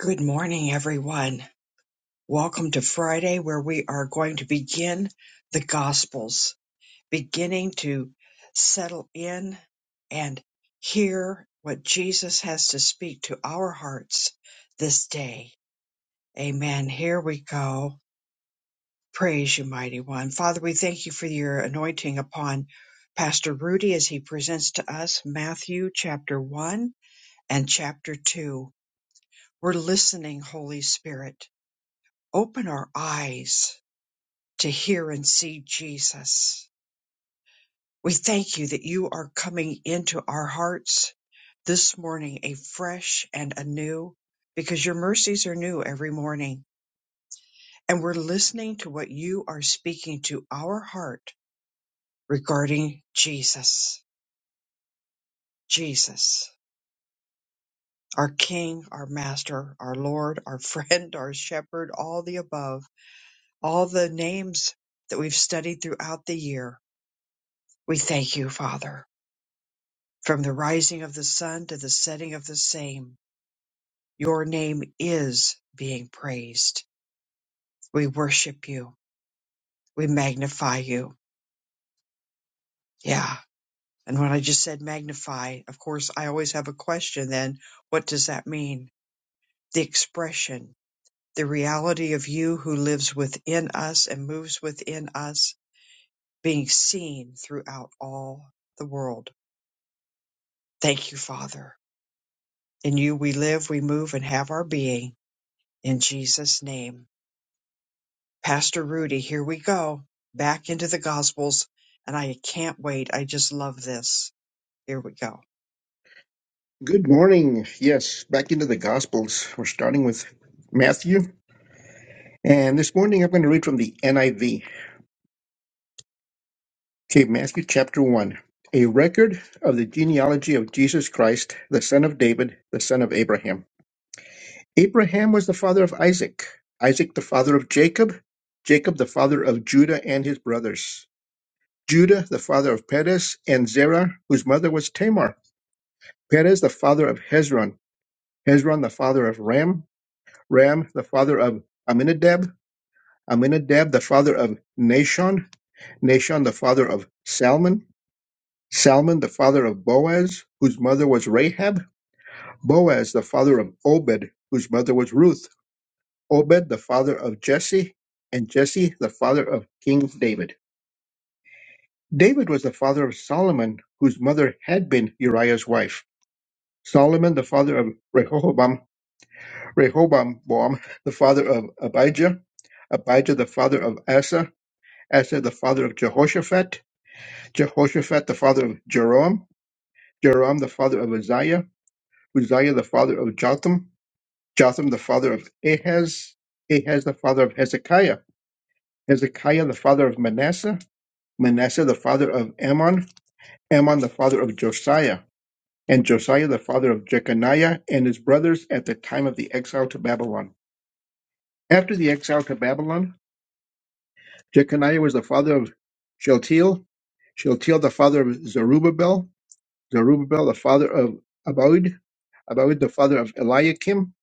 Good morning, everyone. Welcome to Friday, where we are going to begin the Gospels, beginning to settle in and hear what Jesus has to speak to our hearts this day. Amen. Here we go. Praise you, Mighty One. Father, we thank you for your anointing upon Pastor Rudy as he presents to us Matthew chapter 1 and chapter 2. We're listening, Holy Spirit Open our eyes to hear and see Jesus. We thank you that you are coming into our hearts this morning a fresh and anew because your mercies are new every morning. And we're listening to what you are speaking to our heart regarding Jesus. Jesus, our King, our Master, our Lord, our friend, our shepherd, all the above, all the names that we've studied throughout the year. We thank you, Father. From the rising of the sun to the setting of the same, your name is being praised. We worship you. We magnify you. Yeah. And when I just said magnify, of course, I always have a question then. What does that mean? The expression, the reality of you who lives within us and moves within us being seen throughout all the world. Thank you, Father. In you we live, we move, and have our being. In Jesus' name. Pastor Rudy, here we go. Back into the Gospels. And I can't wait. I just love this. Here we go. Good morning. Yes, back into the Gospels. We're starting with Matthew. And this morning I'm going to read from the NIV. Okay, Matthew chapter 1. A record of the genealogy of Jesus Christ, the son of David, the son of Abraham. Abraham was the father of Isaac, Isaac the father of Jacob, Jacob the father of Judah and his brothers, Judah the father of Perez and Zerah, whose mother was Tamar, Perez the father of Hezron, Hezron the father of Ram, Ram the father of Aminadab, Aminadab, the father of Nashon, Nashon, the father of Salmon, Salmon, the father of Boaz, whose mother was Rahab, Boaz, the father of Obed, whose mother was Ruth, Obed, the father of Jesse, and Jesse, the father of King David. David was the father of Solomon, whose mother had been Uriah's wife. Solomon, the father of Rehoboam, Rehoboam, Boam, the father of Abijah, Abijah, the father of Asa, Asa, the father of Jehoshaphat, Jehoshaphat the father of Jeroam, Jeroam the father of Uzziah, Uzziah the father of Jotham, Jotham the father of Ahaz, Ahaz the father of Hezekiah, Hezekiah the father of Manasseh, Manasseh the father of Ammon, Ammon the father of Josiah, and Josiah the father of Jeconiah and his brothers at the time of the exile to Babylon. After the exile to Babylon, Jeconiah was the father of Shealtiel, Shealtiel the father of Zerubbabel, Zerubbabel the father of Abod, Abawid the father of Eliakim,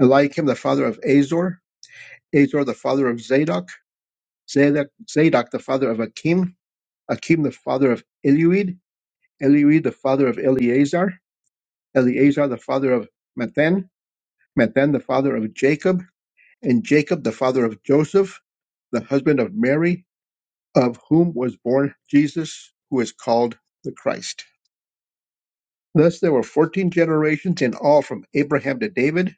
Eliakim the father of Azor, Azor the father of Zadok, Zadok, Zadok the father of Akim, Akim the father of Eliud, Eliud the father of Eleazar, Eleazar the father of Mathan, Mathan the father of Jacob, and Jacob the father of Joseph, the husband of Mary, of whom was born Jesus, who is called the Christ. Thus there were fourteen generations in all from Abraham to David,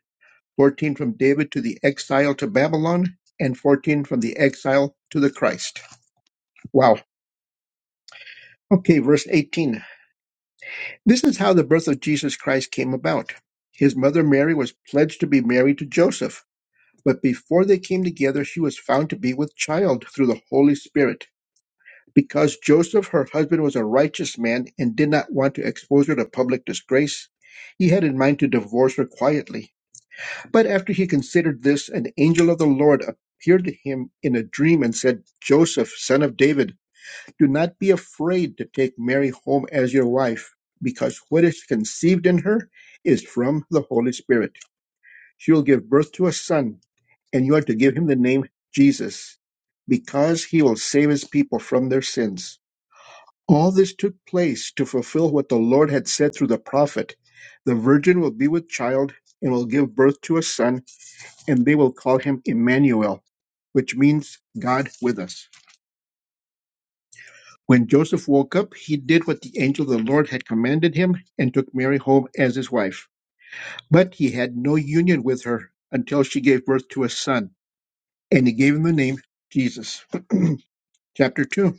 fourteen from David to the exile to Babylon, and 14 from the exile to the Christ. Wow. Okay, verse 18. This is how the birth of Jesus Christ came about. His mother Mary was pledged to be married to Joseph, but before they came together, she was found to be with child through the Holy Spirit. Because Joseph, her husband, was a righteous man and did not want to expose her to public disgrace, he had in mind to divorce her quietly. But after he considered this, an angel of the Lord appeared to him in a dream and said, Joseph, son of David, do not be afraid to take Mary home as your wife, because what is conceived in her is from the Holy Spirit. She will give birth to a son, and you are to give him the name Jesus, because he will save his people from their sins. All this took place to fulfill what the Lord had said through the prophet The virgin will be with child and will give birth to a son and they will call him Emmanuel, which means God with us. When Joseph woke up, he did what the angel of the Lord had commanded him and took Mary home as his wife. But he had no union with her until she gave birth to a son, and he gave him the name Jesus. Chapter 2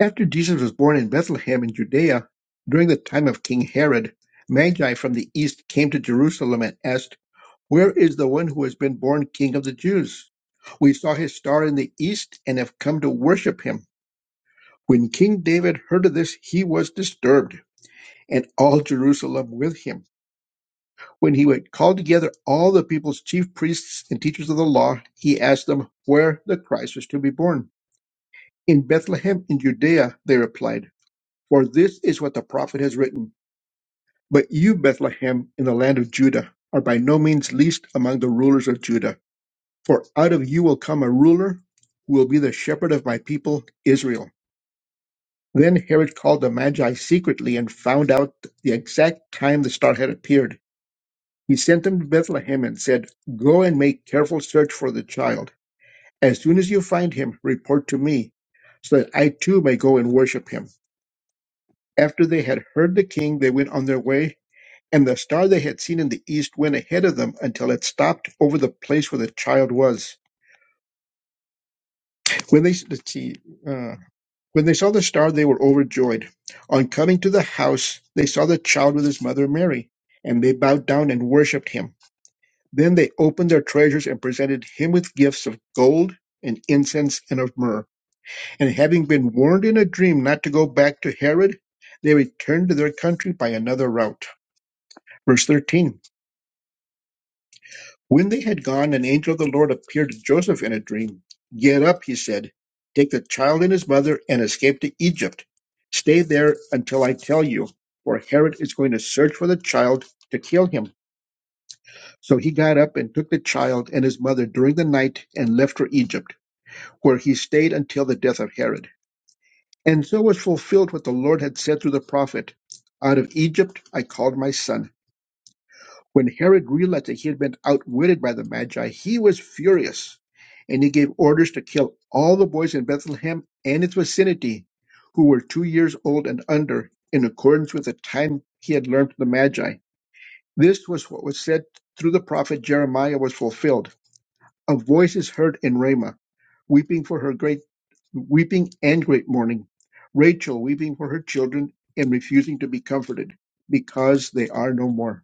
After Jesus was born in Bethlehem in Judea, during the time of King Herod, Magi from the east came to Jerusalem and asked. Where is the one who has been born King of the Jews? We saw his star in the east and have come to worship him. When King David heard of this, he was disturbed, and all Jerusalem with him. When he had called together all the people's chief priests and teachers of the law, he asked them where the Christ was to be born. In Bethlehem in Judea, they replied, for this is what the prophet has written. But you, Bethlehem, in the land of Judah, are by no means least among the rulers of Judah. For out of you will come a ruler who will be the shepherd of my people Israel. Then Herod called the Magi secretly and found out the exact time the star had appeared. He sent them to Bethlehem and said, Go and make careful search for the child. As soon as you find him, report to me, so that I too may go and worship him. After they had heard the king, they went on their way, and the star they had seen in the east went ahead of them until it stopped over the place where the child was. When they, let's see, uh, When they saw the star, they were overjoyed. On coming to the house, they saw the child with his mother Mary, and they bowed down and worshipped him. Then they opened their treasures and presented him with gifts of gold and incense and of myrrh. And having been warned in a dream not to go back to Herod, they returned to their country by another route. Verse 13. When they had gone, an angel of the Lord appeared to Joseph in a dream. Get up, he said. Take the child and his mother and escape to Egypt. Stay there until I tell you, for Herod is going to search for the child to kill him. So he got up and took the child and his mother during the night and left for Egypt, where he stayed until the death of Herod. And so was fulfilled what the Lord had said through the prophet Out of Egypt I called my son. When Herod realized that he had been outwitted by the Magi, he was furious, and he gave orders to kill all the boys in Bethlehem and its vicinity who were two years old and under, in accordance with the time he had learned from the Magi. This was what was said through the prophet Jeremiah was fulfilled. A voice is heard in Ramah, weeping for her great weeping and great mourning. Rachel weeping for her children and refusing to be comforted, because they are no more.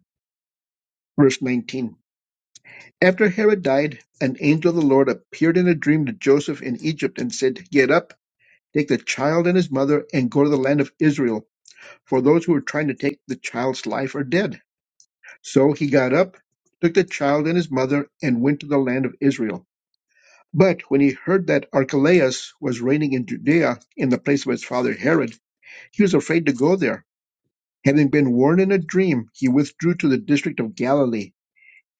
Verse 19. After Herod died, an angel of the Lord appeared in a dream to Joseph in Egypt and said, Get up, take the child and his mother, and go to the land of Israel, for those who were trying to take the child's life are dead. So he got up, took the child and his mother, and went to the land of Israel. But when he heard that Archelaus was reigning in Judea in the place of his father Herod, he was afraid to go there. Having been warned in a dream, he withdrew to the district of Galilee.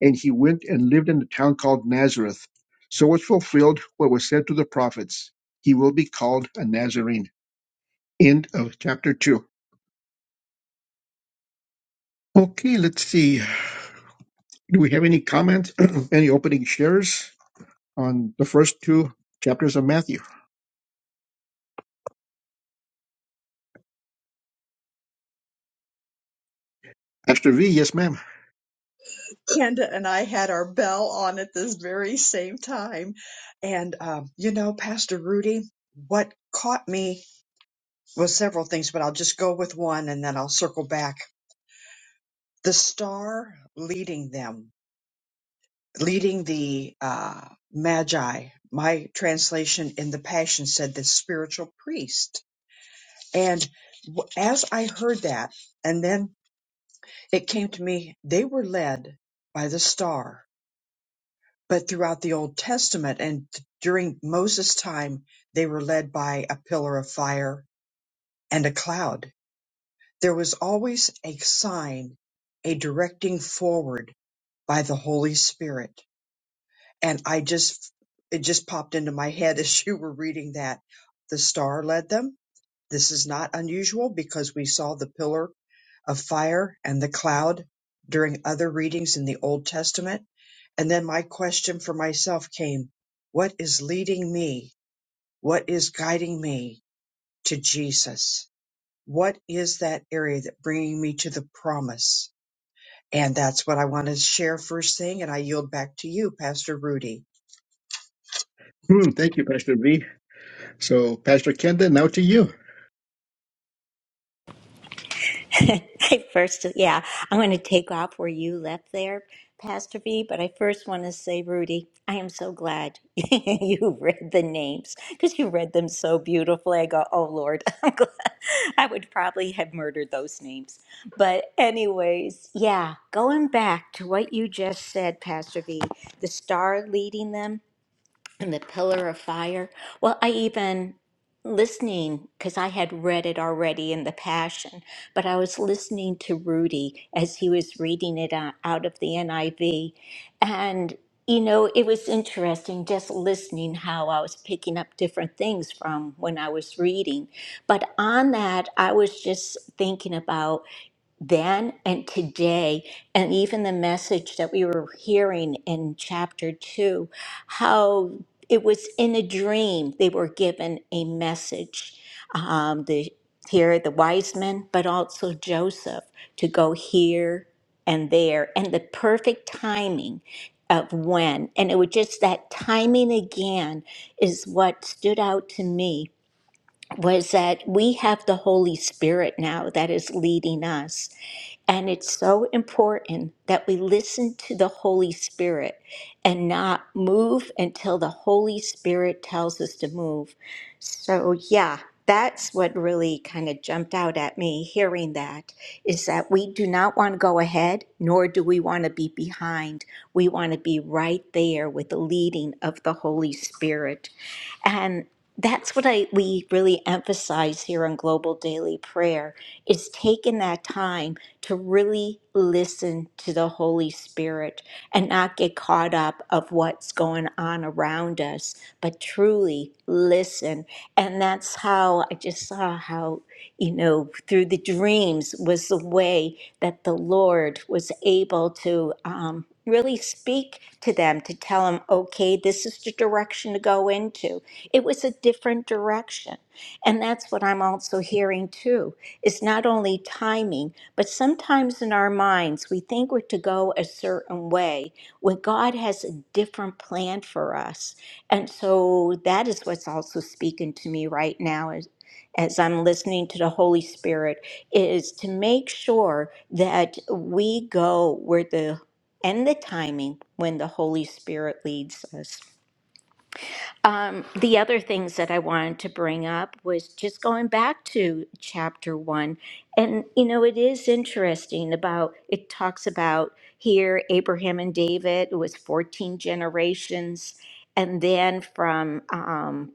and he went and lived in a town called Nazareth. So was fulfilled what was said to the prophets. He will be called a Nazarene. End of chapter 2. Okay, let's see. Do we have any comments, any opening shares on the first two chapters of Matthew? Pastor V, yes, ma'am. Kenda and I had our bell on at this very same time. And, um, you know, Pastor Rudy, what caught me was several things, but I'll just go with one and then I'll circle back. The star leading them, leading the uh, Magi. My translation in the Passion said the spiritual priest And w- as I heard that, and then it came to me, they were led by the star, but throughout the Old Testament and t- during Moses' time, they were led by a pillar of fire and a cloud. There was always a sign, a directing forward by the Holy Spirit. and I just it just popped into my head as you were reading that the star led them. This is not unusual because we saw the pillar of fire and the cloud during other readings in the Old Testament. And then my question for myself came, what is leading me? What is guiding me to Jesus? What is that area that bringing me to the promise? And that's what I want to share first thing. And I yield back to you, Pastor Rudy. Hmm, thank you, Pastor V. So, Pastor Kenda, now to you. I first, yeah, I'm going to take off where you left there, Pastor V. But I first want to say, Rudy, I am so glad you read the names because you read them so beautifully. I go, oh Lord, I'm glad. I would probably have murdered those names. But anyways, yeah, going back to what you just said, Pastor V, the star leading them and the pillar of fire. Well, I even listening because I had read it already in the Passion, but I was listening to Rudy as he was reading it out out of the NIV. And, you know, it was interesting just listening how I was picking up different things from when I was reading. But on that, I was just thinking about then and today, and even the message that we were hearing in chapter two, how it was in a dream they were given a message. Um, the here the wise men, but also Joseph to go here and there, and the perfect timing of when. And it was just that timing again is what stood out to me was that we have the Holy Spirit now that is leading us and it's so important that we listen to the Holy Spirit and not move until the Holy Spirit tells us to move. So, yeah, that's what really kind of jumped out at me hearing that is that we do not want to go ahead, nor do we want to be behind. We want to be right there with the leading of the Holy Spirit. And that's what I we really emphasize here on Global Daily Prayer is taking that time to really listen to the Holy Spirit and not get caught up of what's going on around us, but truly listen. And that's how I just saw how, you know, through the dreams was the way that the Lord was able to um, really speak to them to tell them, okay, this is the direction to go into it was a different direction. And that's what I'm also hearing too. It's not only timing, but sometimes in our minds, we think we're to go a certain way when God has a different plan for us. And so that is what's also speaking to me right now as, as I'm listening to the Holy Spirit is to make sure that we go where the and the timing when the Holy Spirit leads us. Um, the other things that I wanted to bring up was just going back to chapter one. And, you know, it is interesting about, it talks about here Abraham and David, it was 14 generations. And then from, um,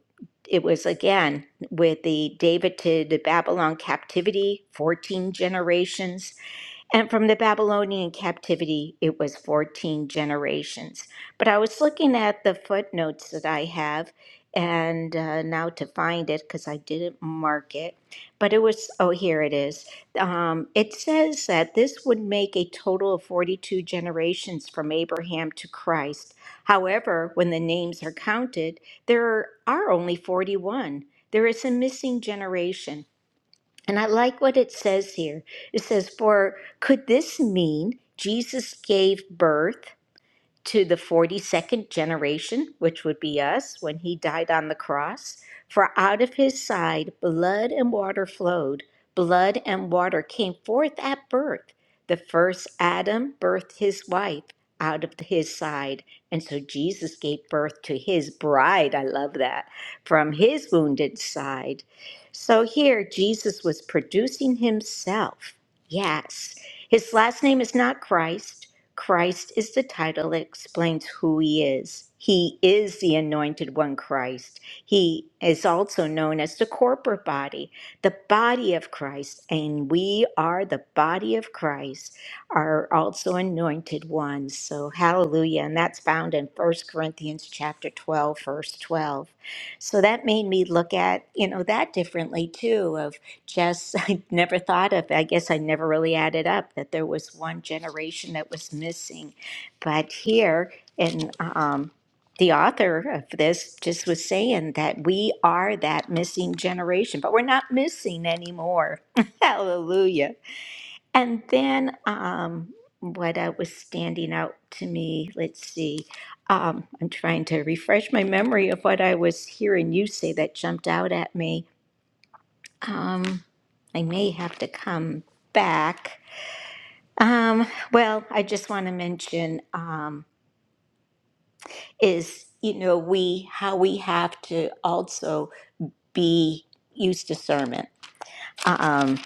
it was again with the David to the Babylon captivity, 14 generations. And from the Babylonian captivity, it was 14 generations. But I was looking at the footnotes that I have, and uh, now to find it, because I didn't mark it. But it was, oh, here it is. Um, it says that this would make a total of 42 generations from Abraham to Christ. However, when the names are counted, there are only 41. There is a missing generation. And I like what it says here. It says, For could this mean Jesus gave birth? to the 42nd generation, which would be us, when he died on the cross. For out of his side blood and water flowed, blood and water came forth at birth. The first Adam birthed his wife out of his side. And so Jesus gave birth to his bride. I love that. From his wounded side. So here, Jesus was producing himself. Yes. His last name is not Christ. Christ is the title that explains who he is. He is the anointed one, Christ. He is also known as the corporate body, the body of Christ, and we are the body of Christ, are also anointed ones. So hallelujah. And that's found in First Corinthians chapter 12, verse 12. So that made me look at, you know, that differently too Of just I never thought of. I guess I never really added up that there was one generation that was missing, but here and um, the author of this just was saying that we are that missing generation, but we're not missing anymore. Hallelujah! And then um, what uh, was standing out to me? Let's see. Um, I'm trying to refresh my memory of what I was hearing you say that jumped out at me um, I may have to come back. Um, well, I just want to mention um, is you know we how we have to also be use discernment Um,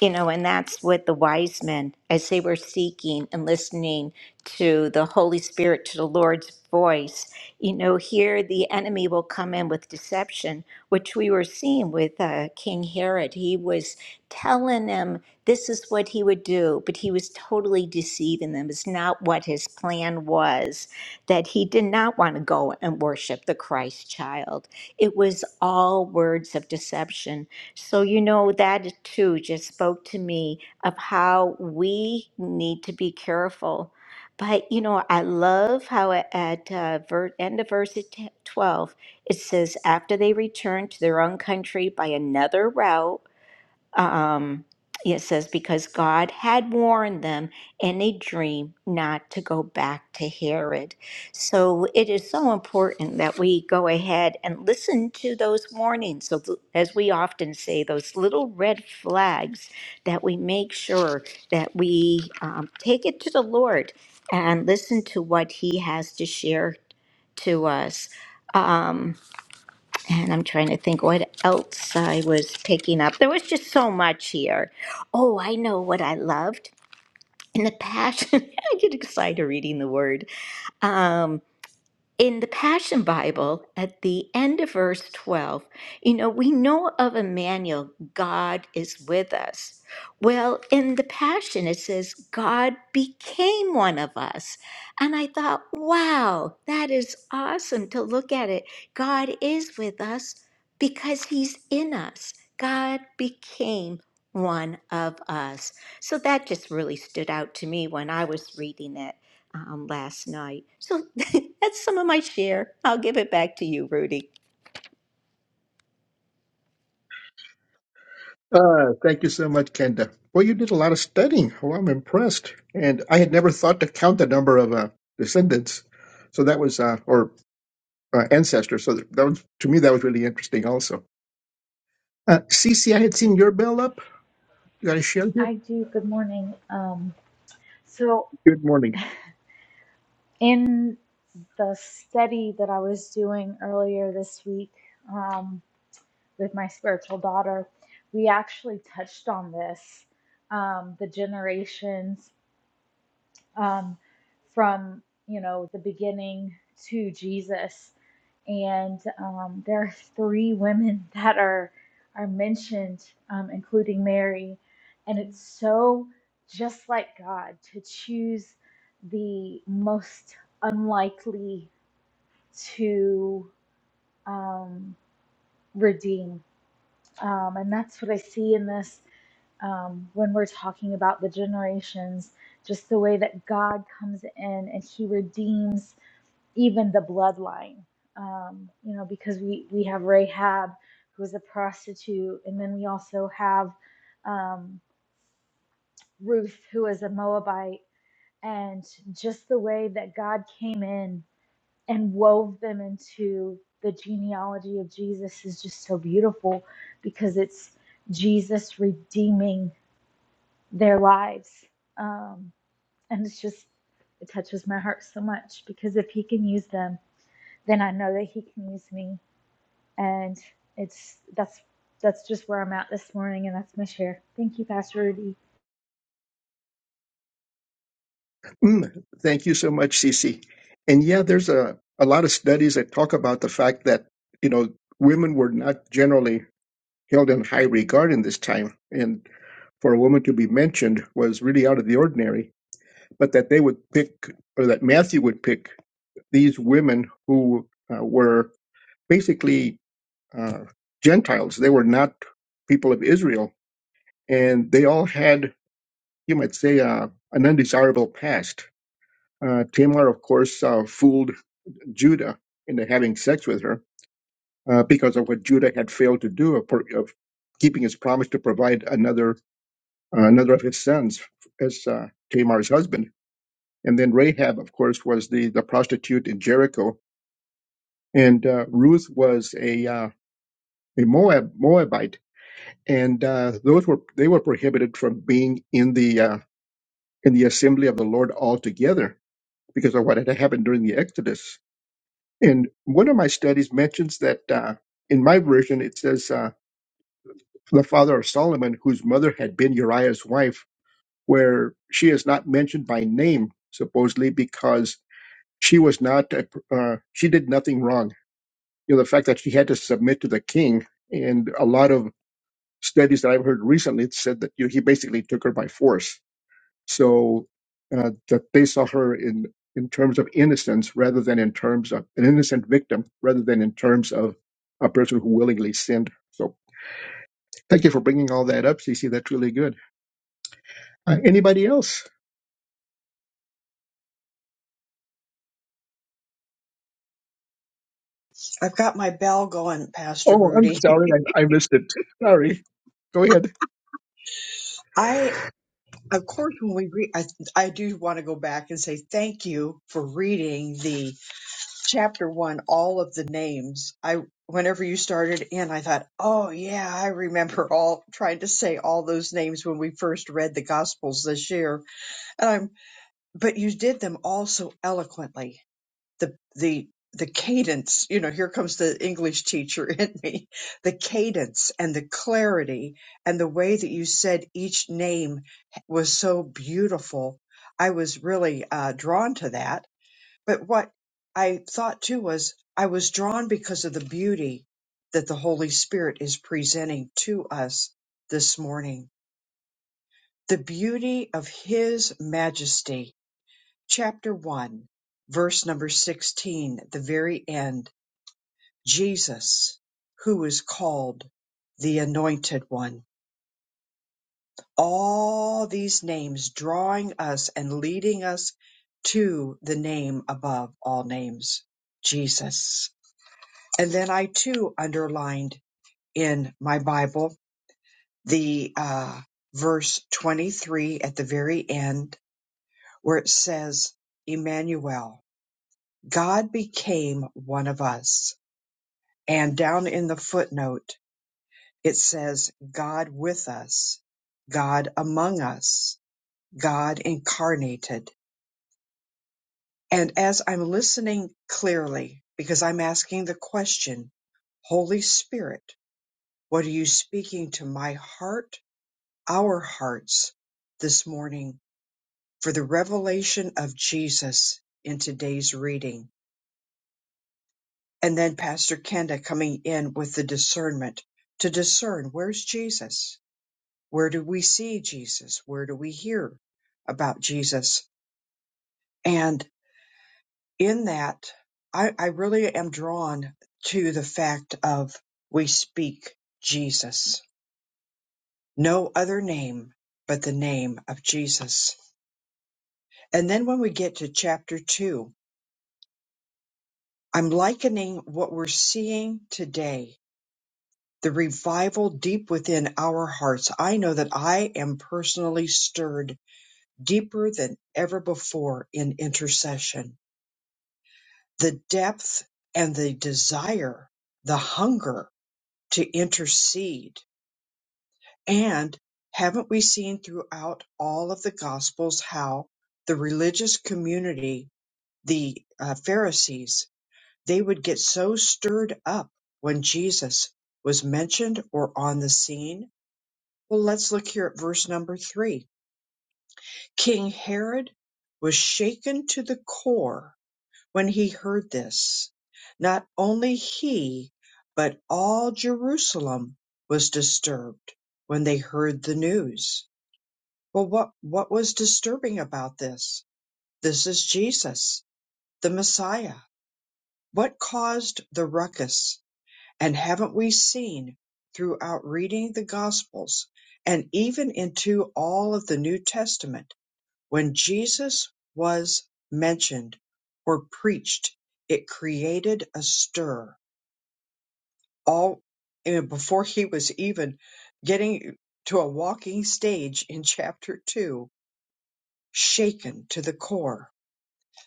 you know, and that's what the wise men, as they were seeking and listening to the Holy Spirit, to the Lord's voice, you know, here the enemy will come in with deception, which we were seeing with uh, King Herod. He was telling them this is what he would do, but he was totally deceiving them. It's not what his plan was, that he did not want to go and worship the Christ child. It was all words of deception so, you know, that too just spoke to me of how we need to be careful. But, you know, I love how it- at uh, ver- end of verse t- 12, it says, after they returned to their own country by another route, um, it says, because God had warned them in a dream not to go back to Herod. So it is so important that we go ahead and listen to those warnings. So, th- as we often say, those little red flags that we make sure that we um, take it to the Lord and listen to what He has to share to us. Um, and I'm trying to think what else I was picking up. There was just so much here. Oh, I know what I loved. In the passion, I get excited reading the word. um, in the Passion Bible, at the end of verse 12, you know, we know of Emmanuel, God is with us. Well, in the Passion, it says, God became one of us. And I thought, wow, that is awesome to look at it. God is with us because he's in us. God became one of us. So that just really stood out to me when I was reading it um, last night. So that's some of my share. I'll give it back to you, Rudy. Uh, thank you so much, Kenda. Well, you did a lot of studying. Well, I'm impressed. And I had never thought to count the number of uh, descendants. So that was, uh, or uh, ancestors. So that was, to me, that was really interesting also. Uh, Cece, I had seen your bell up. You got to share here? I do. Good morning. Um, so, Good morning. in the study that I was doing earlier this week um, with my spiritual daughter, we actually touched on this um, the generations um, from you know the beginning to Jesus, and um, there are three women that are are mentioned, um, including Mary, and it's so just like God to choose the most unlikely to um, redeem um, and that's what I see in this um, when we're talking about the generations, just the way that God comes in and He redeems even the bloodline. Um, you know, because we we have Rahab, who is a prostitute, and then we also have um, Ruth, who is a Moabite, and just the way that God came in and wove them into the genealogy of Jesus is just so beautiful because it's Jesus redeeming their lives. Um, and it's just, it touches my heart so much because if he can use them, then I know that he can use me. And it's, that's, that's just where I'm at this morning. And that's my share. Thank you, Pastor Rudy. Mm, thank you so much, Cece. And yeah, there's a, a lot of studies that talk about the fact that, you know, women were not generally held in high regard in this time. And for a woman to be mentioned was really out of the ordinary but that they would pick, or that Matthew would pick these women who uh, were basically uh, Gentiles. They were not people of Israel, and they all had, you might say, uh, an undesirable past. Uh, Tamar, of course, uh, fooled Judah into having sex with her uh, because of what Judah had failed to do of, of keeping his promise to provide another uh, another of his sons as uh, Tamar's husband. And then Rahab, of course, was the, the prostitute in Jericho and uh, Ruth was a uh, a Moab Moabite, and uh, those were they were prohibited from being in the uh, in the assembly of the Lord altogether because of what had happened during the Exodus. And one of my studies mentions that uh, in my version it says uh, the father of Solomon, whose mother had been Uriah's wife, where she is not mentioned by name supposedly because she was not a, uh, she did nothing wrong. You know the fact that she had to submit to the king and a lot of studies that I've heard recently said that you know, he basically took her by force. So uh, that they saw her in in terms of innocence rather than in terms of an innocent victim, rather than in terms of a person who willingly sinned. So thank you for bringing all that up, Cece. That's really good. Uh, anybody else? I've got my bell going, Pastor Oh, I'm Rudy. sorry, I, I missed it. Sorry. Go ahead. I, of course, when we read, I, I do want to go back and say thank you for reading the chapter one, all of the names. I, whenever you started in, I thought, oh yeah, I remember all trying to say all those names when we first read the Gospels this year. And I'm, but you did them all so eloquently. the the the cadence you know here comes the english teacher in me the cadence and the clarity and the way that you said each name was so beautiful i was really uh, drawn to that but what i thought too was i was drawn because of the beauty that the holy spirit is presenting to us this morning the beauty of his majesty chapter 1 verse number 16 the very end Jesus, who is called the Anointed One. All these names drawing us and leading us to the name above all names, Jesus. And then I too underlined in my Bible the uh, verse 23 at the very end where it says, Emmanuel, God became one of us. And down in the footnote, It says God with us, God among us, God incarnated. And as I'm listening clearly, because I'm asking the question, Holy Spirit, what are you speaking to my heart, our hearts this morning for the revelation of Jesus in today's reading? And then Pastor Kenda coming in with the discernment to discern where's Jesus? Where do we see Jesus? Where do we hear about Jesus? And in that, I, I really am drawn to the fact of we speak Jesus, no other name but the name of Jesus. And then when we get to chapter two, I'm likening what we're seeing today, the revival deep within our hearts. I know that I am personally stirred deeper than ever before in intercession the depth and the desire, the hunger to intercede. And haven't we seen throughout all of the Gospels how the religious community, the uh, Pharisees, they would get so stirred up when Jesus was mentioned or on the scene? Well, let's look here at verse number three. King Herod was shaken to the core When he heard this, not only he, but all Jerusalem was disturbed when they heard the news. Well, what, what was disturbing about this? This is Jesus, the Messiah. What caused the ruckus? And haven't we seen throughout reading the Gospels and even into all of the New Testament? When Jesus was mentioned or preached, it created a stir. All and before he was even getting to a walking stage in chapter two, shaken to the core.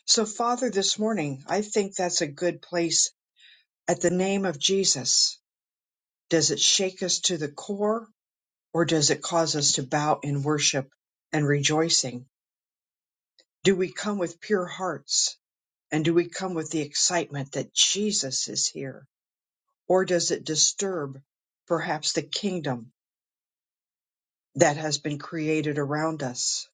So, Father, this morning, I think that's a good place at the name of Jesus. Does it shake us to the core or does it cause us to bow in worship and rejoicing? Do we come with pure hearts? And do we come with the excitement that Jesus is here? Or does it disturb perhaps the kingdom that has been created around us?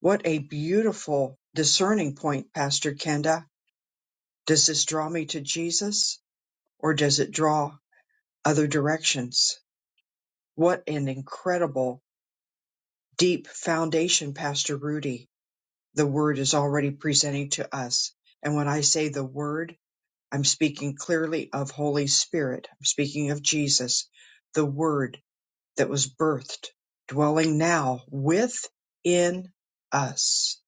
What a beautiful discerning point, Pastor Kenda. Does this draw me to Jesus or does it draw other directions? What an incredible deep foundation, Pastor Rudy. The word is already presenting to us. And when I say the word, I'm speaking clearly of Holy Spirit. I'm speaking of Jesus, the Word that was birthed, dwelling now within us.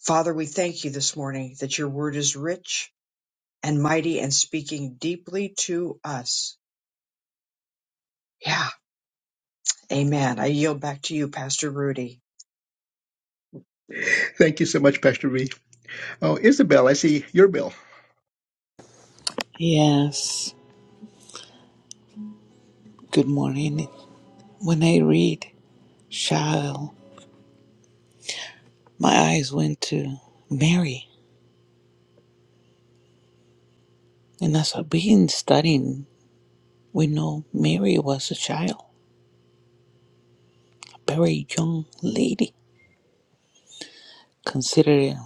Father, we thank you this morning that your Word is rich and mighty and speaking deeply to us. Yeah, amen. I yield back to you, Pastor Rudy. Thank you so much, Pastor V. Oh, Isabel, I see your bill. Yes, good morning. When I read Shaul, my eyes went to Mary. And as I've been studying, we know Mary was a child, a very young lady, considered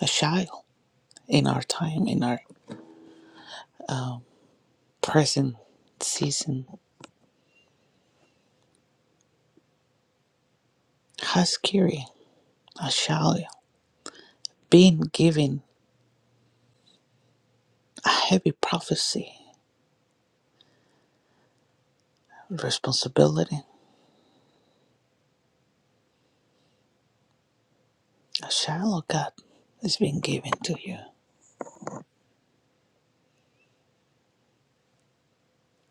a child in our time, in our present season. How scary, a child being given a heavy prophecy, responsibility, a child of God is being given to you.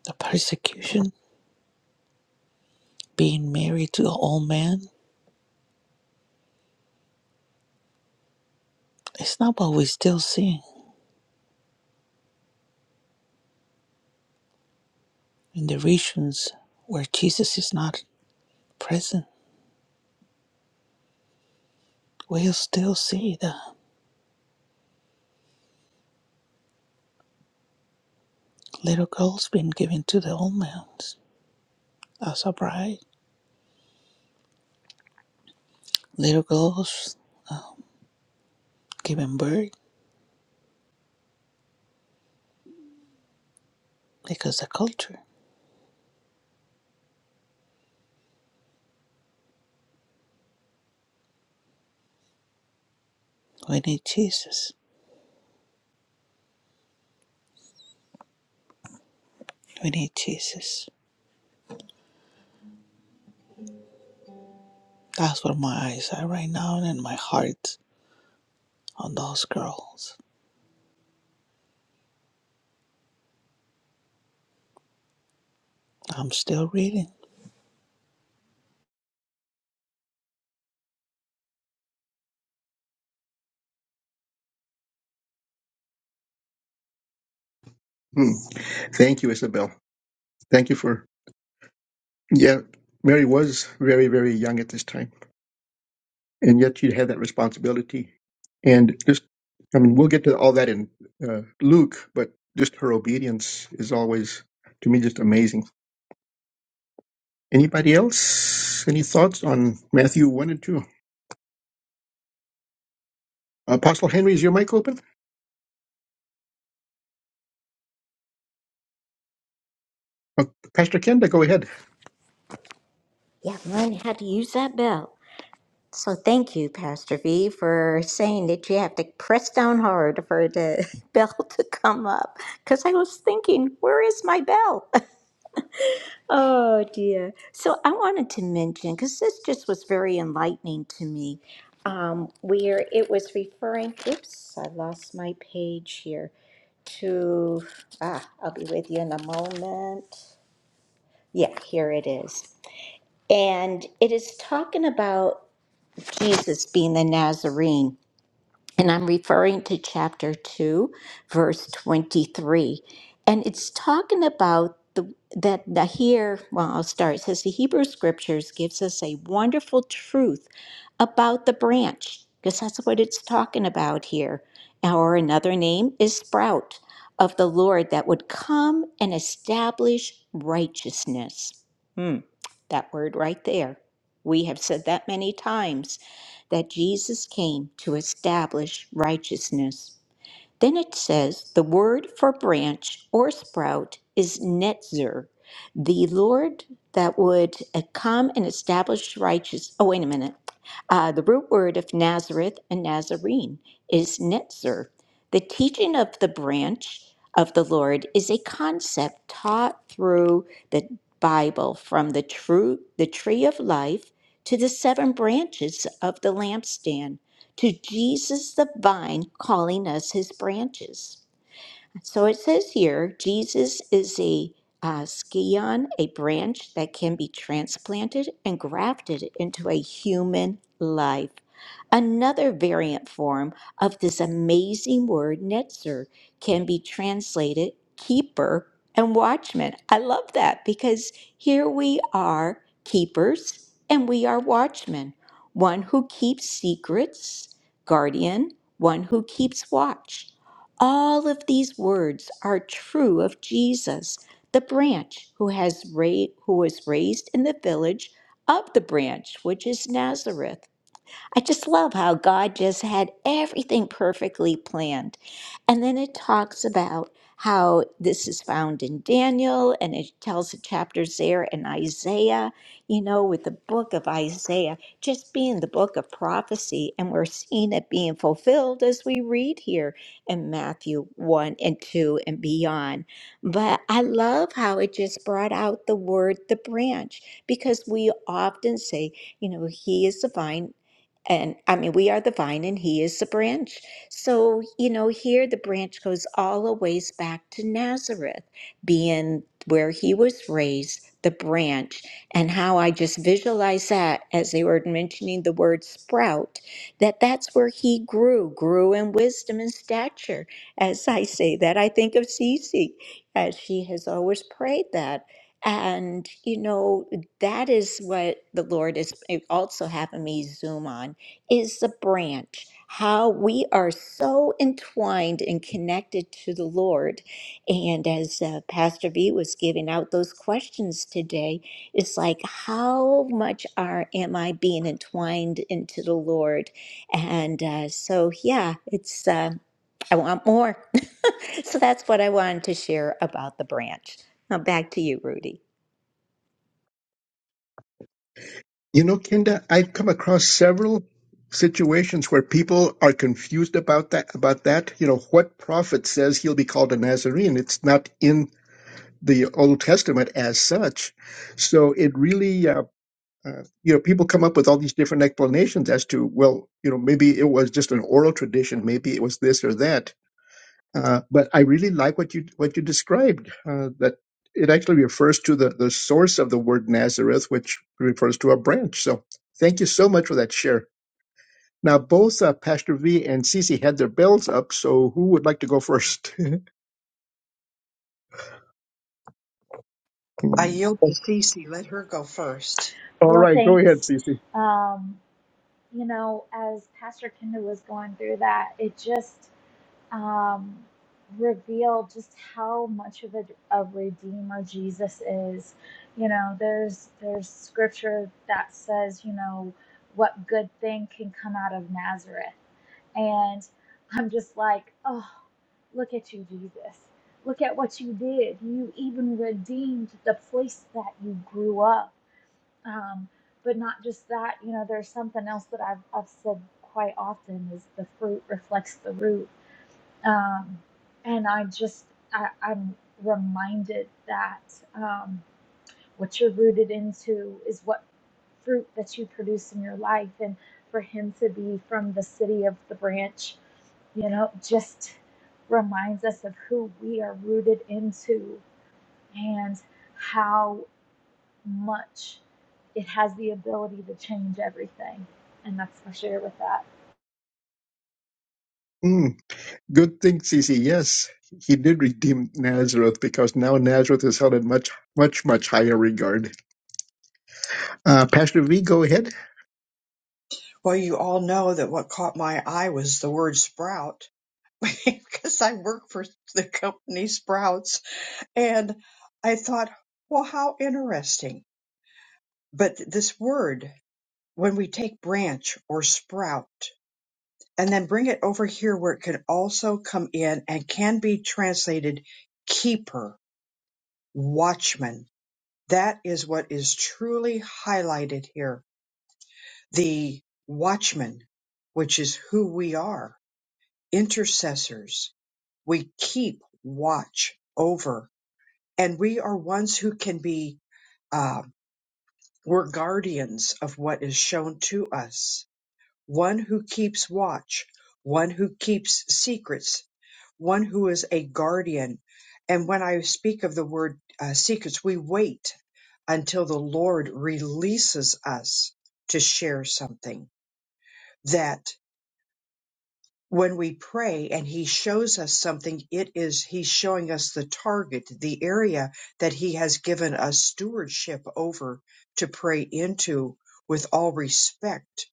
The persecution being married to an old man its not what we still see in the regions where Jesus is not present. We'll still see the little girls being given to the old men as a bride. Little girls giving birth because of culture. We need Jesus. We need Jesus. That's where my eyes are right now and my heart on those girls. I'm still reading. Hmm. Thank you, Isabel. Thank you for yeah. Mary was very, very young at this time. and yet you have that responsibility. And just, I mean, we'll get to all that in uh, Luke, but just her obedience is always, to me, just amazing. Anybody else? Any thoughts on Matthew 1 and 2? Apostle Henry, is your mic open? Uh, Pastor Kenda, go ahead. Yeah, learn how to use that bell. So thank you, Pastor V, for saying that you have to press down hard for the bell to come up. Because I was thinking, where is my bell? oh dear. So I wanted to mention because this just was very enlightening to me. Um, where it was referring, oops, I lost my page here to, ah, I'll be with you in a moment. Yeah, here it is. And it is talking about Jesus being the Nazarene. And I'm referring to chapter 2, verse 23. And it's talking about the that the here, well, I'll start. It says the Hebrew scriptures gives us a wonderful truth about the branch, because that's what it's talking about here. Or another name is sprout of the Lord that would come and establish righteousness. Hmm, that word right there. We have said that many times that Jesus came to establish righteousness. Then it says the word for branch or sprout is netzer. The Lord that would uh, come and establish righteous. Oh, wait a minute. Uh, the root word of Nazareth and Nazarene is netzer. The teaching of the branch of the Lord is a concept taught through the Bible from the true the tree of life to the seven branches of the lampstand to Jesus the vine calling us his branches. So it says here, Jesus is a uh, scion, a branch that can be transplanted and grafted into a human life. Another variant form of this amazing word, netzer, can be translated keeper and watchman. I love that because here we are keepers and we are watchmen. One who keeps secrets, guardian, one who keeps watch. All of these words are true of Jesus, the branch who has ra- who was raised in the village of the branch which is Nazareth. I just love how God just had everything perfectly planned. And then it talks about how this is found in Daniel and it tells the chapters there in Isaiah, you know, with the book of Isaiah just being the book of prophecy. And we're seeing it being fulfilled as we read here in Matthew 1 and 2 and beyond. But I love how it just brought out the word the branch because we often say, you know, he is the vine and I mean, we are the vine and he is the branch. So, you know, here the branch goes all the ways back to Nazareth, being where he was raised, the branch, and how I just visualize that as they were mentioning the word sprout, that that's where he grew, grew in wisdom and stature. As I say that, I think of Cece, as she has always prayed that. And, you know, that is what the Lord is also having me zoom on is the branch, how we are so entwined and connected to the Lord. And as uh, Pastor V was giving out those questions today, it's like, how much are am I being entwined into the Lord? And uh, so, yeah, it's uh, I want more. so that's what I wanted to share about the branch. Now back to you, Rudy. You know, Kenda, I've come across several situations where people are confused about that about that you know what prophet says he'll be called a nazarene it's not in the old testament as such so it really uh, uh, you know, people come up with all these different explanations as to, well, you know, maybe it was just an oral tradition, maybe it was this or that. Uh, but I really like what you what you described. Uh, that it actually refers to the the source of the word Nazareth, which refers to a branch. So thank you so much for that share. Now both uh, Pastor V and Cece had their bells up, so who would like to go first? I all yield to Cece. Let her go first. Well, right, go ahead, thanks. Cece. Um, you know, as Pastor Kenda was going through that, it just, um, reveal just how much of a, a redeemer Jesus is. You know, there's there's scripture that says, you know, what good thing can come out of Nazareth, and I'm just like, oh, look at you, Jesus. Look at what you did. You even redeemed the place that you grew up. Um, but not just that, you know, there's something else that I've, I've said quite often is the fruit reflects the root um, and I just, I, I'm reminded that um, what you're rooted into is what fruit that you produce in your life. And for him to be from the city of the branch, you know, just reminds us of who we are rooted into and how much it has the ability to change everything. And that's my share with that. Good thing, Cece. Yes, he did redeem Nazareth because now Nazareth is held in much, much, much higher regard. Uh, Pastor V, go ahead. Well, you all know that what caught my eye was the word sprout because I work for the company Sprouts And I thought, well, how interesting. But th- this word, when we take branch or sprout and then bring it over here where it can also come in and can be translated keeper, watchman, that is what is truly highlighted here. The watchman, which is who we are, intercessors. We keep watch over, and we are ones who can be. uh, We're guardians of what is shown to us, one who keeps watch, one who keeps secrets, one who is a guardian. And when I speak of the word uh, secrets, we wait until the Lord releases us to share something. that when we pray and he shows us something, it is he's showing us the target, the area that he has given us stewardship over to pray into with all respect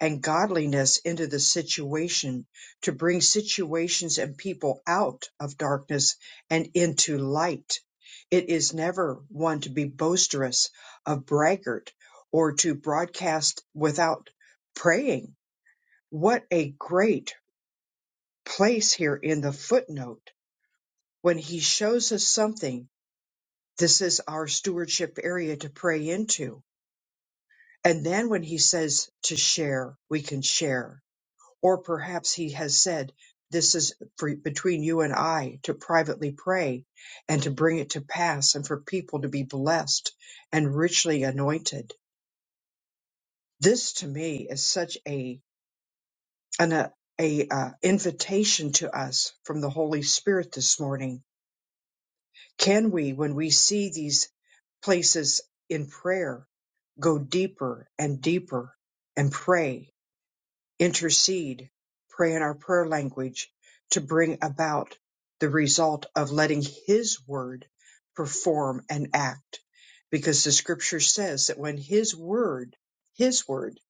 and godliness into the situation to bring situations and people out of darkness and into light. It is never one to be boisterous of braggart or to broadcast without praying. What a great place here in the footnote when he shows us something, this is our stewardship area to pray into. And then when he says to share, we can share. Or perhaps he has said, this is for, between you and I to privately pray and to bring it to pass and for people to be blessed and richly anointed. This to me is such a, an, a, a uh, invitation to us from the Holy Spirit this morning Can we, when we see these places in prayer, go deeper and deeper and pray, intercede, pray in our prayer language to bring about the result of letting His Word perform and act. Because the scripture says that when His Word, His Word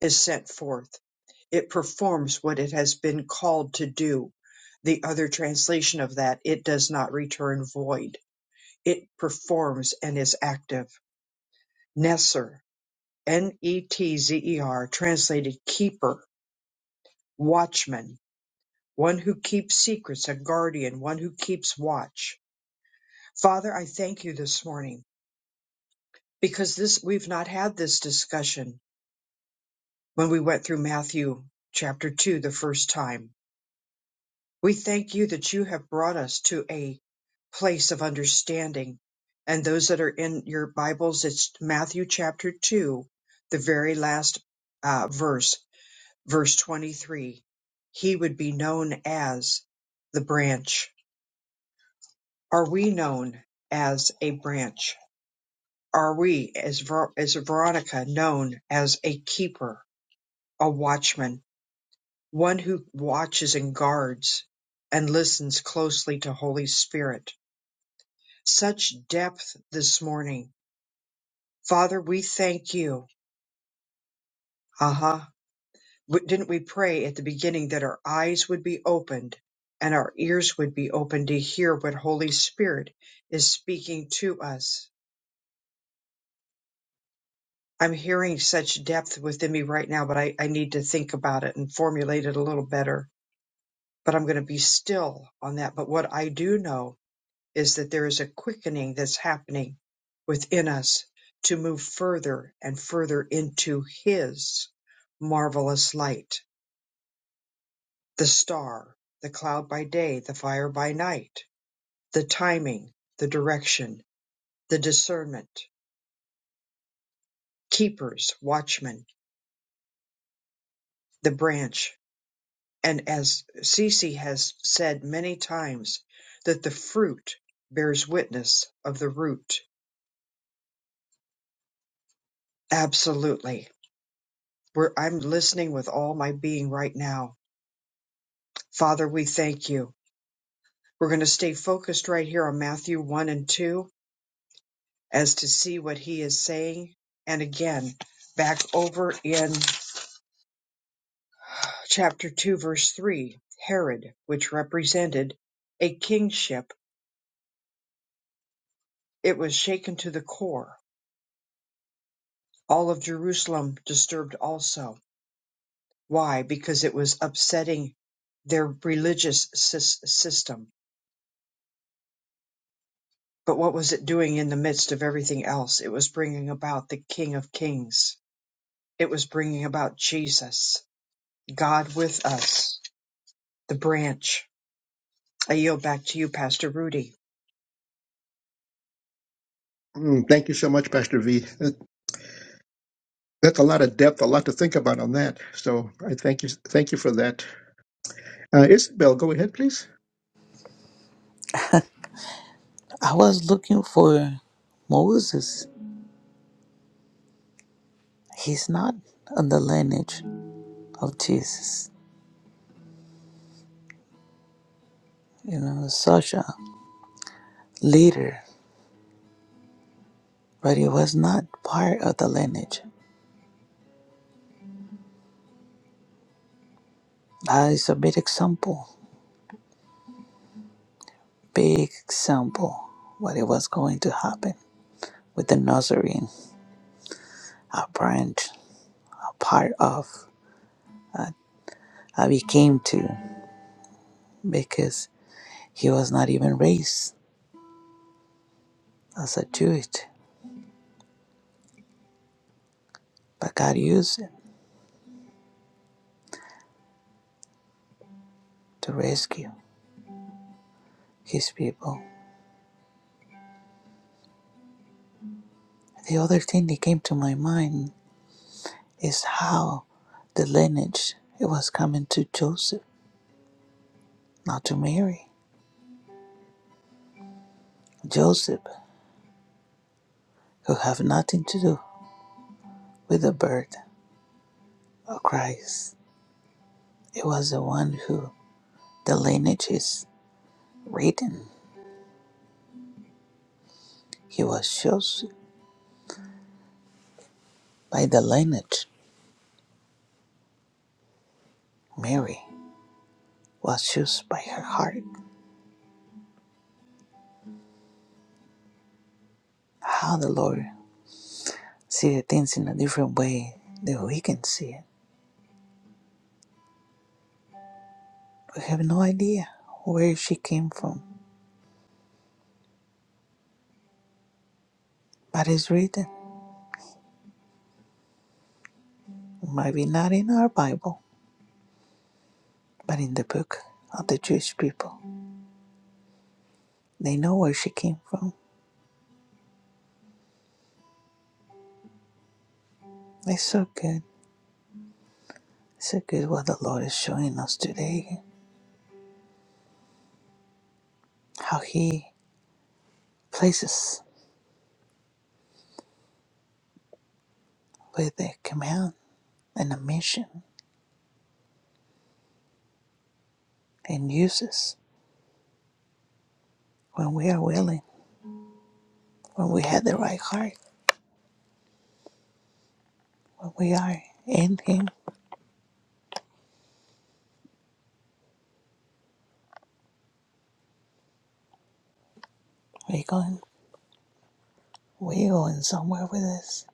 is sent forth, it performs what it has been called to do. The other translation of that, it does not return void it performs and is active. Netzer, N-E-T-Z-E-R, translated keeper, watchman, one who keeps secrets, a guardian, one who keeps watch. Father, I thank you this morning because this we've not had this discussion when we went through Matthew chapter 2 the first time We thank you that you have brought us to a place of understanding. And those that are in your Bibles, it's Matthew chapter 2, the very last uh, verse, verse 23. He would be known as the branch. Are we known as a branch? Are we, as, Ver- as Veronica, known as a keeper, a watchman, one who watches and guards and listens closely to Holy Spirit? Such depth this morning. Father, we thank you. Aha. W- Didn't we pray at the beginning that our eyes would be opened and our ears would be open to hear what Holy Spirit is speaking to us? I'm hearing such depth within me right now, but I, I need to think about it and formulate it a little better. But I'm going to be still on that. But what I do know is that there is a quickening that's happening within us to move further and further into His marvelous light, the star, the cloud by day, the fire by night, the timing, the direction, the discernment, keepers, watchmen, the branch. And as Cece has said many times, that the fruit bears witness of the root. Absolutely. Where I'm listening with all my being right now Father, we thank you. We're going to stay focused right here on Matthew 1 and 2 as to see what he is saying. And again, back over in chapter 2, verse 3, Herod, which represented a kingship, it was shaken to the core. All of Jerusalem disturbed also. Why? Because it was upsetting their religious sys- system. But what was it doing in the midst of everything else? It was bringing about the King of Kings It was bringing about Jesus, God with us, the branch. I yield back to you, Pastor Rudy. Mm, thank you so much, Pastor V. That- That's a lot of depth, a lot to think about on that. So I thank you, thank you for that. Uh, Isabel, go ahead, please. I was looking for Moses. He's not on the lineage. of Jesus. You know, such a leader, but he was not part of the lineage. That is a big example, big example what it was going to happen with the Nazarene, a branch, a part of, that he came to because he was not even raised as a Jew, but God used him to rescue his people. The other thing that came to my mind is how the lineage it was coming to Joseph. not to Mary, Joseph, who have nothing to do with the birth of Christ. It was the one who the lineage is written. He was chosen by the lineage. Mary was chosen by her heart. How the Lord see the things in a different way than we can see it. We have no idea where she came from, but it's written. Maybe not in our Bible, but in the book of the Jewish people. They know where she came from. It's so good. It's So good what the Lord is showing us today, how He places with a command and a mission and uses when we are willing, when we have the right heart, when we are in Him, we going we going somewhere with this.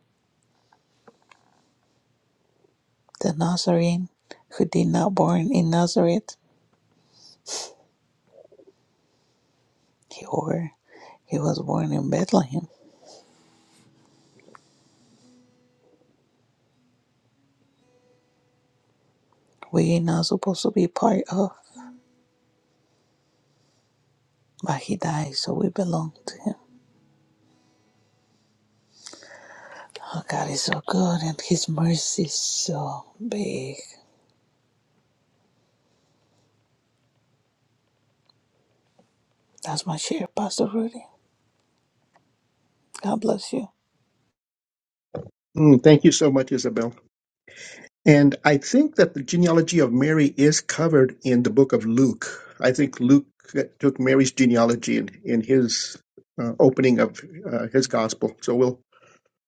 The Nazarene who did not born in Nazareth, he or he was born in Bethlehem. We are not supposed to be part of, but he died, so we belong to him. Oh, God is so good and His mercy is so big. That's my share, Pastor Rudy. God bless you. Mm, thank you so much, Isabel. And I think that the genealogy of Mary is covered in the book of Luke. I think Luke uh, took Mary's genealogy in, in his uh, opening of uh, his gospel. So we'll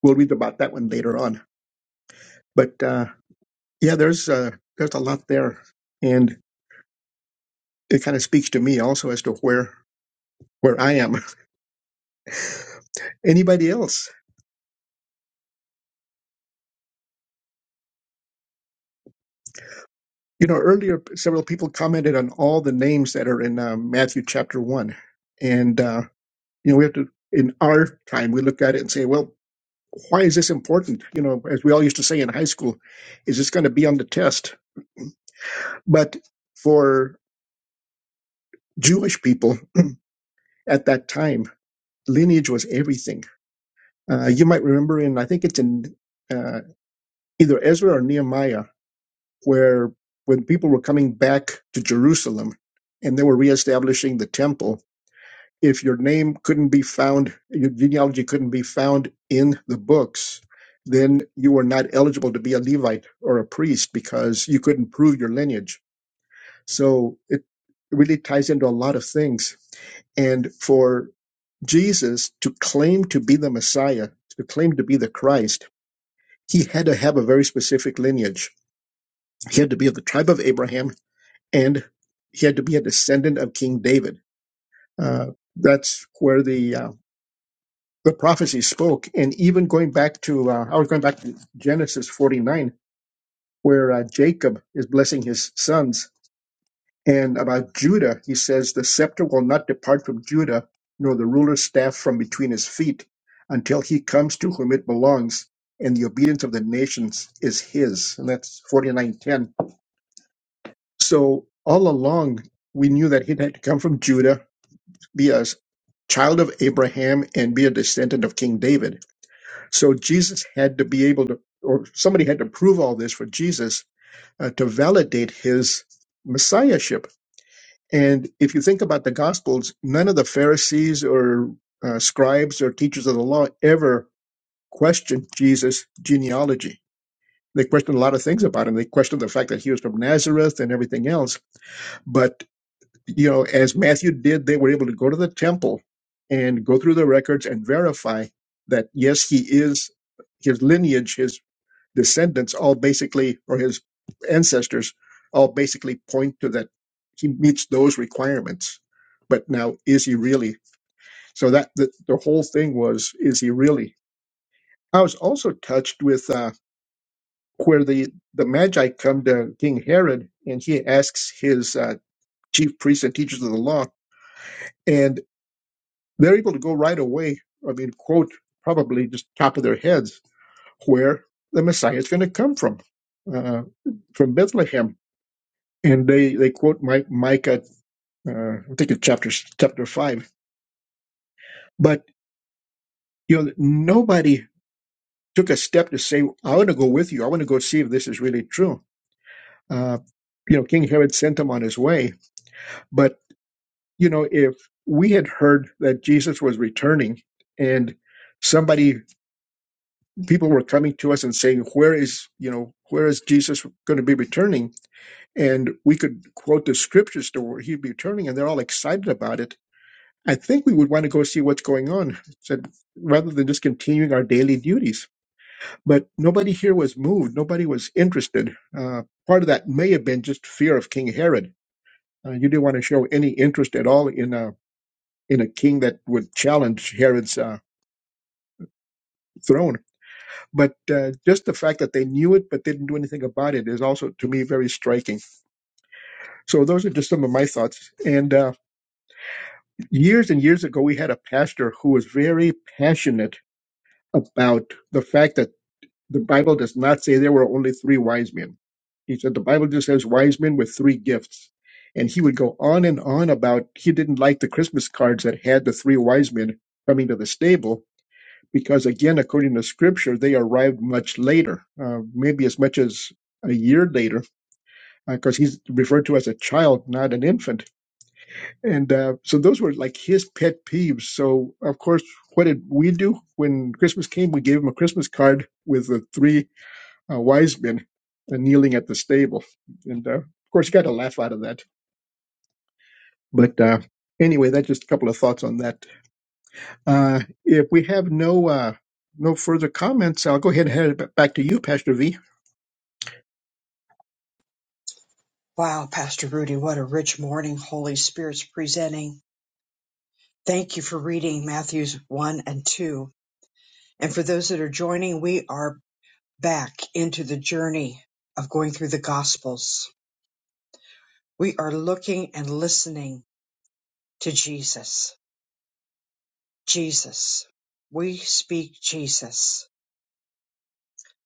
we'll read about that one later on. But uh, yeah, there's uh, there's a lot there, and it kind of speaks to me also as to where where I am. Anybody else? You know, earlier several people commented on all the names that are in uh, Matthew chapter one, and uh, you know we have to in our time we look at it and say, well, why is this important? You know, as we all used to say in high school, is this going to be on the test? But for Jewish people at that time, lineage was everything Uh, you might remember in, I think it's in uh, either Ezra or Nehemiah, where when people were coming back to Jerusalem and they were reestablishing the temple, if your name couldn't be found, your genealogy couldn't be found in the books, then you were not eligible to be a Levite or a priest because you couldn't prove your lineage. So it really ties into a lot of things and for Jesus to claim to be the Messiah, to claim to be the Christ, he had to have a very specific lineage. He had to be of the tribe of Abraham, and he had to be a descendant of King David. Uh, that's where the uh, the prophecy spoke. And even going back to, uh, I was going back to Genesis 49, where uh, Jacob is blessing his sons, and about Judah, he says, "The scepter will not depart from Judah, nor the ruler's staff from between his feet, until he comes to whom it belongs." And the obedience of the nations is his, and that's 49:10 So all along, we knew that he had to come from Judah, be a child of Abraham, and be a descendant of King David. So Jesus had to be able to, or somebody had to prove all this for Jesus uh, to validate his messiahship. And if you think about the Gospels, none of the Pharisees or uh, scribes or teachers of the law ever questioned Jesus' genealogy. They questioned a lot of things about him. They questioned the fact that he was from Nazareth and everything else but. you know, as Matthew did, they were able to go to the temple and go through the records and verify that yes, he is his lineage, his descendants, all basically, or his ancestors, all basically point to that he meets those requirements. But now, is he really? So that the, the whole thing was, is he really? I was also touched with uh, where the the Magi come to King Herod, and he asks his uh, chief priests and teachers of the law. and. They're able to go right away. I mean, quote probably just top of their heads where the Messiah is going to come from, uh, from Bethlehem. And they, they quote Mi- Micah, uh, I think it's chapter chapter five. But you know, nobody took a step to say, "I want to go with you. I want to go see if this is really true." Uh, you know, King Herod sent him on his way. But you know, if we had heard that Jesus was returning, and somebody people were coming to us and saying where is you know where is jesus going to be returning and we could quote the scriptures to where he'd be returning and they're all excited about it i think we would want to go see what's going on said rather than just continuing our daily duties but nobody here was moved nobody was interested uh, part of that may have been just fear of king herod uh, you didn't want to show any interest at all in a in a king that would challenge herod's uh, throne But uh, just the fact that they knew it but didn't do anything about it is also, to me, very striking. So those are just some of my thoughts. And uh, years and years ago, we had a pastor who was very passionate about the fact that the Bible does not say there were only three wise men. He said the Bible just says wise men with three gifts. And he would go on and on about he didn't like the Christmas cards that had the three wise men coming to the stable because again, according to scripture, they arrived much later, uh, maybe as much as a year later, because uh, he's referred to as a child, not an infant. And uh, so those were like his pet peeves. So, of course, what did we do when Christmas came? We gave him a Christmas card with the three uh, wise men uh, kneeling at the stable. And uh, of course, got a laugh out of that. But uh, anyway, that's just a couple of thoughts on that. Uh, if we have no uh, no further comments, I'll go ahead and head it back to you, Pastor V. Wow, Pastor Rudy, what a rich morning Holy Spirit's presenting. Thank you for reading Matthews 1 and 2. And for those that are joining, we are back into the journey of going through the Gospels. We are looking and listening to Jesus. Jesus. We speak Jesus.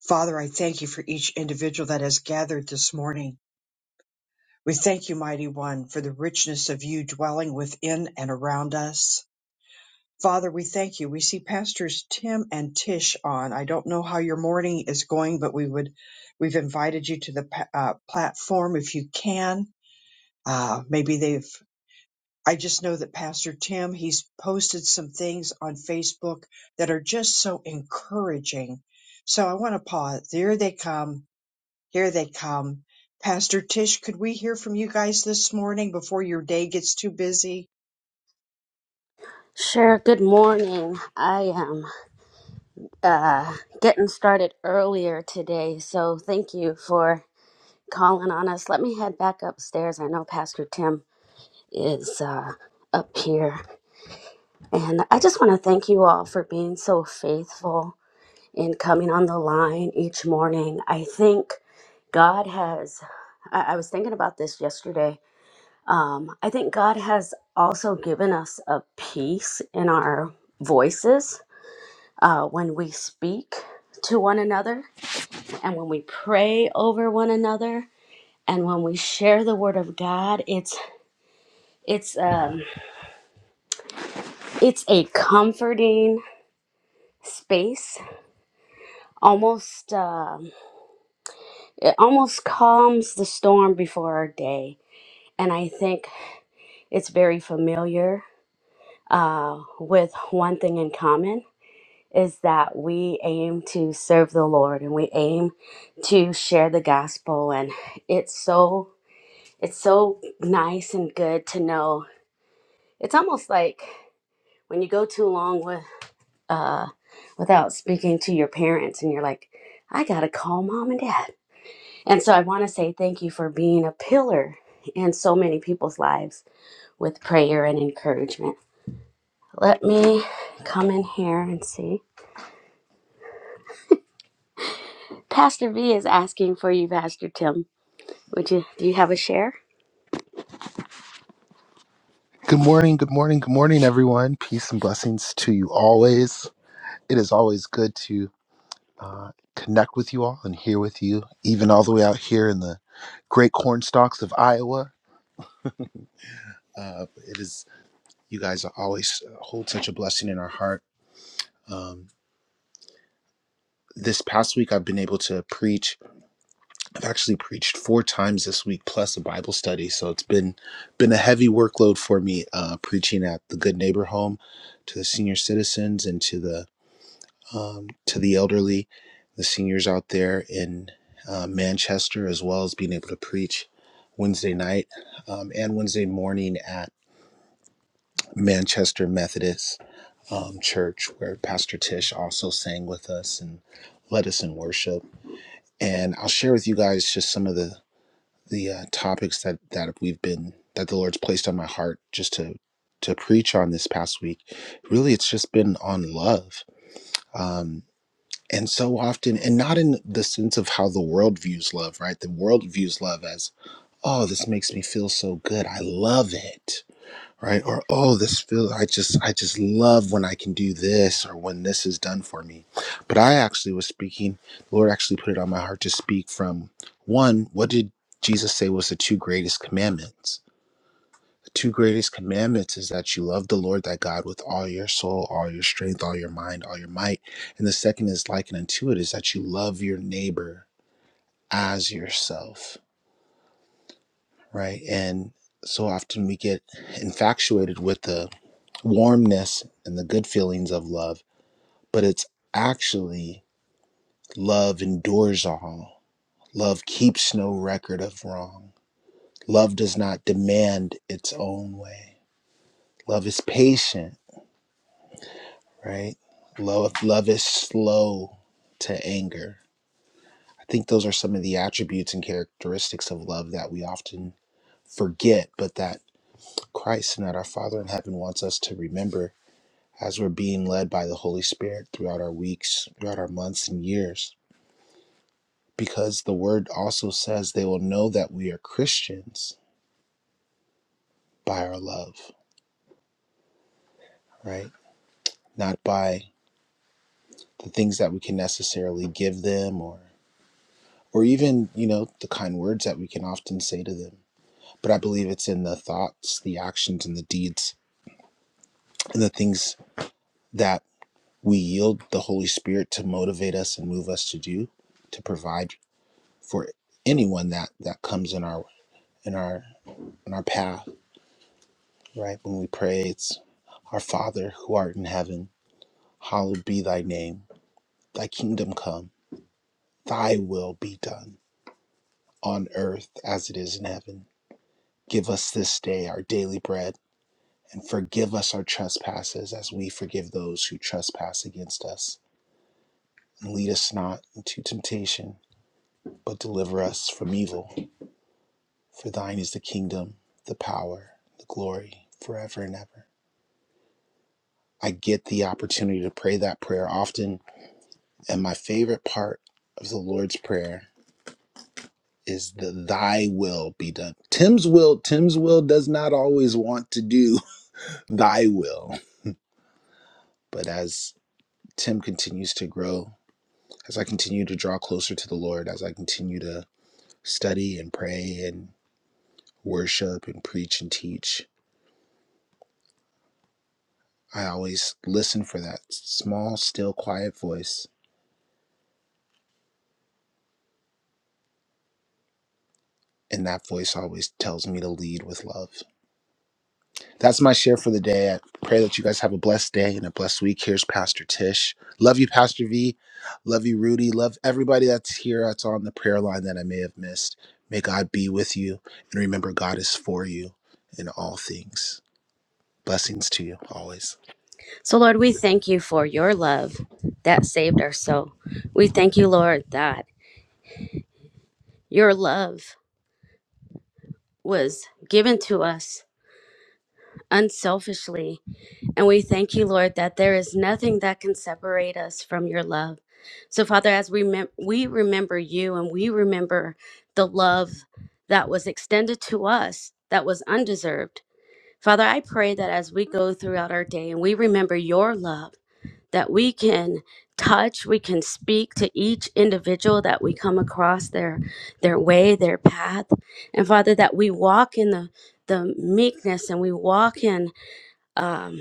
Father, I thank you for each individual that has gathered this morning. We thank you, mighty one, for the richness of you dwelling within and around us. Father, we thank you. We see pastors Tim and Tish on. I don't know how your morning is going, but we would, we've invited you to the pa- uh, platform if you can. Uh, maybe they've, I just know that Pastor Tim, he's posted some things on Facebook that are just so encouraging. So I want to pause. There they come here they come. Pastor Tish, could we hear from you guys this morning before your day gets too busy? Sure, good morning. I am uh, getting started earlier today, so thank you for calling on us. Let me head back upstairs. I know Pastor Tim is uh, up here. And I just want to thank you all for being so faithful in coming on the line each morning. I think God has, I, I was thinking about this yesterday. Um, I think God has also given us a peace in our voices uh, when we speak to one another and when we pray over one another and when we share the word of god it's it's um it's a comforting space almost um it almost calms the storm before our day and i think it's very familiar uh, with one thing in common is that we aim to serve the lord and we aim to share the gospel and it's so It's so nice and good to know. It's almost like when you go too long with uh without speaking to your parents and you're like, I got to call mom and dad. And so I want to say thank you for being a pillar in so many people's lives with prayer and encouragement. Let me come in here and see. Pastor V is asking for you, Pastor Tim. Would you do you have a share? Good morning, good morning, good morning, everyone. Peace and blessings to you always. It is always good to uh, connect with you all and hear with you, even all the way out here in the great corn stalks of Iowa. Uh, it is you guys are always uh, hold such a blessing in our heart. Um, this past week, I've been able to preach. I've actually preached four times this week, plus a Bible study. So it's been been a heavy workload for me uh, preaching at the Good Neighbor Home to the senior citizens and to the um, to the elderly, the seniors out there in uh, Manchester, as well as being able to preach Wednesday night um, and Wednesday morning at Manchester Methodist um, Church, where Pastor Tish also sang with us and led us in worship. And I'll share with you guys just some of the the uh, topics that that we've been that the Lord's placed on my heart just to to preach on this past week. Really, it's just been on love. Um, and so often and not in the sense of how the world views love right the world views love as oh this makes me feel so good i love it right or oh this feel i just i just love when i can do this or when this is done for me but i actually was speaking the lord actually put it on my heart to speak from one what did jesus say was the two greatest commandments two greatest commandments is that you love the Lord thy God with all your soul, all your strength, all your mind, all your might. And the second is likened unto it is that you love your neighbor as yourself, right? And so often we get infatuated with the warmness and the good feelings of love, but it's actually love endures all. Love keeps no record of wrong. Love does not demand its own way. Love is patient. right? Love, love is slow to anger. I think those are some of the attributes and characteristics of love that we often forget, but that Christ and that our Father in heaven wants us to remember as we're being led by the Holy Spirit throughout our weeks, throughout our months and years. Because the word also says they will know that we are Christians by our love, right? Not by the things that we can necessarily give them or or even, you know, the kind words that we can often say to them but I believe it's in the thoughts, the actions, and the deeds, and the things that we yield the Holy Spirit to motivate us and move us to do, to provide for anyone that that comes in our in our in our path. Right when we pray, it's our Father who art in heaven, hallowed be Thy name. Thy kingdom come. Thy will be done on earth as it is in heaven. Give us this day our daily bread and forgive us our trespasses as we forgive those who trespass against us. And lead us not into temptation, but deliver us from evil. For thine is the kingdom, the power, the glory, forever and ever. I get the opportunity to pray that prayer often, and my favorite part of the Lord's Prayer is the thy will be done. Tim's will, Tim's will does not always want to do thy will, but as Tim continues to grow as I continue to draw closer to the Lord, as I continue to study and pray and worship and preach and teach, I always listen for that small, still, quiet voice. And that voice always tells me to lead with love. That's my share for the day. I pray that you guys have a blessed day and a blessed week. Here's Pastor Tish. Love you, Pastor V. Love you, Rudy. Love everybody that's here, that's on the prayer line that I may have missed. May God be with you. And remember, God is for you in all things. Blessings to you always. So, Lord, we thank you for your love that saved our soul. We thank you, Lord, that your love was given to us unselfishly. And we thank you, Lord, that there is nothing that can separate us from your love. So, Father, as we, mem- we remember you and we remember the love that was extended to us that was undeserved, Father, I pray that as we go throughout our day and we remember your love, that we can touch we can speak to each individual that we come across their their way their path and father that we walk in the the meekness and we walk in um,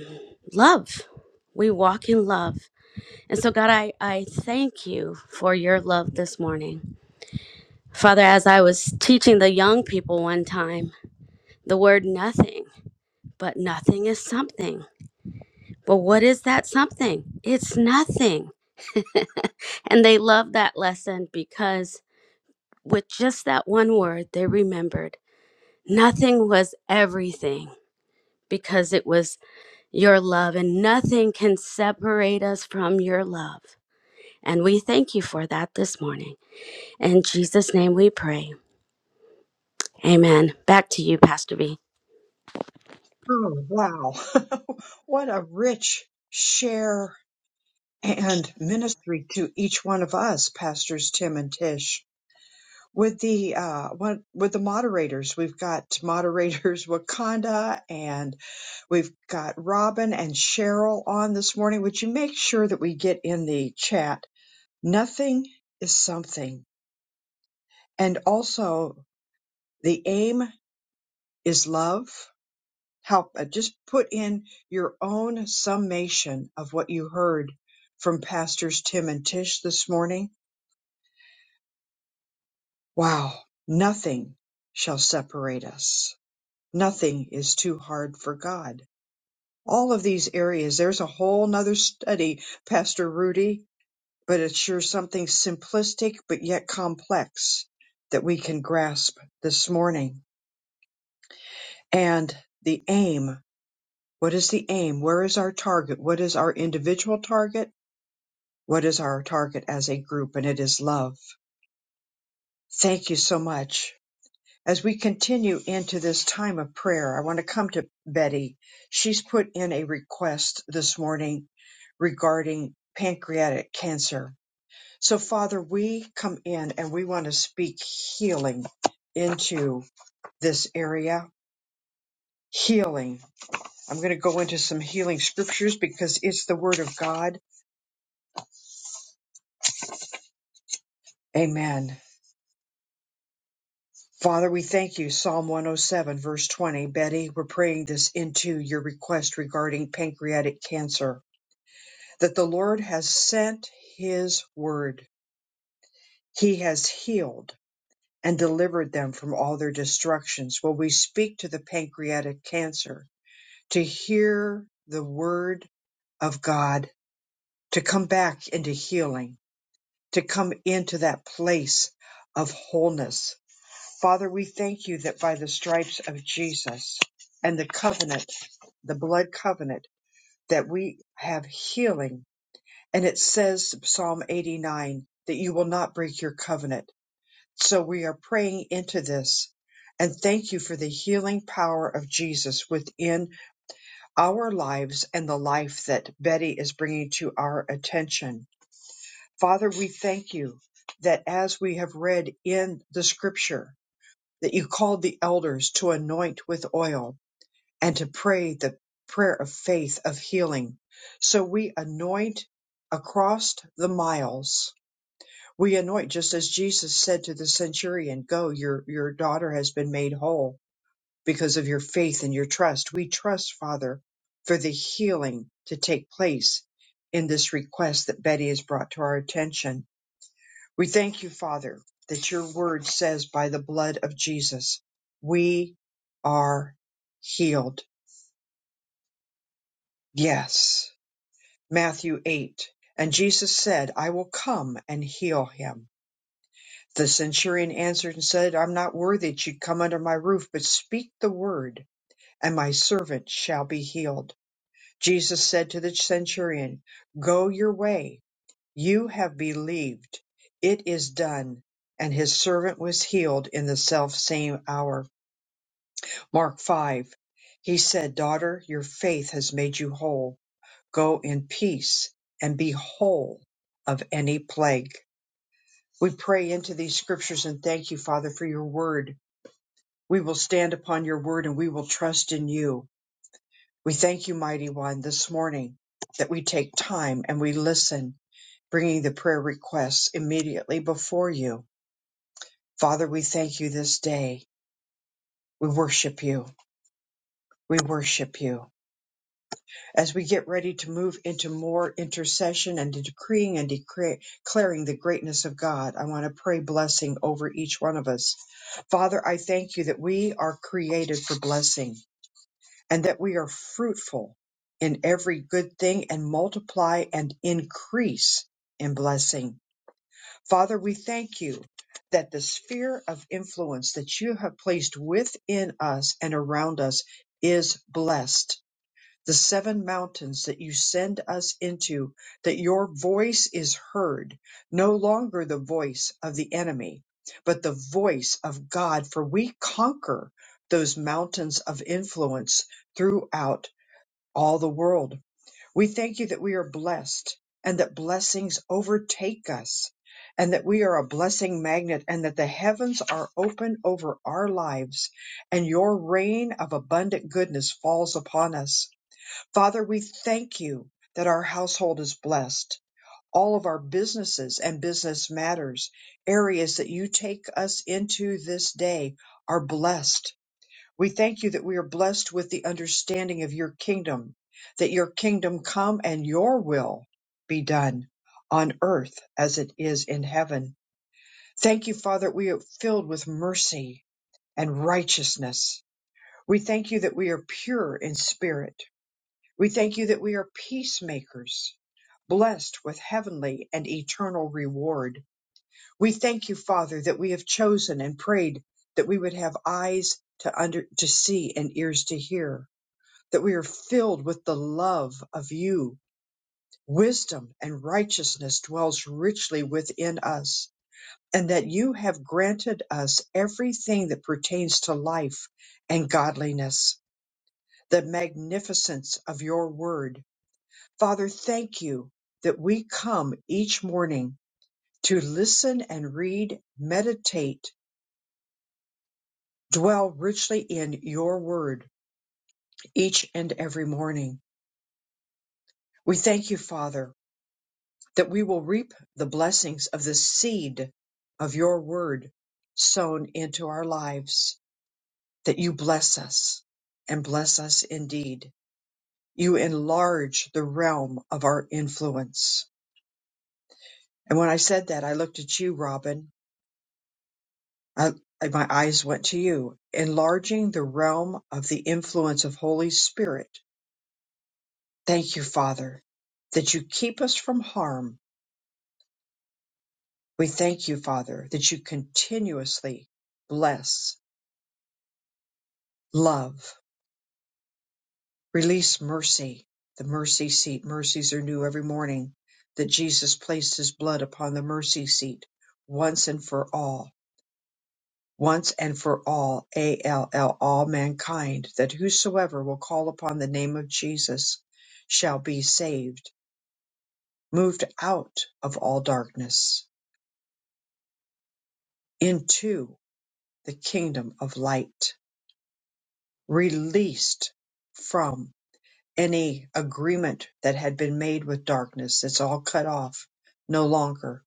love we walk in love and so god i i thank you for your love this morning father as i was teaching the young people one time the word nothing but nothing is something but what is that something it's nothing and they loved that lesson because with just that one word, they remembered nothing was everything because it was your love, and nothing can separate us from your love. And we thank you for that this morning. In Jesus' name we pray. Amen. Back to you, Pastor B. Oh, wow. what a rich share and ministry to each one of us, Pastors Tim and Tish. With the uh, what, with the moderators, we've got moderators Wakanda, and we've got Robin and Cheryl on this morning. Would you make sure that we get in the chat? Nothing is something, and also The aim is love. Help, uh, just put in your own summation of what you heard from Pastors Tim and Tish this morning. Wow. Nothing shall separate us. Nothing is too hard for God. All of these areas, there's a whole nother study, Pastor Rudy, but it's sure something simplistic but yet complex that we can grasp this morning. And the aim. What is the aim? Where is our target? What is our individual target? What is our target as a group? And it is love. Thank you so much. As we continue into this time of prayer, I want to come to Betty. She's put in a request this morning regarding pancreatic cancer. So, Father, we come in and we want to speak healing into this area. Healing. I'm going to go into some healing scriptures because it's the Word of God. Amen. Father, we thank you. Psalm 107, verse 20. Betty, we're praying this into your request regarding pancreatic cancer, that the Lord has sent his word. He has healed and delivered them from all their destructions. Will we speak to the pancreatic cancer to hear the word of God, to come back into healing, to come into that place of wholeness? Father, we thank you that by the stripes of Jesus and the covenant, the blood covenant, that we have healing. And it says, Psalm 89, that you will not break your covenant. So we are praying into this. And thank you for the healing power of Jesus within our lives and the life that Betty is bringing to our attention. Father, we thank you that as we have read in the scripture, that you called the elders to anoint with oil and to pray the prayer of faith of healing. So we anoint across the miles. We anoint just as Jesus said to the centurion, go, your, your daughter has been made whole because of your faith and your trust. We trust, Father, for the healing to take place in this request that Betty has brought to our attention we thank you, Father, that your word says by the blood of Jesus, we are healed. Yes. Matthew 8. And Jesus said, I will come and heal him. The centurion answered and said, I'm not worthy that you come under my roof, but speak the word, and my servant shall be healed. Jesus said to the centurion, Go your way You have believed, it is done. And his servant was healed in the self same hour. Mark 5. He said, Daughter, your faith has made you whole. Go in peace and be whole of any plague. We pray into these scriptures and thank you, Father, for your word. We will stand upon your word and we will trust in you. We thank you, Mighty One, this morning that we take time and we listen, bringing the prayer requests immediately before you Father, we thank you this day. We worship you. We worship you. As we get ready to move into more intercession and decreeing and decre- declaring the greatness of God, I want to pray blessing over each one of us. Father, I thank you that we are created for blessing and that we are fruitful in every good thing and multiply and increase in blessing. Father, we thank you that the sphere of influence that you have placed within us and around us is blessed. The seven mountains that you send us into, that your voice is heard, no longer the voice of the enemy, but the voice of God, for we conquer those mountains of influence throughout all the world we thank you that we are blessed and that blessings overtake us and that we are a blessing magnet and that the heavens are open over our lives and your rain of abundant goodness falls upon us. Father, we thank you that our household is blessed. All of our businesses and business matters, areas that you take us into this day are blessed we thank you that we are blessed with the understanding of your kingdom, that your kingdom come and your will be done on earth as it is in heaven. Thank you, Father, we are filled with mercy and righteousness. We thank you that we are pure in spirit. We thank you that we are peacemakers, blessed with heavenly and eternal reward. We thank you, Father, that we have chosen and prayed that we would have eyes to under to see and ears to hear that we are filled with the love of you. Wisdom and righteousness dwells richly within us, and that you have granted us everything that pertains to life and godliness, the magnificence of your word. Father, thank you that we come each morning to listen and read, meditate, dwell richly in your word each and every morning. We thank you, Father, that we will reap the blessings of the seed of your word sown into our lives, that you bless us and bless us indeed. You enlarge the realm of our influence. And when I said that, I looked at you, Robin. I, I- my eyes went to you, enlarging the realm of the influence of Holy Spirit. Thank you, Father, that you keep us from harm. We thank you, Father, that you continuously bless love, release mercy, the mercy seat. Mercies are new every morning. That Jesus placed his blood upon the mercy seat once and for all, once and for all, A L L, all mankind, that whosoever will call upon the name of Jesus shall be saved, moved out of all darkness into the kingdom of light, released from. any agreement that had been made with darkness. It's all cut off, no longer.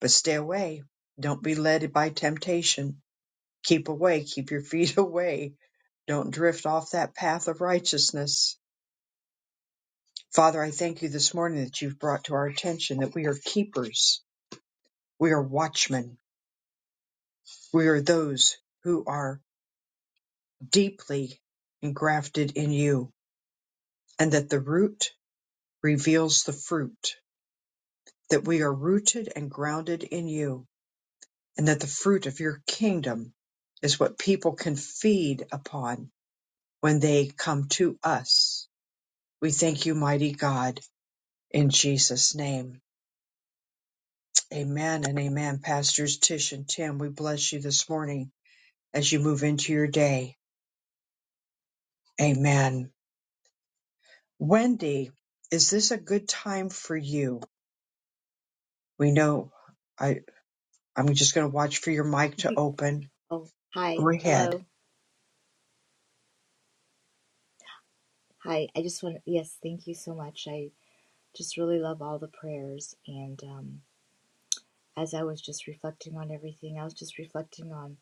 But stay away. Don't be led by temptation. Keep away. Keep your feet away. Don't drift off that path of righteousness. Father, I thank you this morning that you've brought to our attention that we are keepers. We are watchmen. We are those who are deeply engrafted in you and that the root reveals the fruit, that we are rooted and grounded in you and that the fruit of your kingdom is what people can feed upon when they come to us. We thank you, mighty God, in Jesus' name. Amen and amen. Pastors Tish and Tim, we bless you this morning as you move into your day. Amen. Wendy, is this a good time for you? We know I, I'm just going to watch for your mic to open. Oh, hi. Go Hello. ahead. Hi. I just want to, yes, thank you so much. I just really love all the prayers. And um, as I was just reflecting on everything, I was just reflecting on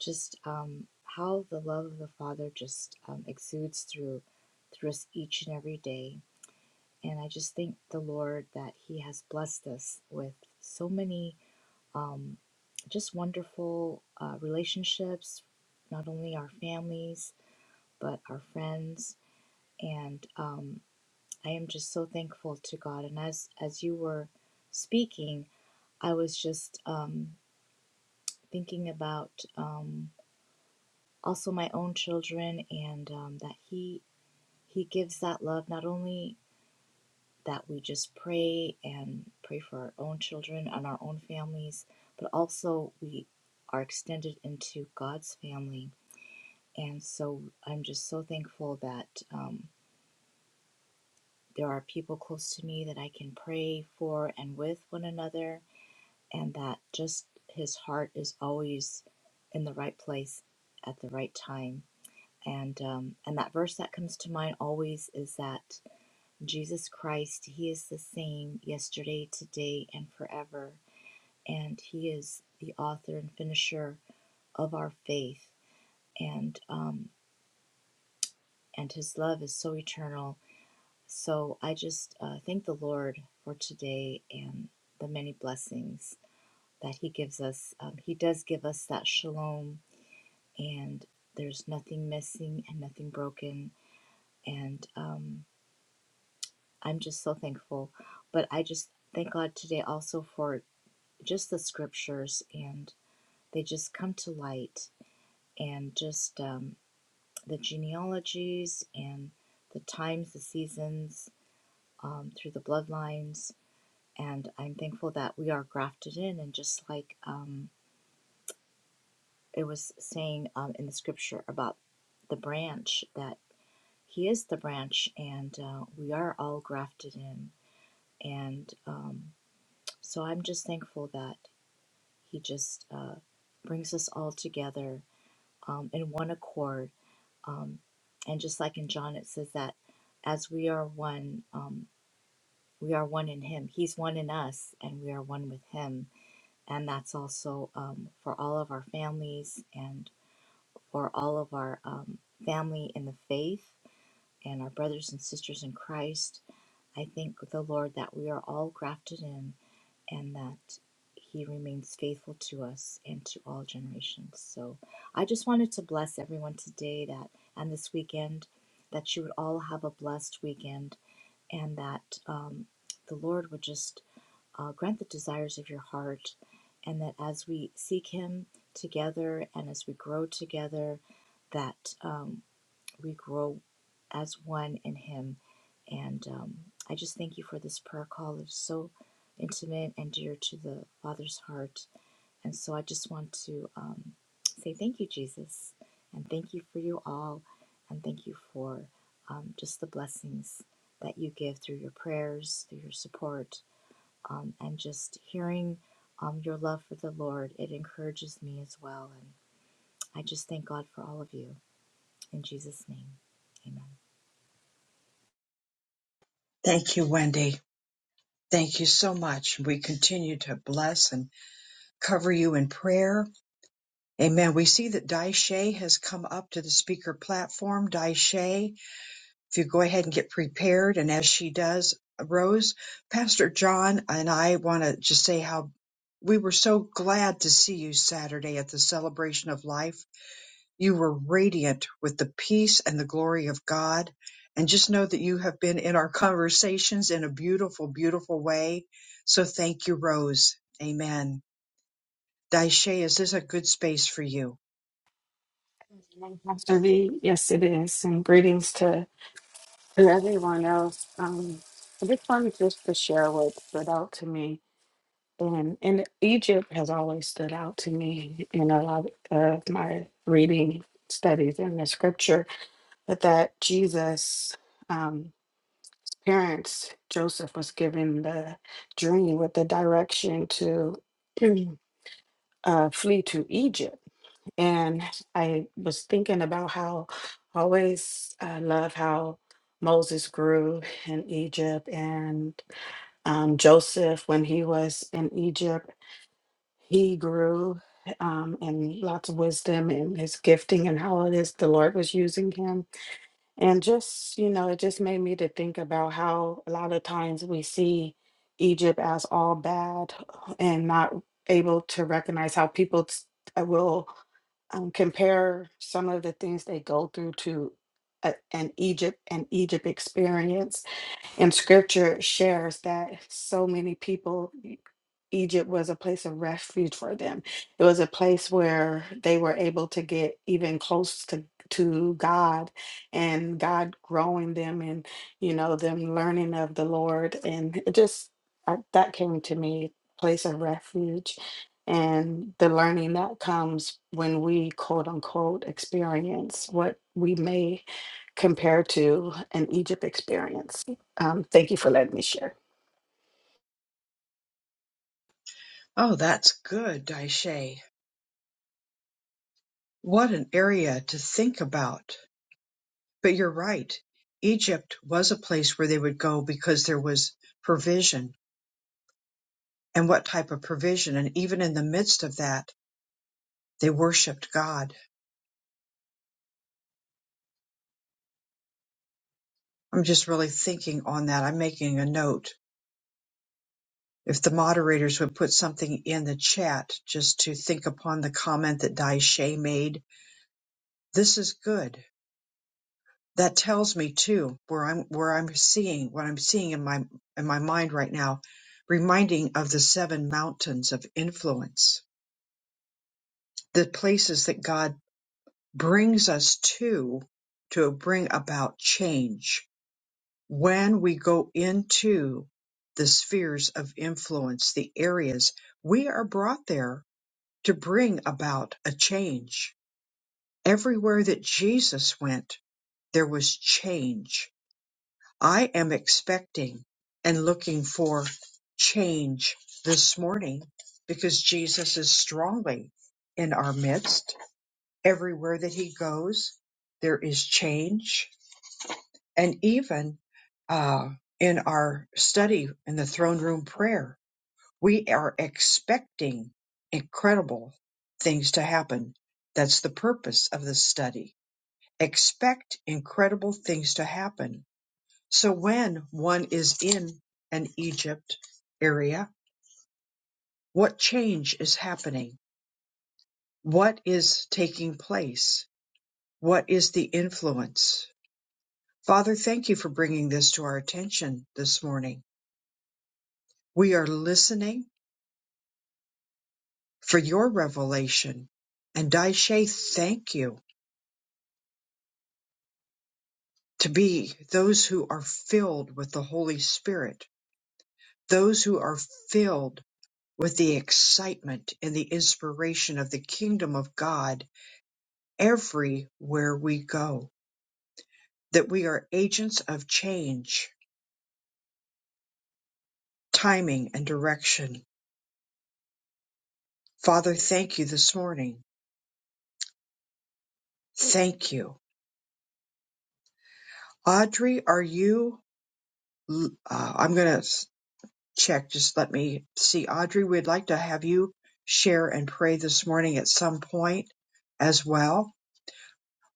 just um, how the love of the Father just um, exudes through through us each and every day. And I just thank the Lord that He has blessed us with so many um, just wonderful uh, relationships, not only our families, but our friends. And um, I am just so thankful to God. And as as you were speaking, I was just um, thinking about um, also my own children and um, that He He gives that love not only that we just pray and pray for our own children and our own families, but also we are extended into God's family. And so I'm just so thankful that um, there are people close to me that I can pray for and with one another and that just his heart is always in the right place at the right time. And um, and that verse that comes to mind always is that Jesus Christ, He is the same yesterday, today, and forever, and He is the author and finisher of our faith, and um, and His love is so eternal. So I just uh, thank the Lord for today and the many blessings that He gives us. Um, he does give us that shalom and there's nothing missing and nothing broken. And um, I'm just so thankful. But I just thank God today also for just the scriptures, and they just come to light, and just um, the genealogies and the times, the seasons um, through the bloodlines. And I'm thankful that we are grafted in, and just like um, it was saying um, in the scripture about the branch that He is the branch, and uh, we are all grafted in. And um, so I'm just thankful that He just uh, brings us all together um, in one accord. Um, and just like in John, it says that as we are one, um, we are one in Him. He's one in us, and we are one with Him. And that's also um, for all of our families and for all of our um, family in the faith and our brothers and sisters in Christ I thank the Lord that we are all grafted in and that He remains faithful to us and to all generations. So I just wanted to bless everyone today that and this weekend that you would all have a blessed weekend and that um, the Lord would just uh, grant the desires of your heart and that as we seek Him together and as we grow together, that um, we grow as one in Him. And um, I just thank you for this prayer call. It's so intimate and dear to the Father's heart. And so I just want to um, say thank you, Jesus, and thank you for you all, and thank you for um, just the blessings that you give through your prayers, through your support, um, and just hearing um, your love for the Lord. It encourages me as well. And I just thank God for all of you. In Jesus' name, amen. Thank you, Wendy. Thank you so much. We continue to bless and cover you in prayer. Amen. We see that Dai Shay has come up to the speaker platform. Dai Shay, if you go ahead and get prepared, and as she does, Rose, Pastor John, and I want to just say how we were so glad to see you Saturday at the celebration of life. You were radiant with the peace and the glory of God. And just know that you have been in our conversations in a beautiful, beautiful way. So thank you, Rose. Amen. Daishe, is this a good space for you? Pastor V, yes, it is. And greetings to, to everyone else. Um, I just wanted just to share what stood out to me. And, and Egypt has always stood out to me in a lot of my reading studies in the scripture, but that Jesus' um, parents, Joseph, was given the dream with the direction to uh, flee to Egypt And I was thinking about how I always uh, love how Moses grew in Egypt and um, Joseph, when he was in Egypt, he grew um, in lots of wisdom and his gifting and how it is the Lord was using him. And just, you know, it just made me to think about how a lot of times we see Egypt as all bad and not able to recognize how people t- will um, compare some of the things they go through to a, an Egypt an Egypt experience and scripture shares that so many people, e- Egypt was a place of refuge for them. It was a place where they were able to get even close to, to God and God growing them and, you know, them learning of the Lord. And it just I, that came to me place of refuge and the learning that comes when we quote unquote experience what we may compare to an Egypt experience. Um, thank you for letting me share. Oh, that's good, Daishe. What an area to think about. But you're right. Egypt was a place where they would go because there was provision and what type of provision. And even in the midst of that, they worshiped God. I'm just really thinking on that. I'm making a note. If the moderators would put something in the chat just to think upon the comment that Daishe made, this is good that tells me too where I'm where I'm seeing what I'm seeing in my in my mind right now, reminding of the seven mountains of influence, the places that God brings us to to bring about change when we go into the spheres of influence, the areas we are brought there to bring about a change. Everywhere that Jesus went, there was change I am expecting and looking for change this morning because Jesus is strongly in our midst. Everywhere that he goes, there is change. And even uh, in our study in the throne room prayer, we are expecting incredible things to happen. That's the purpose of this study. Expect incredible things to happen so when one is in an Egypt area, what change is happening? What is taking place? What is the influence? Father, thank you for bringing this to our attention this morning. We are listening for your revelation. And Daishe, thank you to be those who are filled with the Holy Spirit, those who are filled with the excitement and the inspiration of the kingdom of God everywhere we go, that we are agents of change, timing, and direction. Father, thank you this morning. Thank you. Audrey, are you? Uh, I'm going to check. Just let me see. Audrey, we'd like to have you share and pray this morning at some point as well.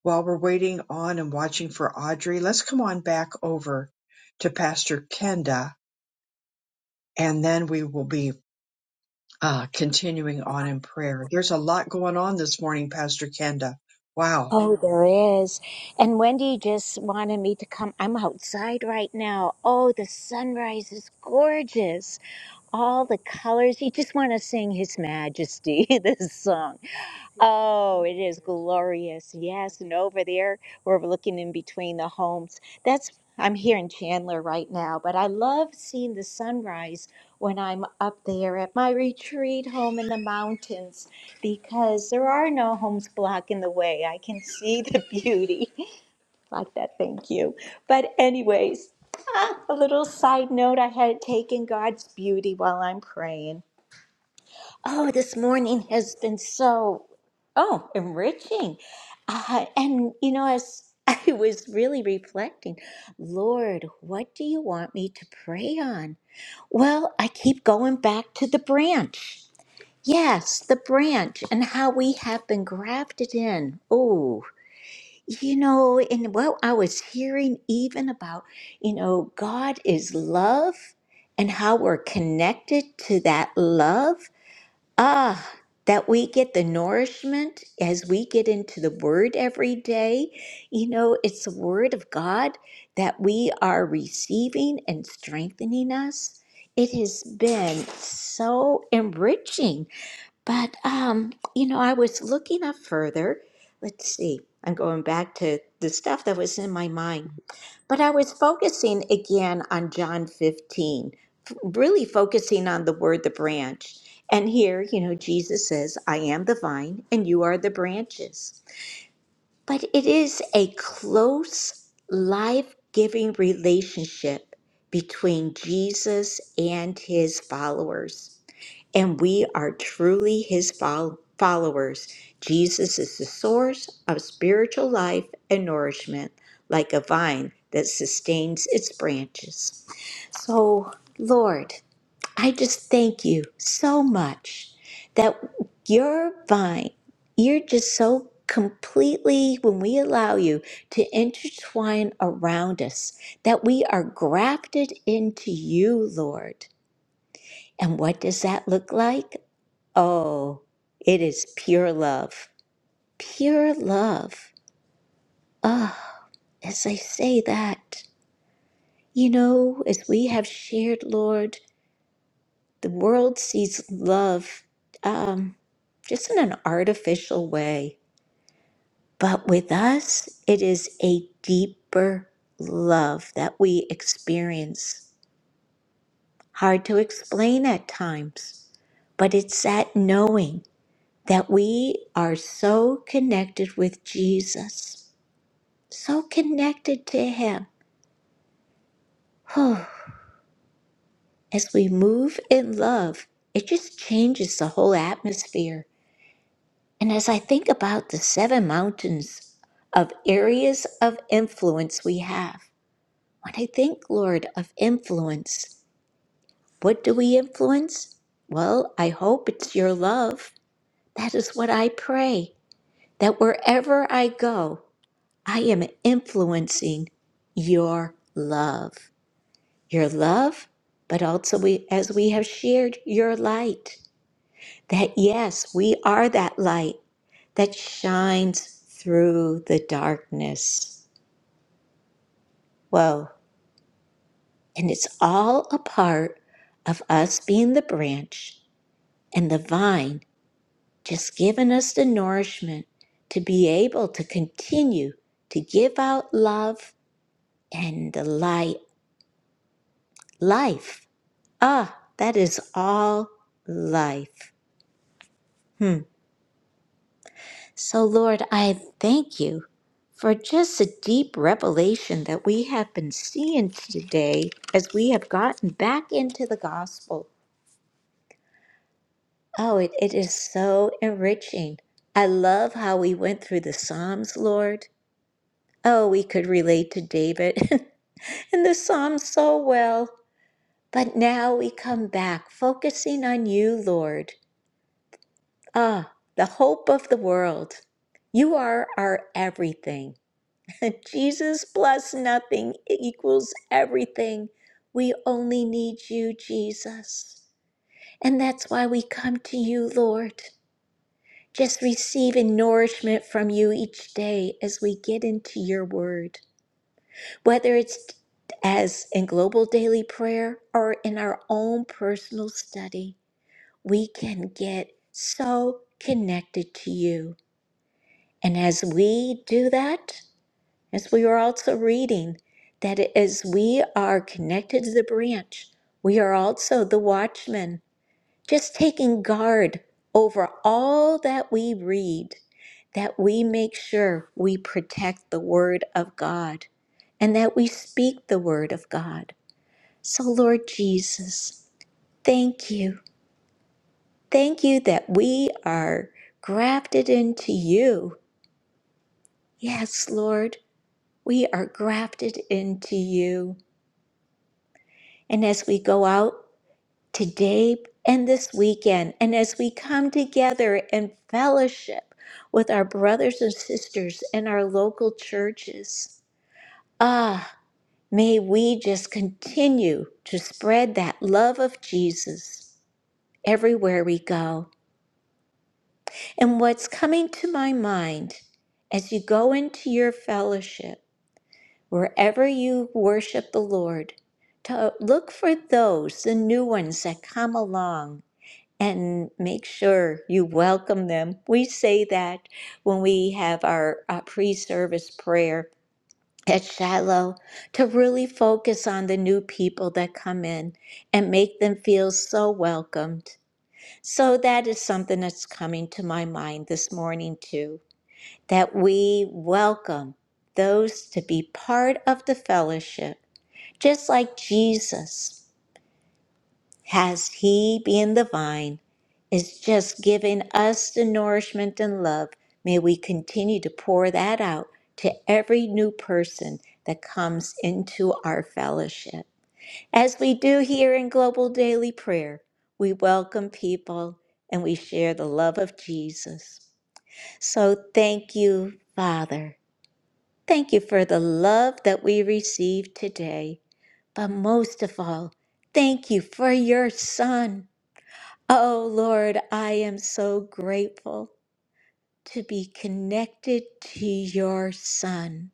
While we're waiting on and watching for Audrey, let's come on back over to Pastor Kenda, and then we will be Ah, continuing on in prayer. There's a lot going on this morning, Pastor Kenda. Wow. Oh, there is. And Wendy just wanted me to come. I'm outside right now. Oh, the sunrise is gorgeous. All the colors. You just want to sing His Majesty, this song. Oh, it is glorious. Yes. And over there, we're looking in between the homes. That's, I'm here in Chandler right now, but I love seeing the sunrise when I'm up there at my retreat home in the mountains because there are no homes blocking the way. I can see the beauty. Like that. Thank you. But, anyways, ah, a little side note I had taken God's beauty while I'm praying. Oh, this morning has been so, oh, enriching. Uh, and, you know, as I was really reflecting, Lord, what do you want me to pray on? Well, I keep going back to the branch. Yes, the branch and how we have been grafted in. Oh, you know, and what I was hearing even about, you know, God is love and how we're connected to that love Ah, that we get the nourishment as we get into the Word every day. You know, it's the Word of God that we are receiving and strengthening us. It has been so enriching but um, you know, I was looking up further. Let's see. I'm going back to the stuff that was in my mind. But I was focusing again on John 15, f- really focusing on the word the branch. And here, you know, Jesus says, I am the vine and you are the branches. But it is a close, life giving relationship between Jesus and his followers and we are truly his fol- followers. Jesus is the source of spiritual life and nourishment, like a vine that sustains its branches. So, Lord, I just thank you so much that your vine, you're just so completely, when we allow you to intertwine around us, that we are grafted into you, Lord. And what does that look like? Oh, it is pure love. Pure love. Ah, as I say that, you know, as we have shared, Lord, the world sees love um, just in an artificial way. But with us, it is a deeper love that we experience. Hard to explain at times, but it's that knowing that we are so connected with Jesus so connected to Him. as we move in love, it just changes the whole atmosphere. And as I think about the seven mountains of areas of influence we have, when I think, Lord, of influence, what do we influence? Well, I hope it's your love. That is what I pray, that wherever I go, I am influencing your love. your love, but also we, as we have shared your light. That yes, we are that light that shines through the darkness. Whoa. And it's all a part of us being the branch and the vine just giving us the nourishment to be able to continue to give out love and the light, life. Ah, that is all life. Hmm. So, Lord, I thank you for just the deep revelation that we have been seeing today as we have gotten back into the gospel. Oh, it, it is so enriching. I love how we went through the Psalms, Lord. Oh, we could relate to David and the Psalms so well. But now we come back focusing on you, Lord. Ah, the hope of the world. You are our everything. If Jesus plus nothing equals everything, we only need you, Jesus. And that's why we come to you, Lord, just receiving nourishment from you each day as we get into your word, whether it's as in global daily prayer or in our own personal study, we can get so connected to you. And as we do that, As we are also reading, that as we are connected to the branch, we are also the watchmen, just taking guard over all that we read, that we make sure we protect the Word of God and that we speak the Word of God. So, Lord Jesus, thank you. Thank you that we are grafted into you. Yes, Lord, we are grafted into you. And as we go out today and this weekend, and as we come together and fellowship with our brothers and sisters in our local churches, ah, may we just continue to spread that love of Jesus everywhere we go. And what's coming to my mind as you go into your fellowship, wherever you worship the Lord, to look for those, the new ones that come along and make sure you welcome them. We say that when we have our, uh pre-service prayer at Shiloh to really focus on the new people that come in and make them feel so welcomed. So that is something that's coming to my mind this morning too, that we welcome those to be part of the fellowship, just like Jesus has He been the vine, is just giving us the nourishment and love. May we continue to pour that out to every new person that comes into our fellowship. As we do here in Global Daily Prayer, we welcome people and we share the love of Jesus. So thank you, Father. Thank you for the love that we received today. But most of all, thank you for your Son. Oh Lord, I am so grateful to be connected to your Son.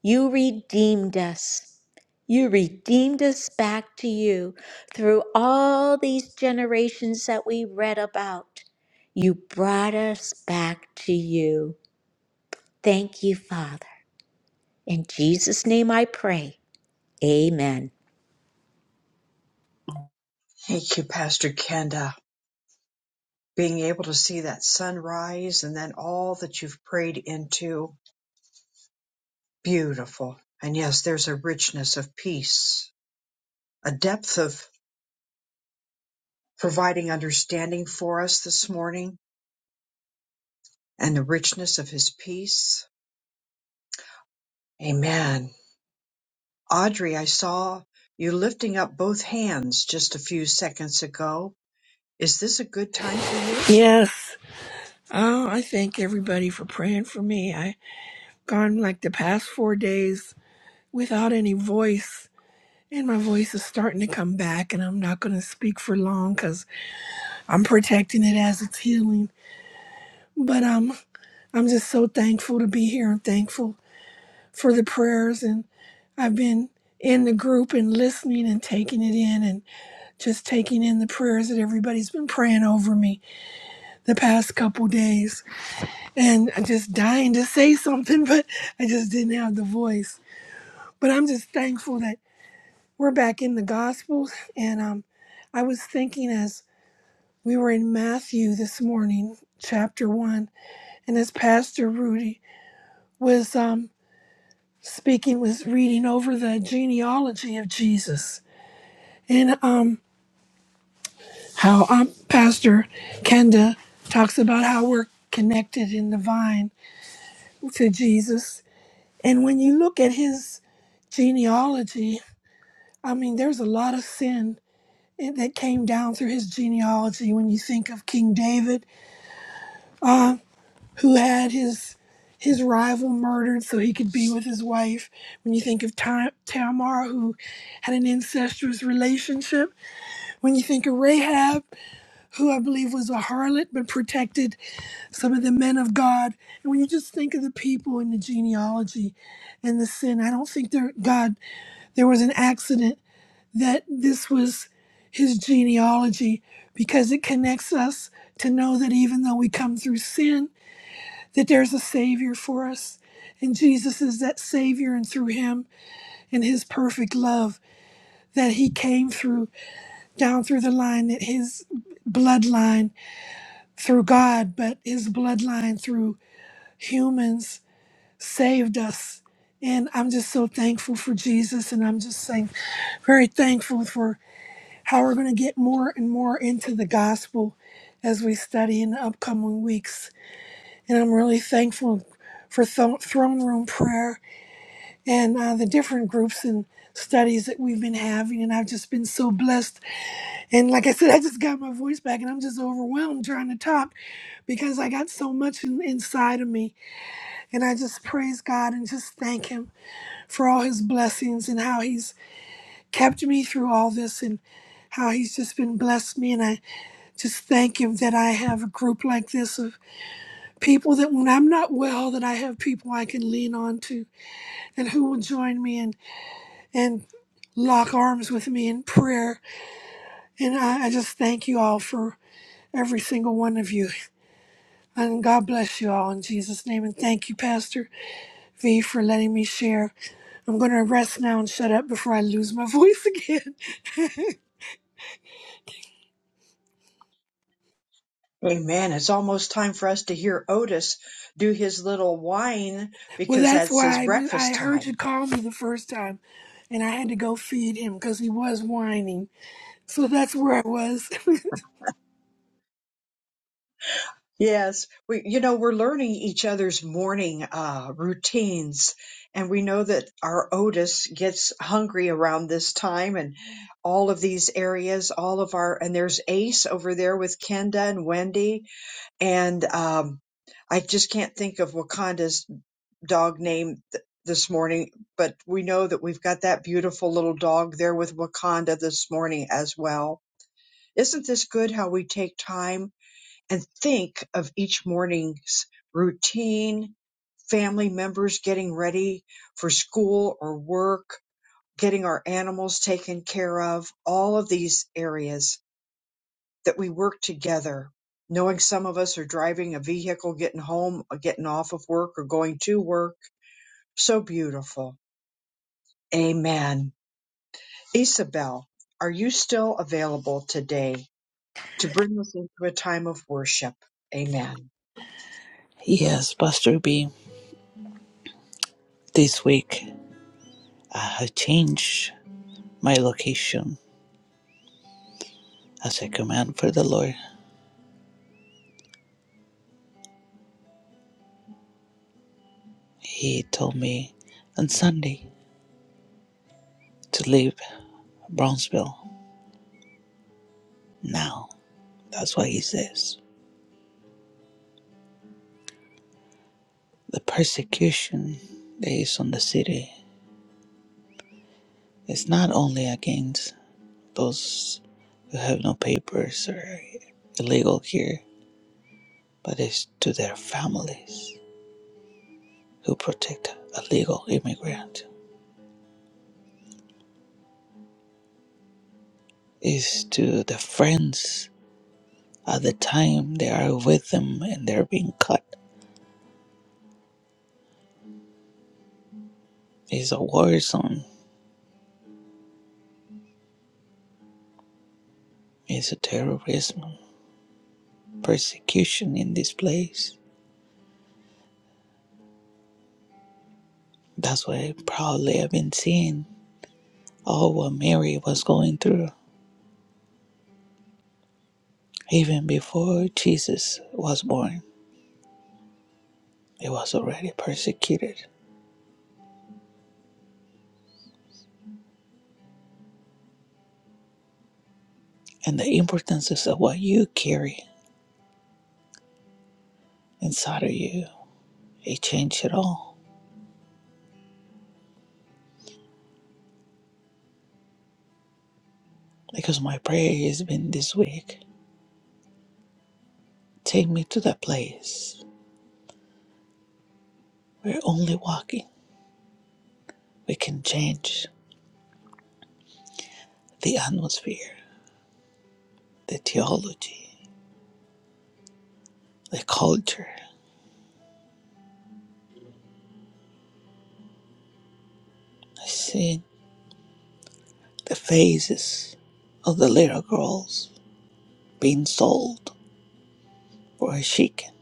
You redeemed us. You redeemed us back to you through all these generations that we read about. You brought us back to you. Thank you, Father. In Jesus' name I pray. Amen. Thank you, Pastor Kenda. Being able to see that sunrise and then all that you've prayed into. Beautiful. And yes, there's a richness of peace, a depth of providing understanding for us this morning, and the richness of his peace. Amen. Audrey, I saw you lifting up both hands just a few seconds ago. Is this a good time for you? Yes. Oh, I thank everybody for praying for me. I gone like the past four days without any voice, and my voice is starting to come back. And I'm not going to speak for long because I'm protecting it as it's healing. But um, I'm just so thankful to be here. I'm thankful for the prayers, and I've been in the group and listening and taking it in, and just taking in the prayers that everybody's been praying over me the past couple days and I'm just dying to say something, but I just didn't have the voice. But I'm just thankful that we're back in the gospel. And um, I was thinking as we were in Matthew this morning, chapter one, and as Pastor Rudy was um, speaking, was reading over the genealogy of Jesus and um, how um, Pastor Kenda talks about how we're connected in the vine to Jesus. And when you look at his genealogy, I mean, there's a lot of sin that came down through his genealogy. When you think of King David, uh, who had his his rival murdered so he could be with his wife. When you think of Tam- Tamar, who had an incestuous relationship. When you think of Rahab, who I believe was a harlot but protected some of the men of God. And when you just think of the people in the genealogy and the sin, I don't think there God there was an accident that this was his genealogy because it connects us to know that even though we come through sin that there's a savior for us and Jesus is that savior and through him and his perfect love that he came through down through the line that his bloodline through God but his bloodline through humans saved us and I'm just so thankful for Jesus and I'm just saying very thankful for how we're going to get more and more into the gospel as we study in the upcoming weeks. And I'm really thankful for th- throne room prayer and uh, the different groups and studies that we've been having. And I've just been so blessed. And like I said, I just got my voice back and I'm just overwhelmed trying to talk because I got so much in- inside of me. And I just praise God and just thank Him for all His blessings and how He's kept me through all this and how He's just been blessed me. And I. Just thank Him that I have a group like this of people that when I'm not well, that I have people I can lean on to and who will join me and, and lock arms with me in prayer. And I, I just thank you all for every single one of you. And God bless you all in Jesus' name. And thank you, Pastor V, for letting me share. I'm going to rest now and shut up before I lose my voice again. Amen. It's almost time for us to hear Otis do his little whine Well, because that's that's his why I, I breakfast heard you time. call me the first time, and I had to go feed him because he was whining. So that's where I was. Yes, we you know we're learning each other's morning uh, routines, and we know that our Otis gets hungry around this time, and all of these areas, all of our and there's Ace over there with Kenda and Wendy, and um, I just can't think of Wakanda's dog name th- this morning, but we know that we've got that beautiful little dog there with Wakanda this morning as well. Isn't this good how we take time and think of each morning's routine, family members getting ready for school or work, getting our animals taken care of, all of these areas that we work together. Knowing some of us are driving a vehicle, getting home, or getting off of work, or going to work. So beautiful Amen. Isabel, are you still available today to bring us into a time of worship? Amen. Yes, Pastor B, this week I have changed my location as a command for the Lord. He told me on Sunday to leave Brownsville now. That's what He says. The persecution that is on the city is not only against those who have no papers or illegal here but it's to their families who protect a legal immigrant. It's to the friends at the time they are with them and they're being cut. It's a war zone. It's a terrorism persecution in this place. That's what I probably have been seeing. All what Mary was going through, even before Jesus was born, it was already persecuted. And the importance of what you carry inside of you, it changed it all because my prayer has been this week take me to that place where only walking we can change the atmosphere, the theology, the culture. I've seen the faces of the little girls being sold for a chicken,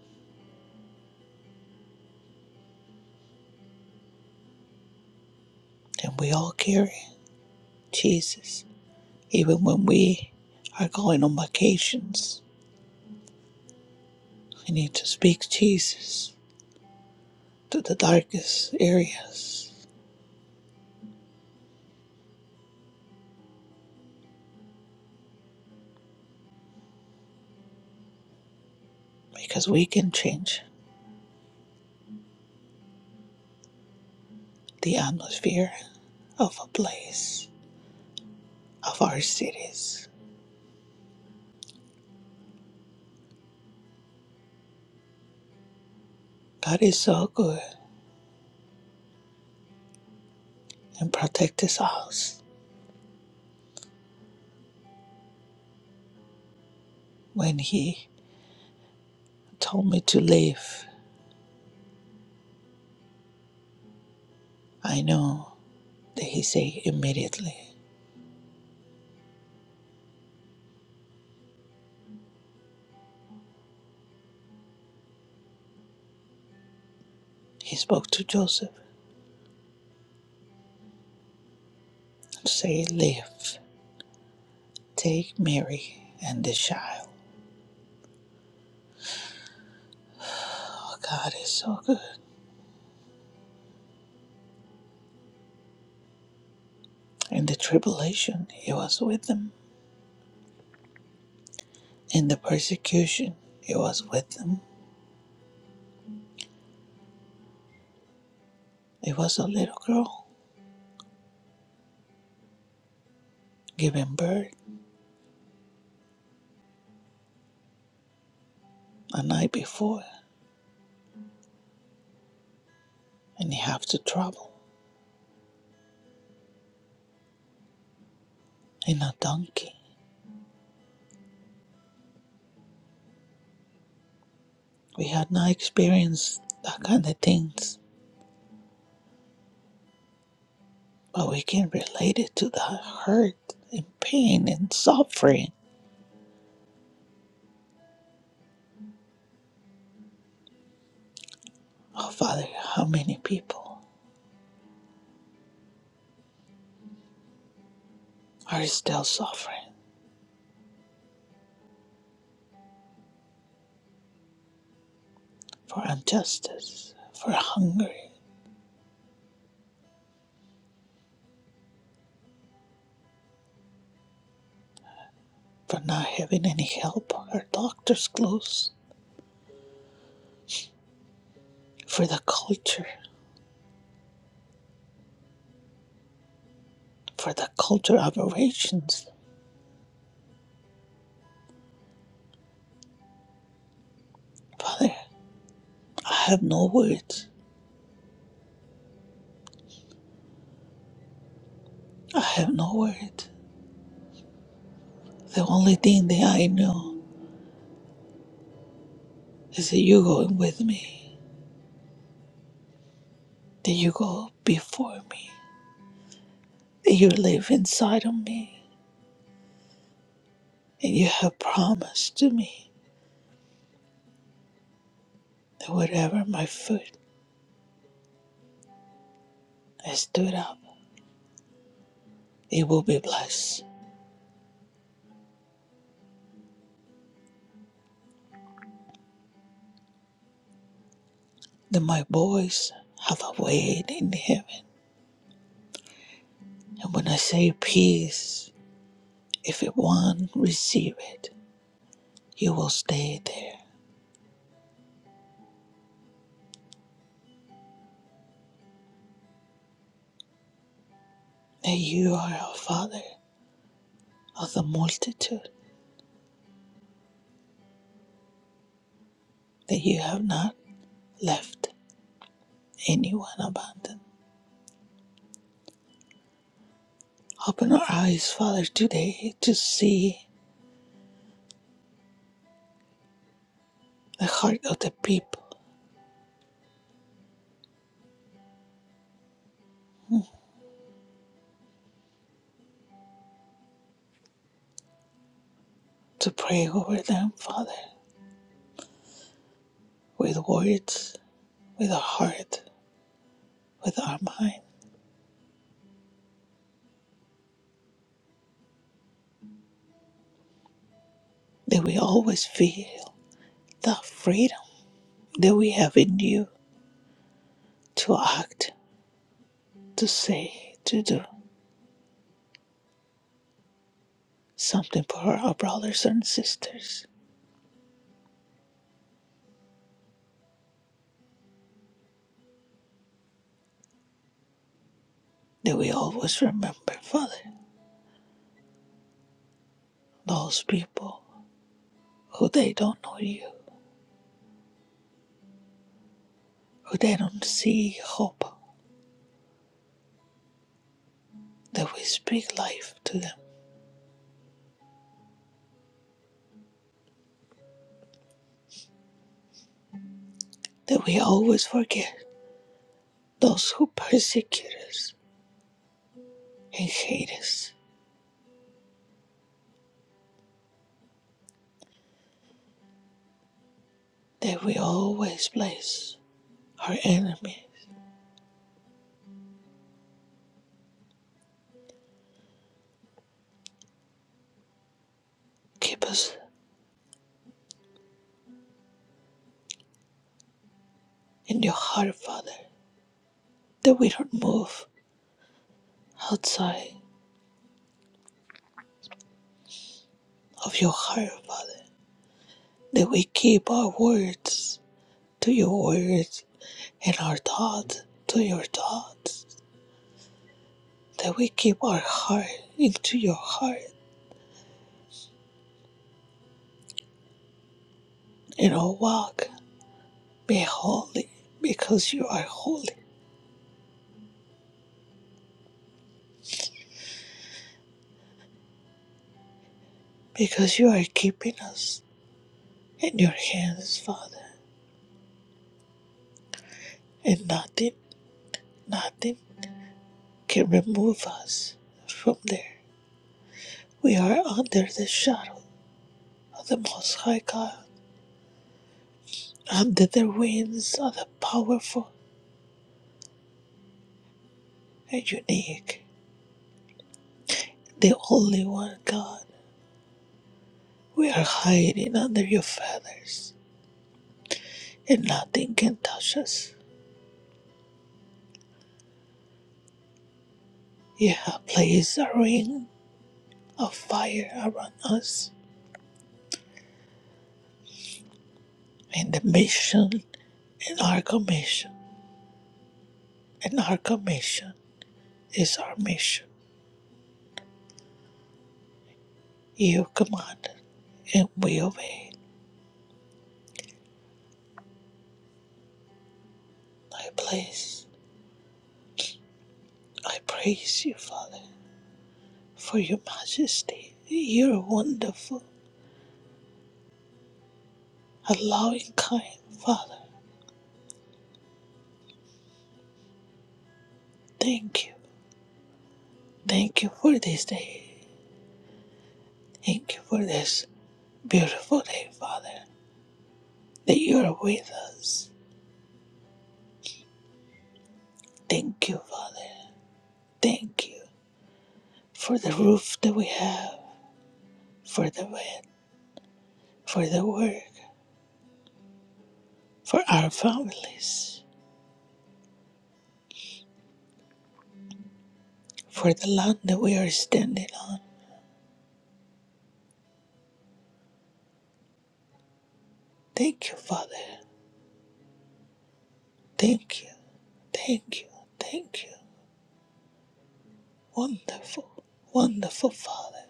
and we all carry Jesus. Even when we are going on vacations, we need to speak Jesus to the darkest areas because we can change the atmosphere of a place, of our cities. God is so good and protect his house. When he told me to leave, I know that he said immediately. He spoke to Joseph and said, Leave, take Mary and the child. Oh, God is so good. In the tribulation, he was with them. In the persecution, he was with them. It was a little girl giving birth a night before, and he had to travel in a donkey. We have not experienced that kind of things, but we can relate it to the hurt and pain and suffering. Oh, Father, how many people are still suffering for injustice, for hunger, for not having any help or doctors close, for the culture, for the culture aberrations. Father, I have no words. I have no words. The only thing that I know is that you're going with me. that you go before me, that you live inside of me, and you have promised to me that whatever my foot has stood up, it will be blessed, that my boys have a weight in heaven. And when I say peace, if one receive it, you will stay there, that you are a father of the multitude, that you have not left anyone abandoned. Open our eyes, Father, today to see the heart of the people to pray over them, Father, with words, with our heart, with our mind, that we always feel the freedom that we have in you to act, to say, to do something for our brothers and sisters. That we always remember, Father, those people who they don't know you, who they don't see hope, that we speak life to them, that we always forget those who persecute us and hate that we always bless our enemies. Keep us in your heart, Father, that we don't move outside of your heart, Father, that we keep our words to your words and our thoughts to your thoughts, that we keep our heart into your heart and our walk be holy because you are holy, because you are keeping us in your hands, Father, and nothing, nothing can remove us from there. We are under the shadow of the Most High God, under the wings of the powerful and unique, the only one God. We are hiding under your feathers, and nothing can touch us. You have placed a ring of fire around us, and the mission and our commission, and our commission is our mission. You commanded, and we obeyed. I place. I praise you, Father, for your majesty. You're wonderful, a loving, kind Father. Thank you. Thank you for this day. Thank you for this beautiful day, Father, that you're with us. Thank you, Father. Thank you for the roof that we have, for the bed, for the work, for our families, for the land that we are standing on. Thank you, Father. Thank you. Thank you. Thank you. Wonderful, wonderful Father,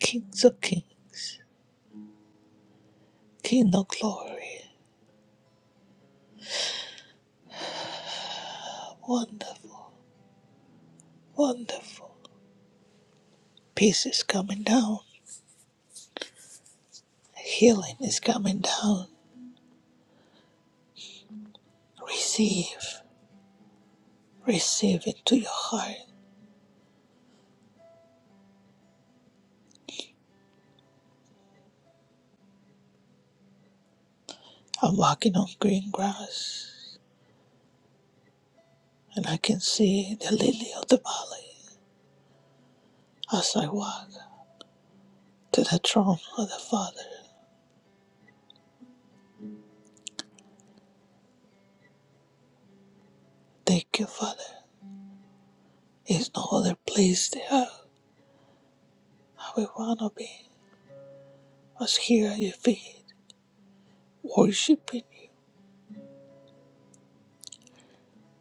Kings of kings, King of glory. Wonderful, wonderful. Peace is coming down, healing is coming down. Receive, receive into your heart. I'm walking on green grass, and I can see the lily of the valley as I walk to the throne of the Father. Thank you, Father. There's no other place to have. I would want to be. I here at your feet, worshiping you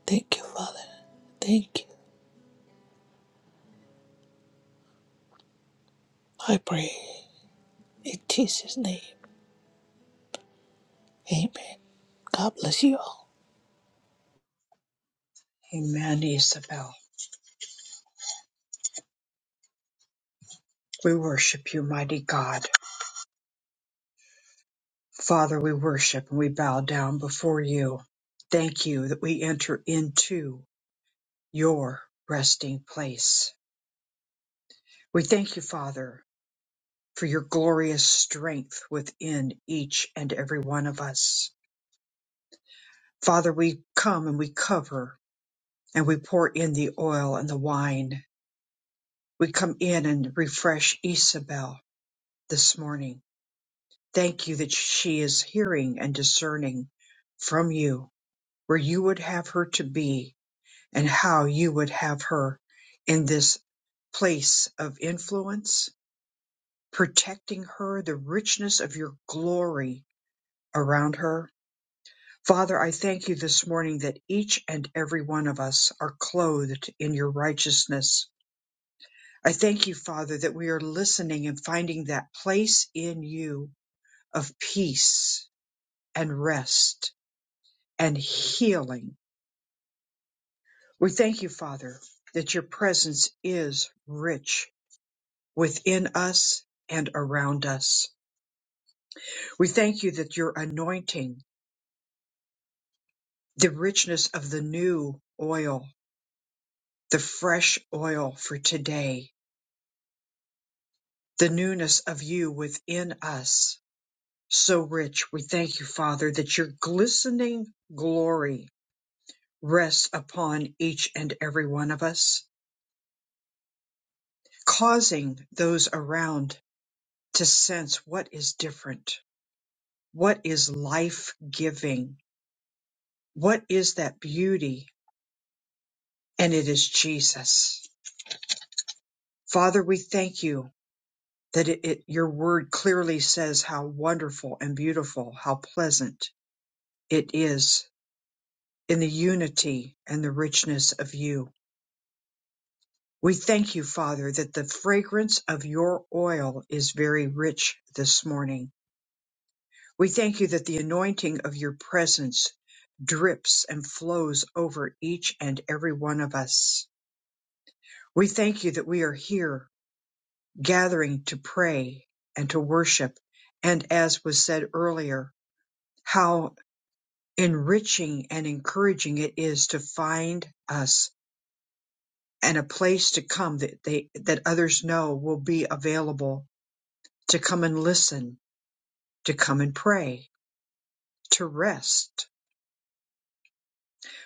Thank you, Father. Thank you. I pray in Jesus' name. Amen. God bless you all. Amen, Isabel. We worship you, mighty God. Father, we worship and we bow down before you. Thank you that we enter into your resting place. We thank you, Father, for your glorious strength within each and every one of us. Father, we come and we cover and we pour in the oil and the wine We come in and refresh Isabel this morning. Thank you that she is hearing and discerning from you where you would have her to be and how you would have her in this place of influence, protecting her, the richness of your glory around her. Father, I thank you this morning that each and every one of us are clothed in your righteousness. I thank you, Father, that we are listening and finding that place in you of peace and rest and healing. We thank you, Father, that your presence is rich within us and around us. We thank you that your anointing, the richness of the new oil, the fresh oil for today, the newness of you within us, so rich. We thank you, Father, that your glistening glory rests upon each and every one of us. causing those around to sense what is different, what is life giving, what is that beauty, and it is Jesus. Father, we thank you that it, it- your word clearly says how wonderful and beautiful, how pleasant it is in the unity and the richness of you. We thank you, Father, that the fragrance of your oil is very rich this morning. We thank you that the anointing of your presence drips and flows over each and every one of us. We thank you that we are here gathering to pray and to worship. And as was said earlier, how enriching and encouraging it is to find us and a place to come that they, that others know will be available to come and listen, to come and pray, to rest.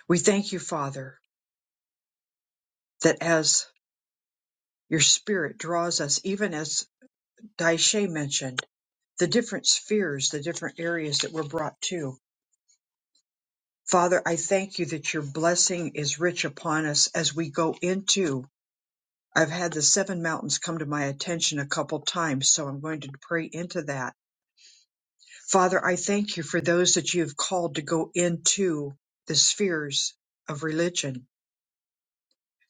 We thank you, Father, that as your spirit draws us, even as Daishe mentioned, the different spheres, the different areas that we're brought to. Father, I thank you that your blessing is rich upon us as we go into. I've had the seven mountains come to my attention a couple times, so I'm going to pray into that. Father, I thank you for those that you have called to go into the spheres of religion,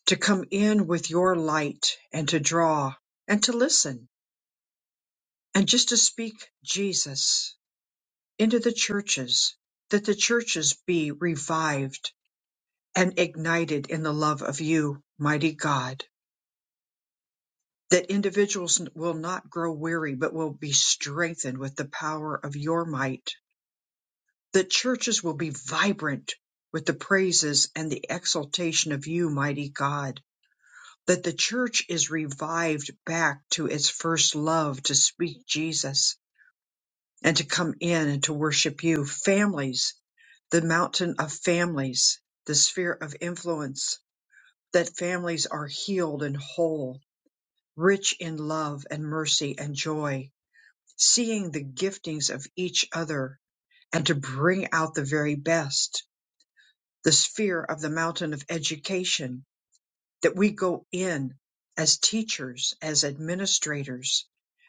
to come in with your light and to draw and to listen and just to speak Jesus into the churches, that the churches be revived and ignited in the love of you, mighty God, that individuals will not grow weary, but will be strengthened with the power of your might, that churches will be vibrant with the praises and the exaltation of you, mighty God, that the church is revived back to its first love to speak Jesus and to come in and to worship you. Families, the mountain of families, the sphere of influence, that families are healed and whole rich in love and mercy and joy, seeing the giftings of each other and to bring out the very best, the sphere of the mountain of education, that we go in as teachers, as administrators,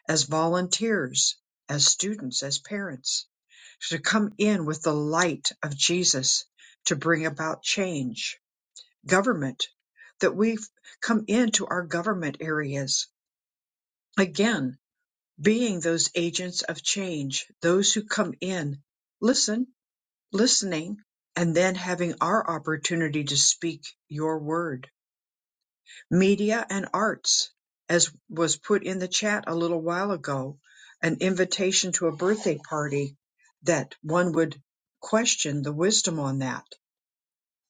as volunteers, as students, as parents, to come in with the light of Jesus to bring about change. Government, that we come into our government areas again being those agents of change, those who come in, listen, listening, and then having our opportunity to speak your word. Media and arts, as was put in the chat a little while ago, an invitation to a birthday party that one would question the wisdom on that,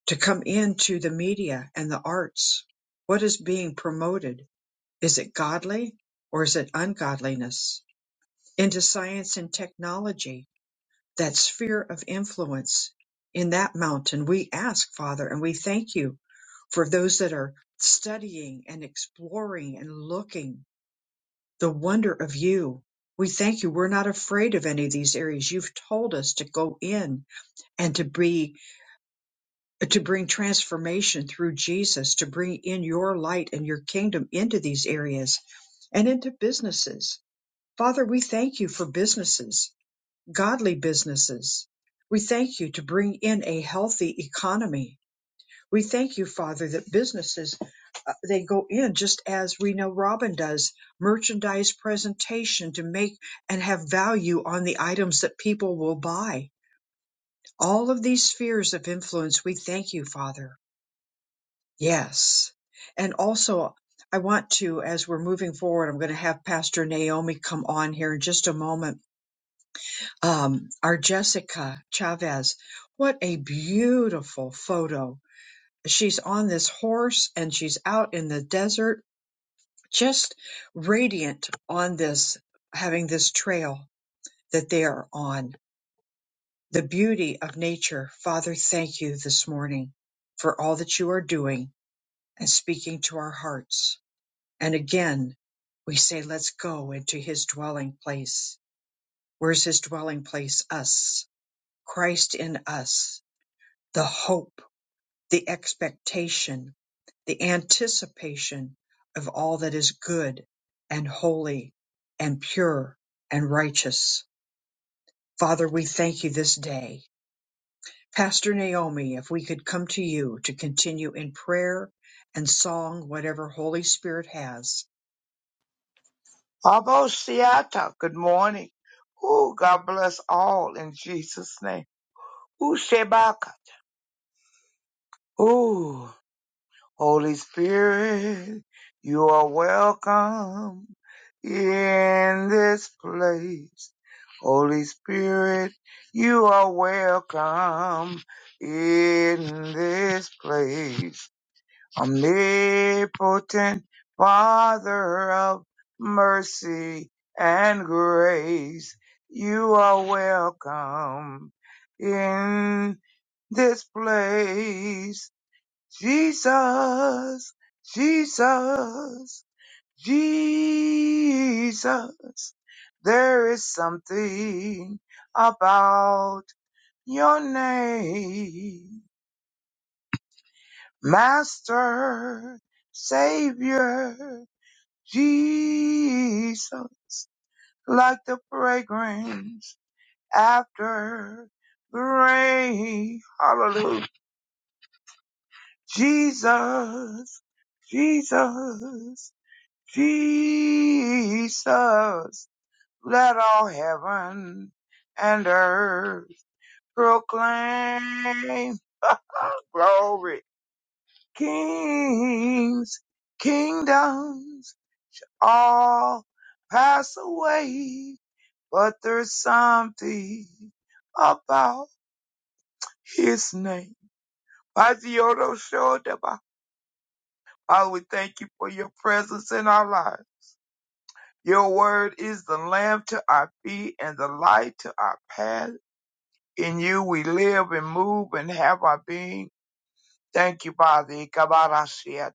to come into the media and the arts. What is being promoted? Is it godly or is it ungodliness? into science and technology, that sphere of influence in that mountain. We ask, Father, and we thank you for those that are studying and exploring and looking the wonder of you. We thank you. We're not afraid of any of these areas. You've told us to go in and to be, to bring transformation through Jesus, to bring in your light and your kingdom into these areas and into businesses. Father, we thank you for businesses godly businesses. We thank you to bring in a healthy economy. We thank you, Father, that businesses uh, they go in just as we know Robin does merchandise presentation to make and have value on the items that people will buy. All of these spheres of influence, we thank you, Father. Yes. And also, I want to, as we're moving forward, I'm going to have Pastor Naomi come on here in just a moment um, our Jessica Chavez. What a beautiful photo. She's on this horse and she's out in the desert, just radiant on this, having this trail that they are on. The beauty of nature. Father, thank you this morning for all that you are doing and speaking to our hearts. And again, we say, let's go into his dwelling place. Where's his dwelling place? Us. Christ in us the hope, the expectation, the anticipation of all that is good and holy and pure and righteous. Father, we thank you this day. Pastor Naomi, if we could come to you to continue in prayer and song, whatever Holy Spirit has. Abba Shiata, good morning. Ooh, God bless all in Jesus' name. Ooh, Shebaka. Ooh, Holy Spirit, you are welcome in this place. Holy Spirit, you are welcome in this place. omnipotent Father of mercy and grace, you are welcome in this place. Jesus, Jesus, Jesus, there is something about your name, Master, Savior. Jesus, like the fragrance after the rain. Hallelujah. Jesus, Jesus, Jesus, let all heaven and earth proclaim glory. Kings, kingdoms, all pass away but there's something about his name. Father, we thank you for your presence in our lives. Your word is the lamp to our feet and the light to our path. In you we live and move and have our being. Thank you, Father. Ikabarashiat.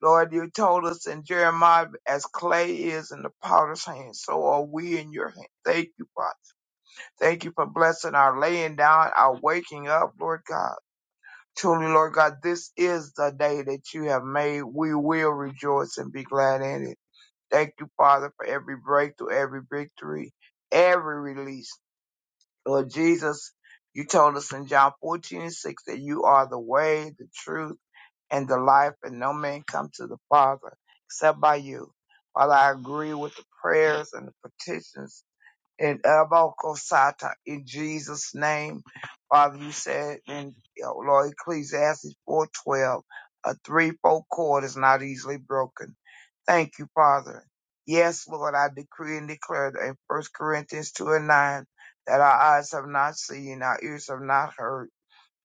Lord, you told us in Jeremiah, as clay is in the potter's hand, so are we in your hand. Thank you, Father. Thank you for blessing our laying down, our waking up, Lord God. Truly, Lord God, this is the day that you have made. We will rejoice and be glad in it. Thank you, Father, for every breakthrough, every victory, every release. Lord Jesus, you told us in John 14 and 6 that you are the way, the truth, and the life, and no man come to the Father except by you. Father, I agree with the prayers and the petitions and elbow Kosata, in Jesus' name. Father, you said in you know, Lord Ecclesiastes four twelve, a threefold cord is not easily broken. Thank you, Father. Yes, Lord, I decree and declare that in First Corinthians two and nine that our eyes have not seen, our ears have not heard,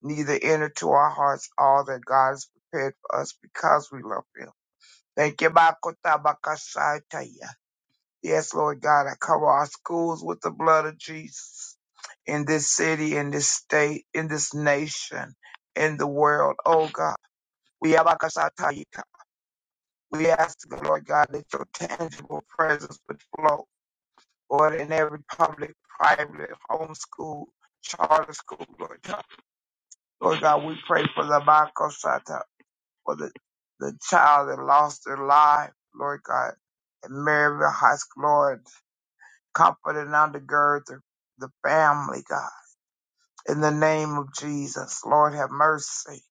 neither entered to our hearts all that God has prepared for us because we love Him. Thank you, Bakota Bakasataya. Yes, Lord God, I cover our schools with the blood of Jesus in this city, in this state, in this nation, in the world. Oh God, we have Akashatayika. We ask, Lord God, that your tangible presence would flow, Lord, in every public, private, homeschool, charter school, Lord God. Lord God, we pray for the Bakosata, for the, the child that lost their life, Lord God, at Maryville High School, Lord. Comfort and undergird the, the family, God. In the name of Jesus, Lord, have mercy.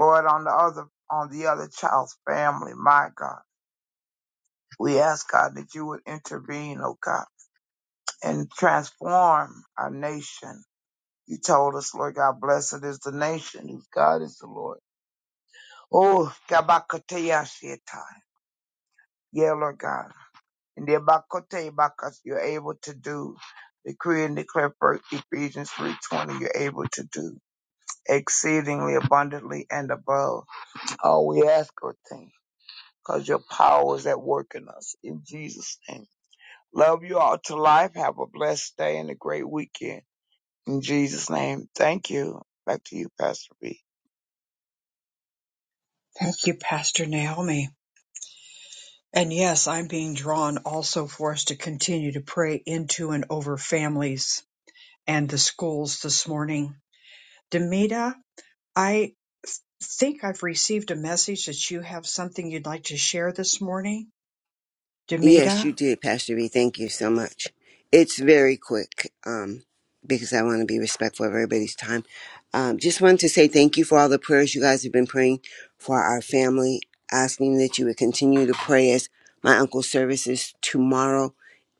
Lord, on the other on the other child's family, my God. We ask God that you would intervene, oh God, and transform our nation. You told us, Lord God, blessed is the nation whose God is the Lord. Oh, Gabakateyashietai. yeah, Lord God. And the Abakote Bakas, you're able to do. Decree and declare first Ephesians 3.20, you're able to do. exceedingly abundantly and above all we ask or think, because your power is at work in us. In Jesus' name. Love you all to life. Have a blessed day and a great weekend. In Jesus' name. Thank you. Back to you, Pastor B. Thank you, Pastor Naomi. And yes, I'm being drawn also for us to continue to pray into and over families and the schools this morning. Demita, I think I've received a message that you have something you'd like to share this morning, Yes, you Demita. did, Pastor B. Thank you so much. It's very quick um, because I want to be respectful of everybody's time. Um, just wanted to say thank you for all the prayers you guys have been praying for our family, asking that you would continue to pray as my uncle's service is tomorrow.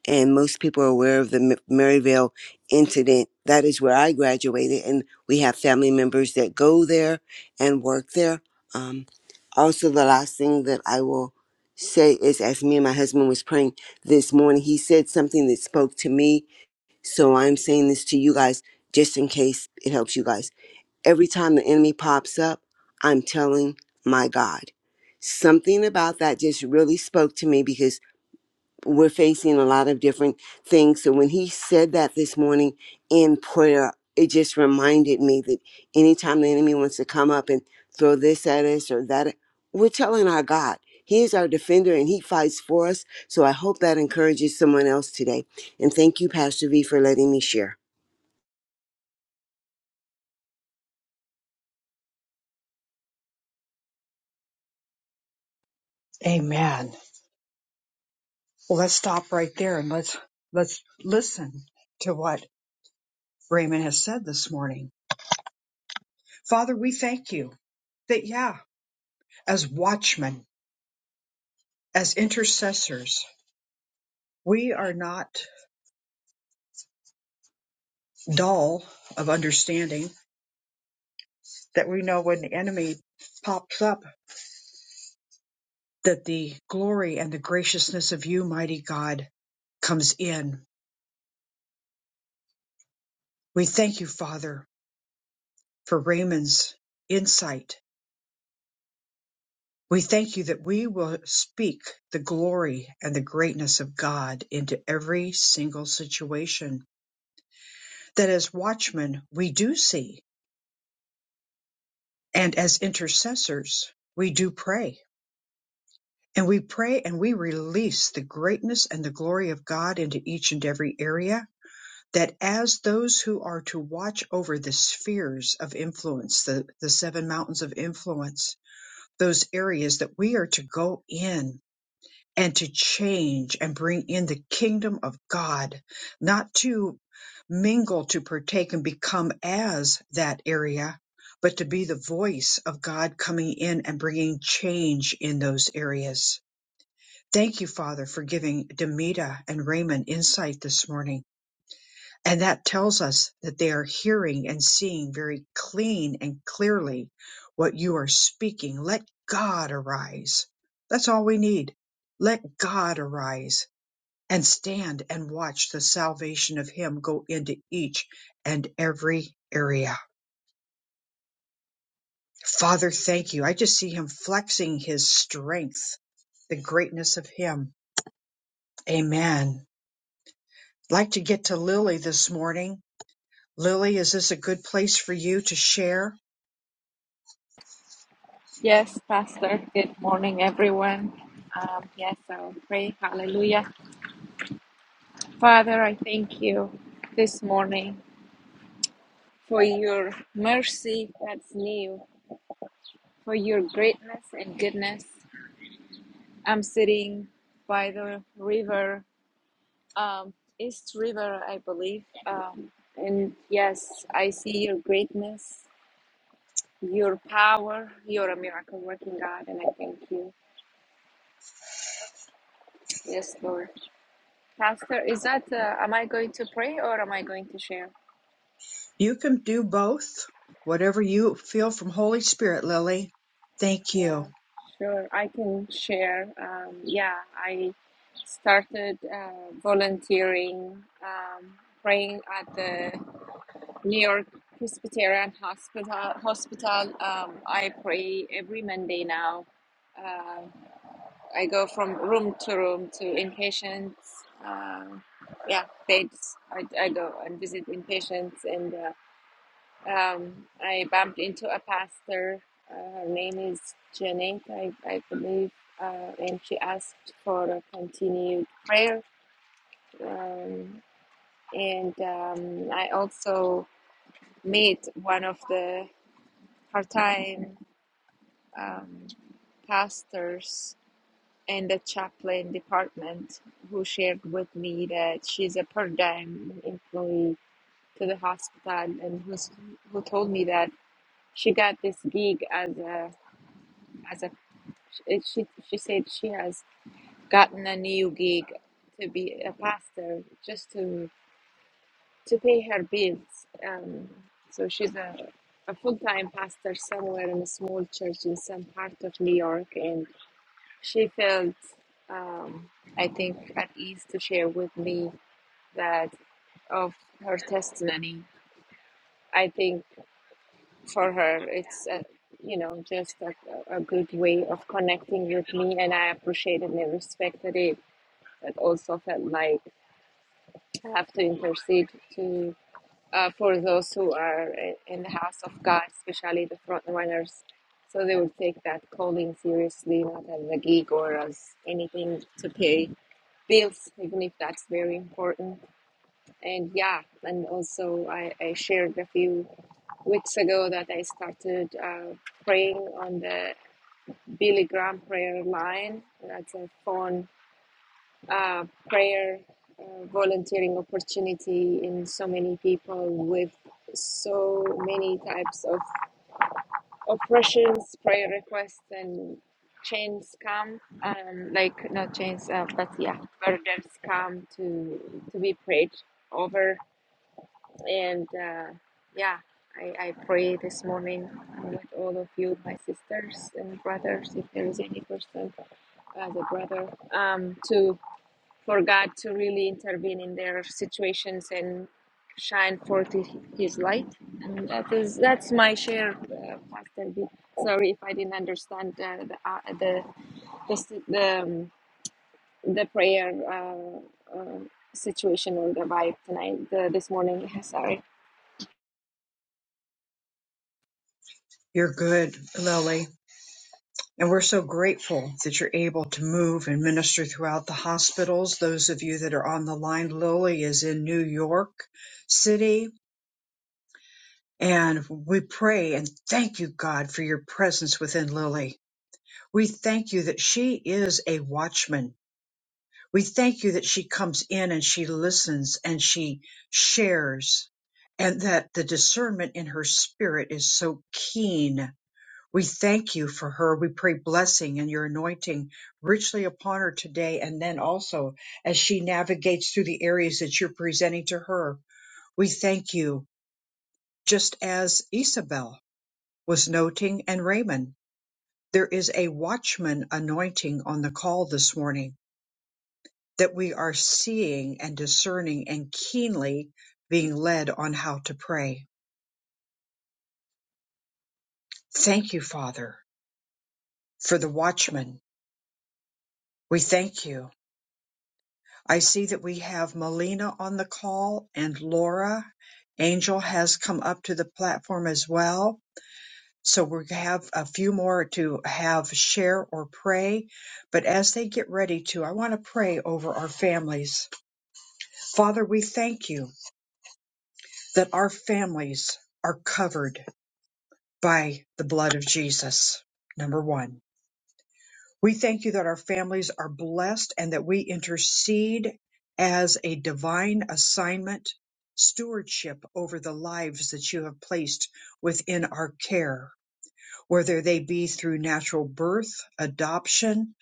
And most people are aware of the M- Maryvale incident. That is where I graduated, and we have family members that go there and work there. Um, also, the last thing that I will say is as me and my husband was praying this morning he said something that spoke to me so i'm saying this to you guys just in case it helps you guys every time the enemy pops up i'm telling my god something about that just really spoke to me because we're facing a lot of different things. So when he said that this morning in prayer, it just reminded me that anytime the enemy wants to come up and throw this at us or that, we're telling our God, He is our defender and He fights for us. So I hope that encourages someone else today. And thank you, Pastor V, for letting me share. Amen. Well, let's stop right there and let's let's listen to what Raymond has said this morning. Father, we thank you that yeah, as watchmen, as intercessors, we are not dull of understanding that we know when the enemy pops up that the glory and the graciousness of you, mighty God, comes in We thank you, Father, for Raymond's insight. We thank you that we will speak the glory and the greatness of God into every single situation. That as watchmen, we do see, and as intercessors, we do pray. And we pray and we release the greatness and the glory of God into each and every area. That as those who are to watch over the spheres of influence, the, the seven mountains of influence, those areas that we are to go in and to change and bring in the kingdom of God, not to mingle, to partake and become as that area, but to be the voice of God coming in and bringing change in those areas. Thank you, Father, for giving Demita and Raymond insight this morning. And that tells us that they are hearing and seeing very clean and clearly what you are speaking. Let God arise. That's all we need. Let God arise and stand and watch the salvation of Him go into each and every area. Father, thank you. I just see Him flexing His strength, the greatness of Him. Amen. I'd like to get to Lily this morning. Lily, is this a good place for you to share? Yes, Pastor. Good morning, everyone. Um, yes, I'll pray. Hallelujah. Father, I thank you this morning for your mercy that's new, for your greatness and goodness. I'm sitting by the river, um, East River, I believe. Um, and yes, I see your greatness, your power. You're a miracle working God, and I thank you. Yes, Lord. Pastor, is that uh, am I going to pray or am I going to share? You can do both. Whatever you feel from Holy Spirit, Lily. Thank you. Yeah, sure. I can share. Um, yeah, I started uh, volunteering, um, praying at the New York Presbyterian Hospital. Hospital. Um, I pray every Monday now. Uh, I go from room to room to inpatients. Um yeah, beds. I, I go and visit inpatients and. Uh, Um, I bumped into a pastor. Uh, her name is Janet, I, I believe, uh, and she asked for a continued prayer. Um, and um, I also met one of the part-time um, pastors in the chaplain department who shared with me that she's a part-time employee to the hospital and who's, who told me that she got this gig as a as a She, she she said she has gotten a new gig to be a pastor just to to pay her bills. Um, so she's a a full time pastor somewhere in a small church in some part of New York, and she felt um, I think at ease to share with me that of her testimony. I think for her it's a, you know just a, a good way of connecting with me, and I appreciated and respected it but also felt like I have to intercede to uh, for those who are in the house of God, especially the front runners. So they would take that calling seriously, not as a gig or as anything to pay bills, even if that's very important. And yeah, and also I, I shared a few weeks ago that I started uh, praying on the Billy Graham prayer line. That's a phone uh, prayer uh, volunteering opportunity in so many people with so many types of oppressions, prayer requests, and chains come, um, like not chains, uh, but yeah, burdens come to to be prayed over. And uh, yeah, I, I pray this morning with all of you, my sisters and brothers, if there is any person as a brother, um, to for God to really intervene in their situations and shine forth His light. And that is that's my share, uh, Pastor B. Sorry if I didn't understand uh, the, uh, the the the um, the prayer uh, uh, situation or the vibe tonight the, this morning. Sorry. You're good, Lily. And we're so grateful that you're able to move and minister throughout the hospitals. Those of you that are on the line, Lily is in New York City. And we pray and thank you, God, for your presence within Lily. We thank you that she is a watchman We thank you that she comes in and she listens and she shares and that the discernment in her spirit is so keen. We thank you for her. We pray blessing and your anointing richly upon her today. And then also as she navigates through the areas that you're presenting to her, we thank you just as Isabel was noting and Raymond. There is a watchman anointing on the call this morning that we are seeing and discerning and keenly being led on how to pray. Thank you, Father, for the watchman. We thank you. I see that we have Melina on the call and Laura. Angel has come up to the platform as well. So we have a few more to have share or pray. But as they get ready to, I want to pray over our families. Father, we thank you that our families are covered by the blood of Jesus. Number one, we thank you that our families are blessed and that we intercede as a divine assignment, stewardship over the lives that you have placed within our care, whether they be through natural birth, adoption,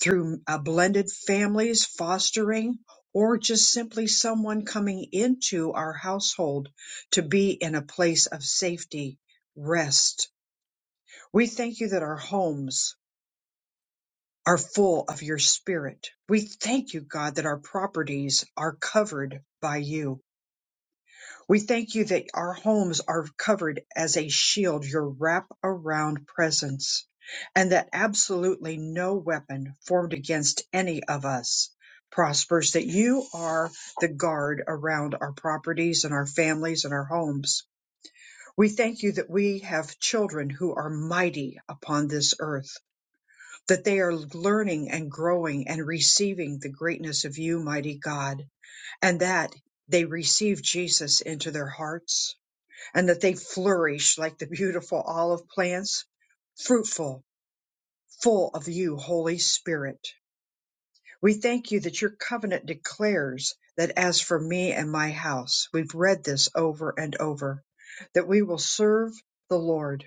through uh, blended families, fostering, or just simply someone coming into our household to be in a place of safety, rest, we thank you that our homes are full of your spirit. We thank you, God, that our properties are covered by you. We thank you that our homes are covered as a shield, your wrap around presence, and that absolutely no weapon formed against any of us prospers, that you are the guard around our properties and our families and our homes. We thank you that we have children who are mighty upon this earth that they are learning and growing and receiving the greatness of you, mighty God, and that they receive Jesus into their hearts and that they flourish like the beautiful olive plants, fruitful, full of you, Holy Spirit. We thank you that your covenant declares that as for me and my house, we've read this over and over, that we will serve the Lord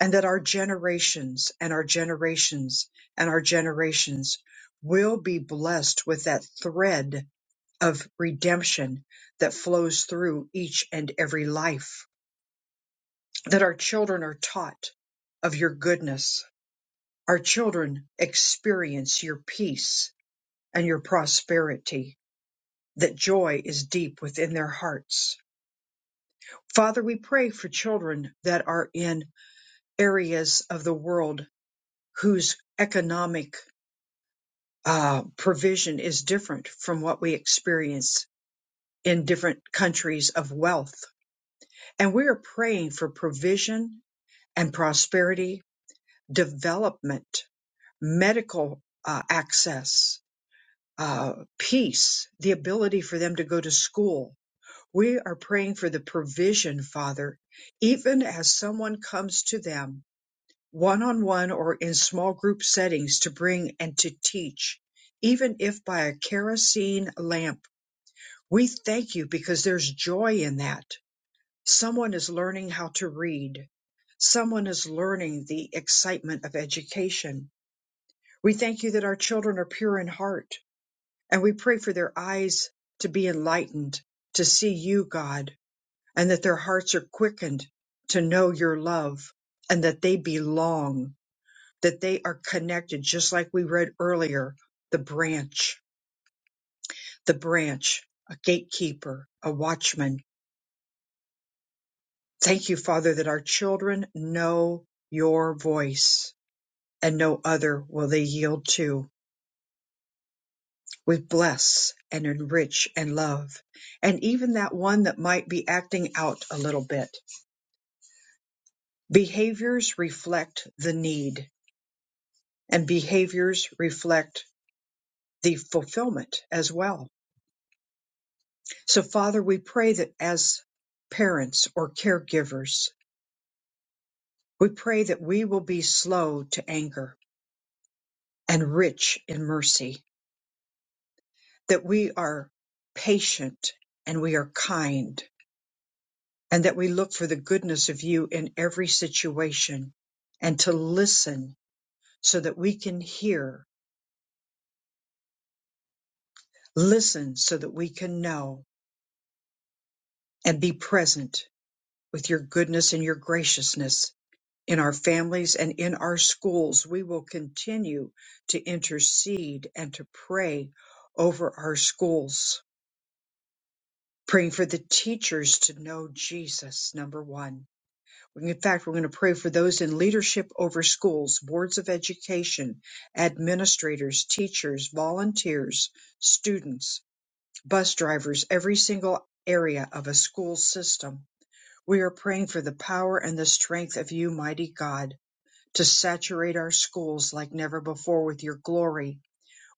and that our generations and our generations and our generations will be blessed with that thread of redemption that flows through each and every life. That our children are taught of your goodness. Our children experience your peace and your prosperity. That joy is deep within their hearts. Father, we pray for children that are in areas of the world whose economic uh, provision is different from what we experience in different countries of wealth. And we are praying for provision and prosperity, development, medical uh, access, uh, peace, the ability for them to go to school. We are praying for the provision, Father, even as someone comes to them one on one or in small group settings to bring and to teach, even if by a kerosene lamp We thank you because there's joy in that. Someone is learning how to read. Someone is learning the excitement of education. We thank you that our children are pure in heart and we pray for their eyes to be enlightened, to see you, God, and that their hearts are quickened to know your love and that they belong, that they are connected, just like we read earlier, the branch, the branch, a gatekeeper, a watchman Thank you, Father, that our children know your voice and no other will they yield to. We bless and enrich and love. And even that one that might be acting out a little bit. Behaviors reflect the need and behaviors reflect the fulfillment as well. So, Father, we pray that as parents or caregivers, we pray that we will be slow to anger and rich in mercy that we are patient and we are kind and that we look for the goodness of you in every situation and to listen so that we can hear, listen so that we can know and be present with your goodness and your graciousness in our families and in our schools. We will continue to intercede and to pray over our schools, praying for the teachers to know Jesus, number one In fact, we're going to pray for those in leadership over schools, boards of education, administrators, teachers, volunteers, students, bus drivers, every single area of a school system. We are praying for the power and the strength of you, mighty God, to saturate our schools like never before with your glory,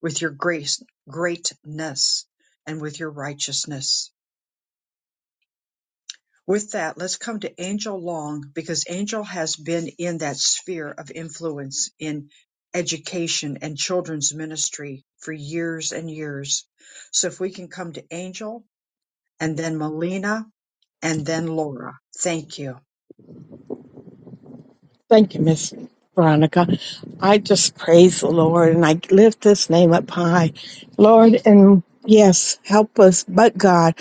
with your grace, greatness, and with your righteousness. With that, let's come to Angel Long because Angel has been in that sphere of influence in education and children's ministry for years and years. So if we can come to Angel and then Melina and then Laura. Thank you. Thank you, Miss Veronica. I just praise the Lord and I lift his name up high. Lord, and yes, help us, but God.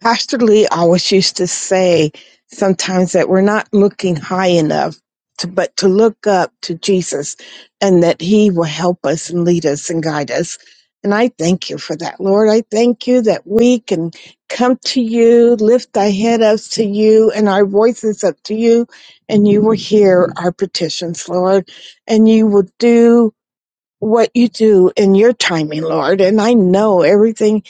Pastor Lee always used to say sometimes that we're not looking high enough, to, but to look up to Jesus and that he will help us and lead us and guide us. And I thank you for that, Lord. I thank you that we can come to you, lift our head up to you and our voices up to you, and you will hear our petitions, Lord, and you will do what you do in your timing, Lord. And I know everything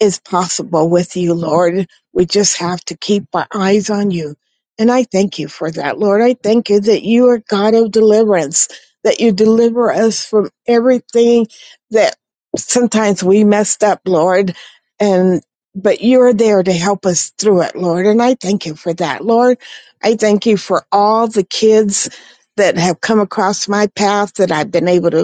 is possible with you, Lord. We just have to keep our eyes on you. And I thank you for that, Lord. I thank you that you are God of deliverance, that you deliver us from everything that sometimes we messed up, Lord. And but you're there to help us through it, Lord. And I thank you for that, Lord. I thank you for all the kids that have come across my path that I've been able to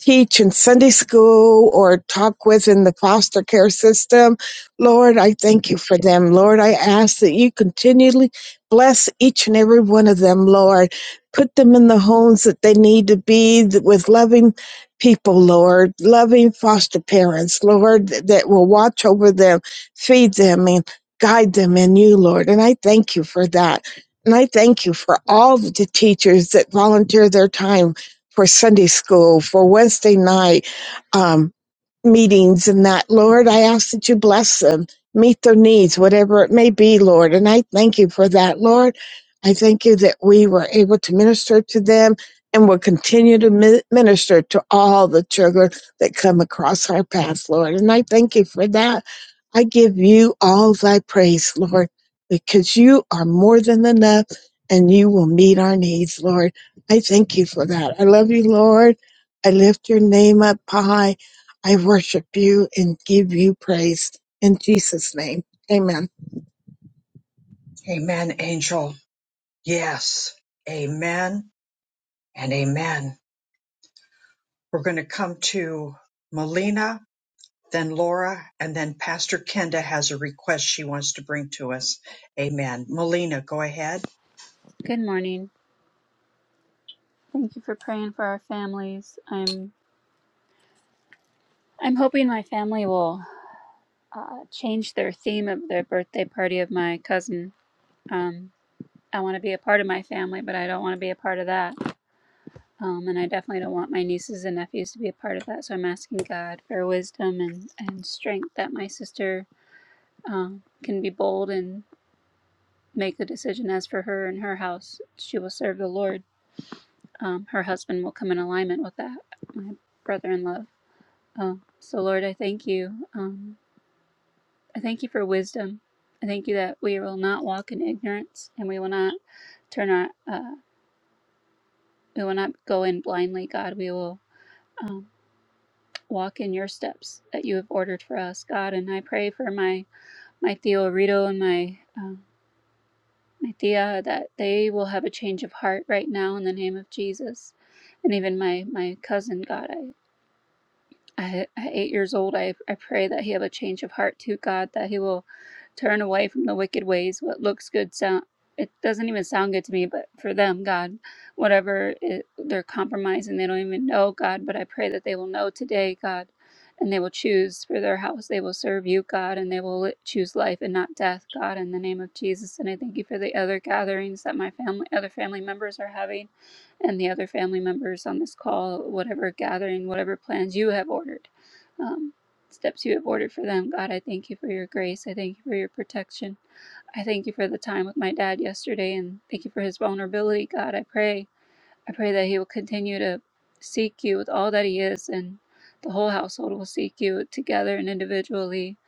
teach in Sunday school or talk with in the foster care system. Lord, I thank you for them. Lord, I ask that you continually bless each and every one of them, Lord. Put them in the homes that they need to be with loving people, Lord, loving foster parents, Lord, that will watch over them, feed them, and guide them in you, Lord. And I thank you for that. And I thank you for all the teachers that volunteer their time for Sunday school, for Wednesday night um, meetings, and that. Lord, I ask that you bless them, meet their needs, whatever it may be, Lord. And I thank you for that, Lord. I thank you that we were able to minister to them and will continue to mi- minister to all the children that come across our path, Lord. And I thank you for that. I give you all thy praise, Lord, because you are more than enough and you will meet our needs, Lord. I thank you for that. I love you, Lord. I lift your name up high. I worship you and give you praise. In Jesus' name, amen. Amen, Angel. Yes. Amen and amen. We're going to come to Melina, then Laura, and then Pastor Kenda has a request she wants to bring to us. Amen. Melina, go ahead. Good morning. Thank you for praying for our families. I'm I'm hoping my family will uh, change their theme of their birthday party of my cousin. Um, I want to be a part of my family, but I don't want to be a part of that. Um, and I definitely don't want my nieces and nephews to be a part of that. So I'm asking God for wisdom and, and strength that my sister um, can be bold and make the decision as for her and her house. She will serve the Lord. Um, her husband will come in alignment with that, my brother in law Oh, so Lord, I thank you. Um, I thank you for wisdom. I thank you that we will not walk in ignorance and we will not turn our, uh, we will not go in blindly, God. We will um, walk in your steps that you have ordered for us, God. And I pray for my, my Theo Rito and my, um my Thea that they will have a change of heart right now in the name of Jesus. And even my, my cousin, God. I, at eight years old, I, I pray that he have a change of heart to God, that he will turn away from the wicked ways. What looks good sound it doesn't even sound good to me, but for them, God, whatever it, they're compromising, they don't even know God. But I pray that they will know today, God, and they will choose for their house. They will serve you, God, and they will li- choose life and not death, God, in the name of Jesus. And I thank you for the other gatherings that my family, other family members are having and the other family members on this call, whatever gathering, whatever plans you have ordered, um, steps you have ordered for them. God, I thank you for your grace. I thank you for your protection. I thank you for the time with my dad yesterday and thank you for his vulnerability. God, I pray I pray that he will continue to seek you with all that he is, and the whole household will seek you together and individually,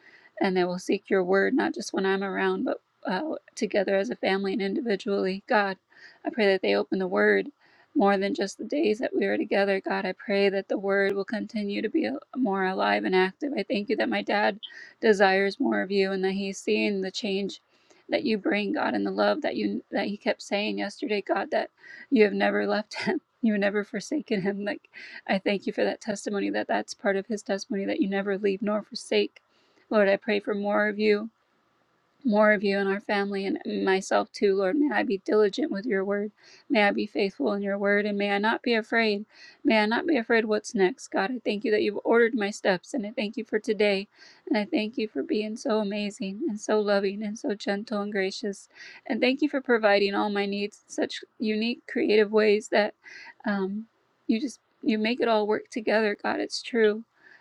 and they will seek your word, not just when I'm around, but uh, together as a family and individually. God, I pray that they open the word more than just the days that we were together. God, I pray that the word will continue to be a- more alive and active. I thank you that my dad desires more of you and that he's seeing the change that you bring, God, and the love that you that he kept saying yesterday, God, that you have never left him you have never forsaken him like i thank you for that testimony that that's part of his testimony that you never leave nor forsake lord i pray for more of you more of you in our family and myself too, Lord. May I be diligent with your word. May I be faithful in your word and may I not be afraid. May I not be afraid what's next. God, I thank you that you've ordered my steps and I thank you for today. And I thank you for being so amazing and so loving and so gentle and gracious. And thank you for providing all my needs in such unique, creative ways that um, you just you make it all work together, God. It's true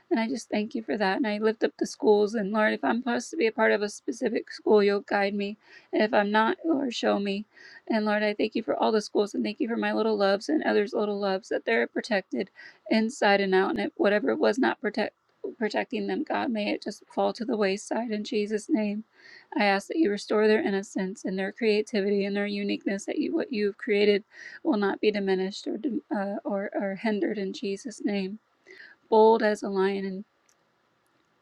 and I just thank you for that. And I lift up the schools. And Lord, if I'm supposed to be a part of a specific school, you'll guide me. And if I'm not, Lord, show me. And Lord, I thank you for all the schools and thank you for my little loves and others' little loves that they're protected inside and out. And if whatever was not protect, protecting them, God, may it just fall to the wayside in Jesus' name. I ask that you restore their innocence and their creativity and their uniqueness, that you, what you've created will not be diminished or, dim- uh, or, or hindered in Jesus' name bold as a lion in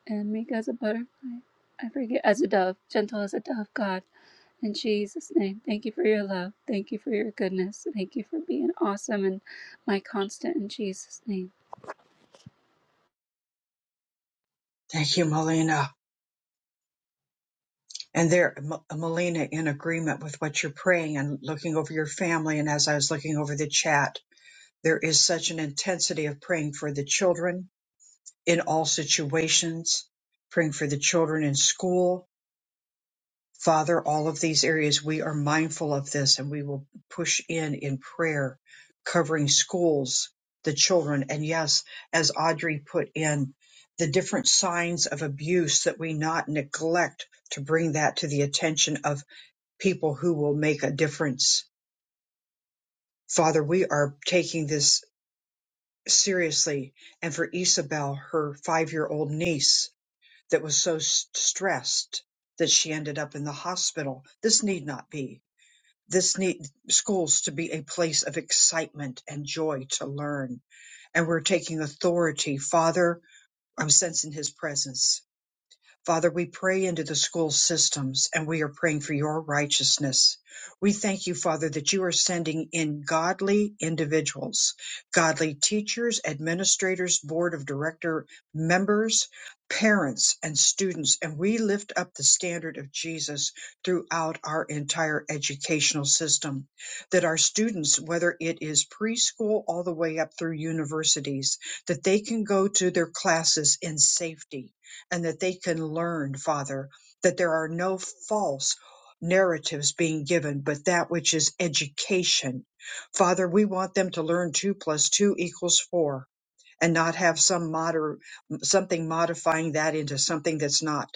and meek as a butterfly. I forget, as a dove, gentle as a dove, God. In Jesus' name, thank you for your love. Thank you for your goodness. Thank you for being awesome and my constant in Jesus' name. Thank you, Melina. And there, M- Melina, in agreement with what you're praying and looking over your family, and as I was looking over the chat, there is such an intensity of praying for the children in all situations, praying for the children in school, Father, all of these areas, we are mindful of this and we will push in in prayer, covering schools, the children, and yes, as Audrey put in, the different signs of abuse that we not neglect to bring that to the attention of people who will make a difference. Father, we are taking this seriously. And for Isabel, her five year old niece that was so s- stressed that she ended up in the hospital, this need not be. This need schools to be a place of excitement and joy to learn. And we're taking authority. Father, I'm sensing his presence. Father, we pray into the school systems and we are praying for your righteousness. We thank you, Father, that you are sending in godly individuals, godly teachers, administrators, board of director members, parents, and students. And we lift up the standard of Jesus throughout our entire educational system. That our students, whether it is preschool all the way up through universities, that they can go to their classes in safety and that they can learn, Father, that there are no false narratives being given, but that which is education. Father, we want them to learn two plus two equals four and not have some moder- something modifying that into something that's not.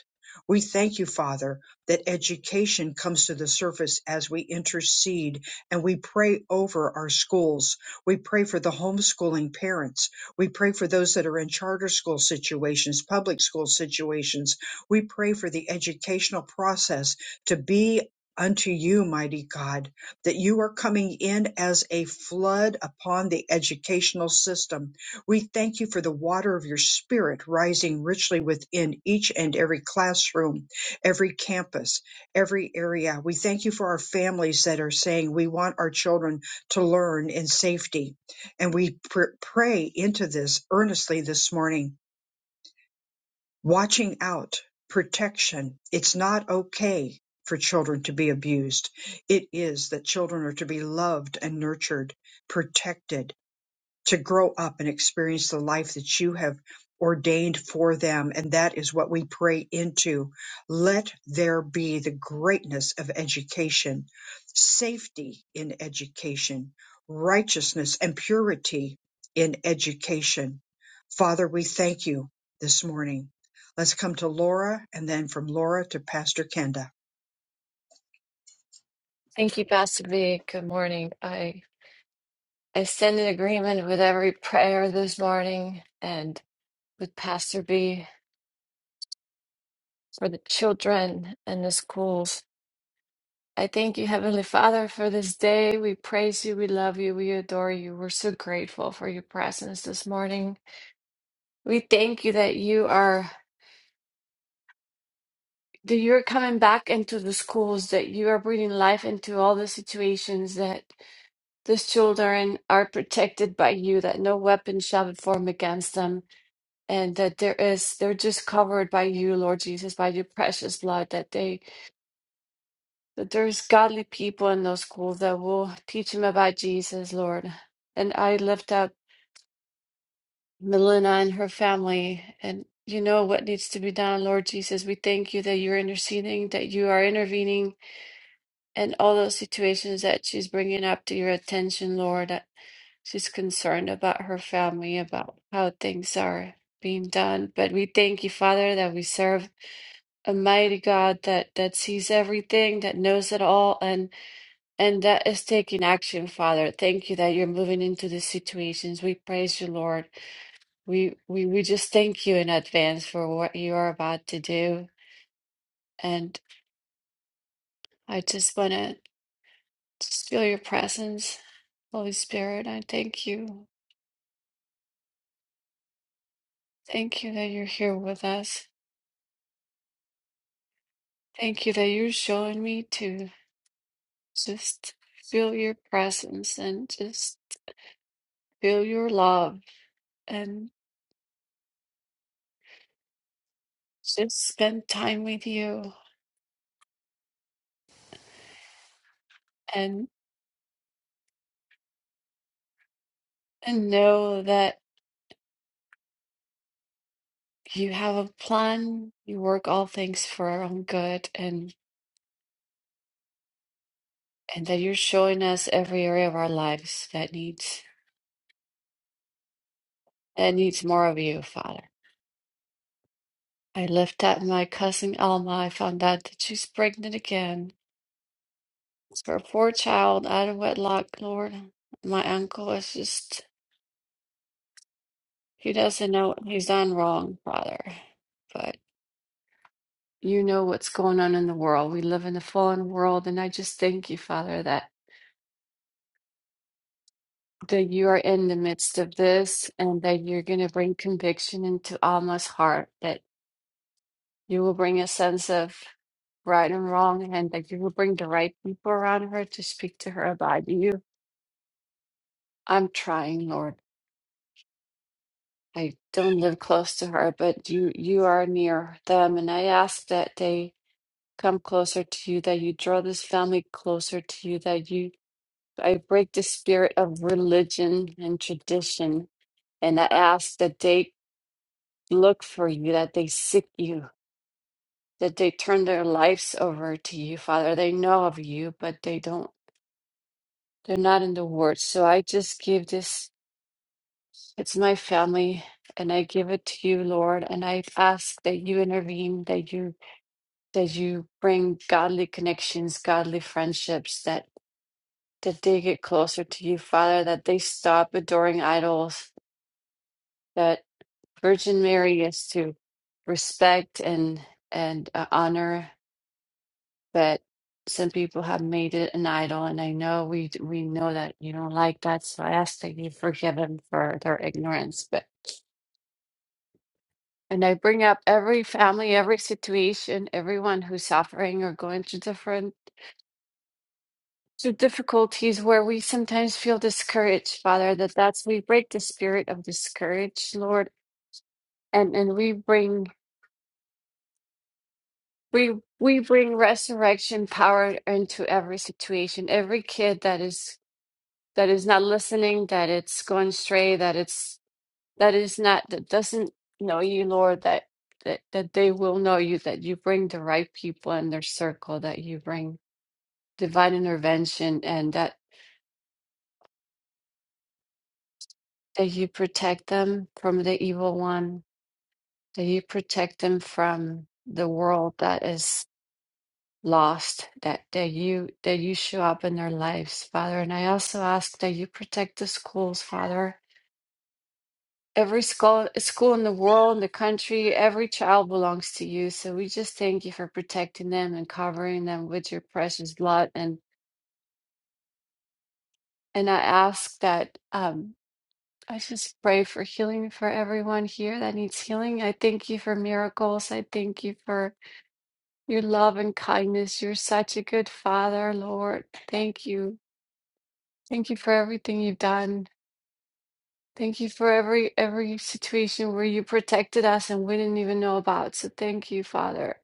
We thank you, Father, that education comes to the surface as we intercede and we pray over our schools. We pray for the homeschooling parents. We pray for those that are in charter school situations, public school situations. We pray for the educational process to be unto you, mighty God, that you are coming in as a flood upon the educational system we thank you for the water of your spirit rising richly within each and every classroom, every campus, every area. We thank you for our families that are saying we want our children to learn in safety. And we pr- pray into this earnestly this morning, watching out, protection. It's not okay for children to be abused. It is that children are to be loved and nurtured, protected to grow up and experience the life that you have ordained for them. And that is what we pray into. Let there be the greatness of education, safety in education, righteousness and purity in education. Father, we thank you this morning. Let's come to Laura and then from Laura to Pastor Kenda. Thank you, Pastor B. Good morning. I I stand in agreement with every prayer this morning and with Pastor B for the children and the schools. I thank you, Heavenly Father, for this day. We praise you, we love you, we adore you. We're so grateful for your presence this morning. We thank you that you are that you're coming back into the schools, that you are breathing life into all the situations that these children are protected by you, that no weapon shall be formed against them and that there is they're just covered by you lord jesus by your precious blood that they that there's godly people in those schools that will teach them about jesus lord and i lift up melina and her family and you know what needs to be done lord jesus we thank you that you're interceding that you are intervening in all those situations that she's bringing up to your attention lord that she's concerned about her family about how things are being done but we thank you father that we serve a mighty God that that sees everything, that knows it all, and and that is taking action, Father. Thank you that you're moving into these situations. We praise you, Lord. We we we just thank you in advance for what you are about to do. And I just want to just feel your presence, Holy Spirit. I thank you. Thank you that you're here with us. Thank you that you're showing me to just feel your presence and just feel your love. and. Just spend time with you and and know that you have a plan. You work all things for our own good and and that you're showing us every area of our lives that needs that needs more of you, Father. I lift up my cousin Alma. I found out that she's pregnant again. It's her poor child out of wedlock, Lord. My uncle is just he doesn't know what he's done wrong, Father. you know what's going on in the world. We live in a fallen world, and I just thank you, Father, that that you are in the midst of this, and that you're going to bring conviction into Alma's heart. That you will bring a sense of right and wrong, and that you will bring the right people around her to speak to her about you. I'm trying, Lord. I don't live close to her, but you you are near them, and I ask that they come closer to you, that you draw this family closer to you, that you I break the spirit of religion and tradition, and I ask that they look for you, that they seek you, that they turn their lives over to you, Father. They know of you, but they don't, they're not in the Word. So I just give this, it's my family, and I give it to you, Lord. And I ask that you intervene, that you, that you bring godly connections, godly friendships, that that they get closer to you, Father, that they stop adoring idols, That Virgin Mary is to respect and and uh, honor but some people have made it an idol, and I know we we know that you don't like that, so I ask that you forgive them for their ignorance. But and I bring up every family, every situation, everyone who's suffering or going through different through difficulties where we sometimes feel discouraged, Father. That that's we break the spirit of discourage, Lord, and and we bring We we bring resurrection power into every situation. Every kid that is that is not listening, that it's going astray, that it's that is not that doesn't know you, Lord, that that, that they will know you, that you bring the right people in their circle, that you bring divine intervention and that that you protect them from the evil one, that you protect them from the world that is. lost that that you that you show up in their lives father and i also ask that you protect the schools father every school school in the world in the country every child belongs to you so we just thank you for protecting them and covering them with your precious blood and and i ask that um i just pray for healing for everyone here that needs healing i thank you for miracles i thank you for your love and kindness you're such a good father lord thank you Thank you for everything you've done. Thank you for every every situation where you protected us and we didn't even know about. So thank you, Father.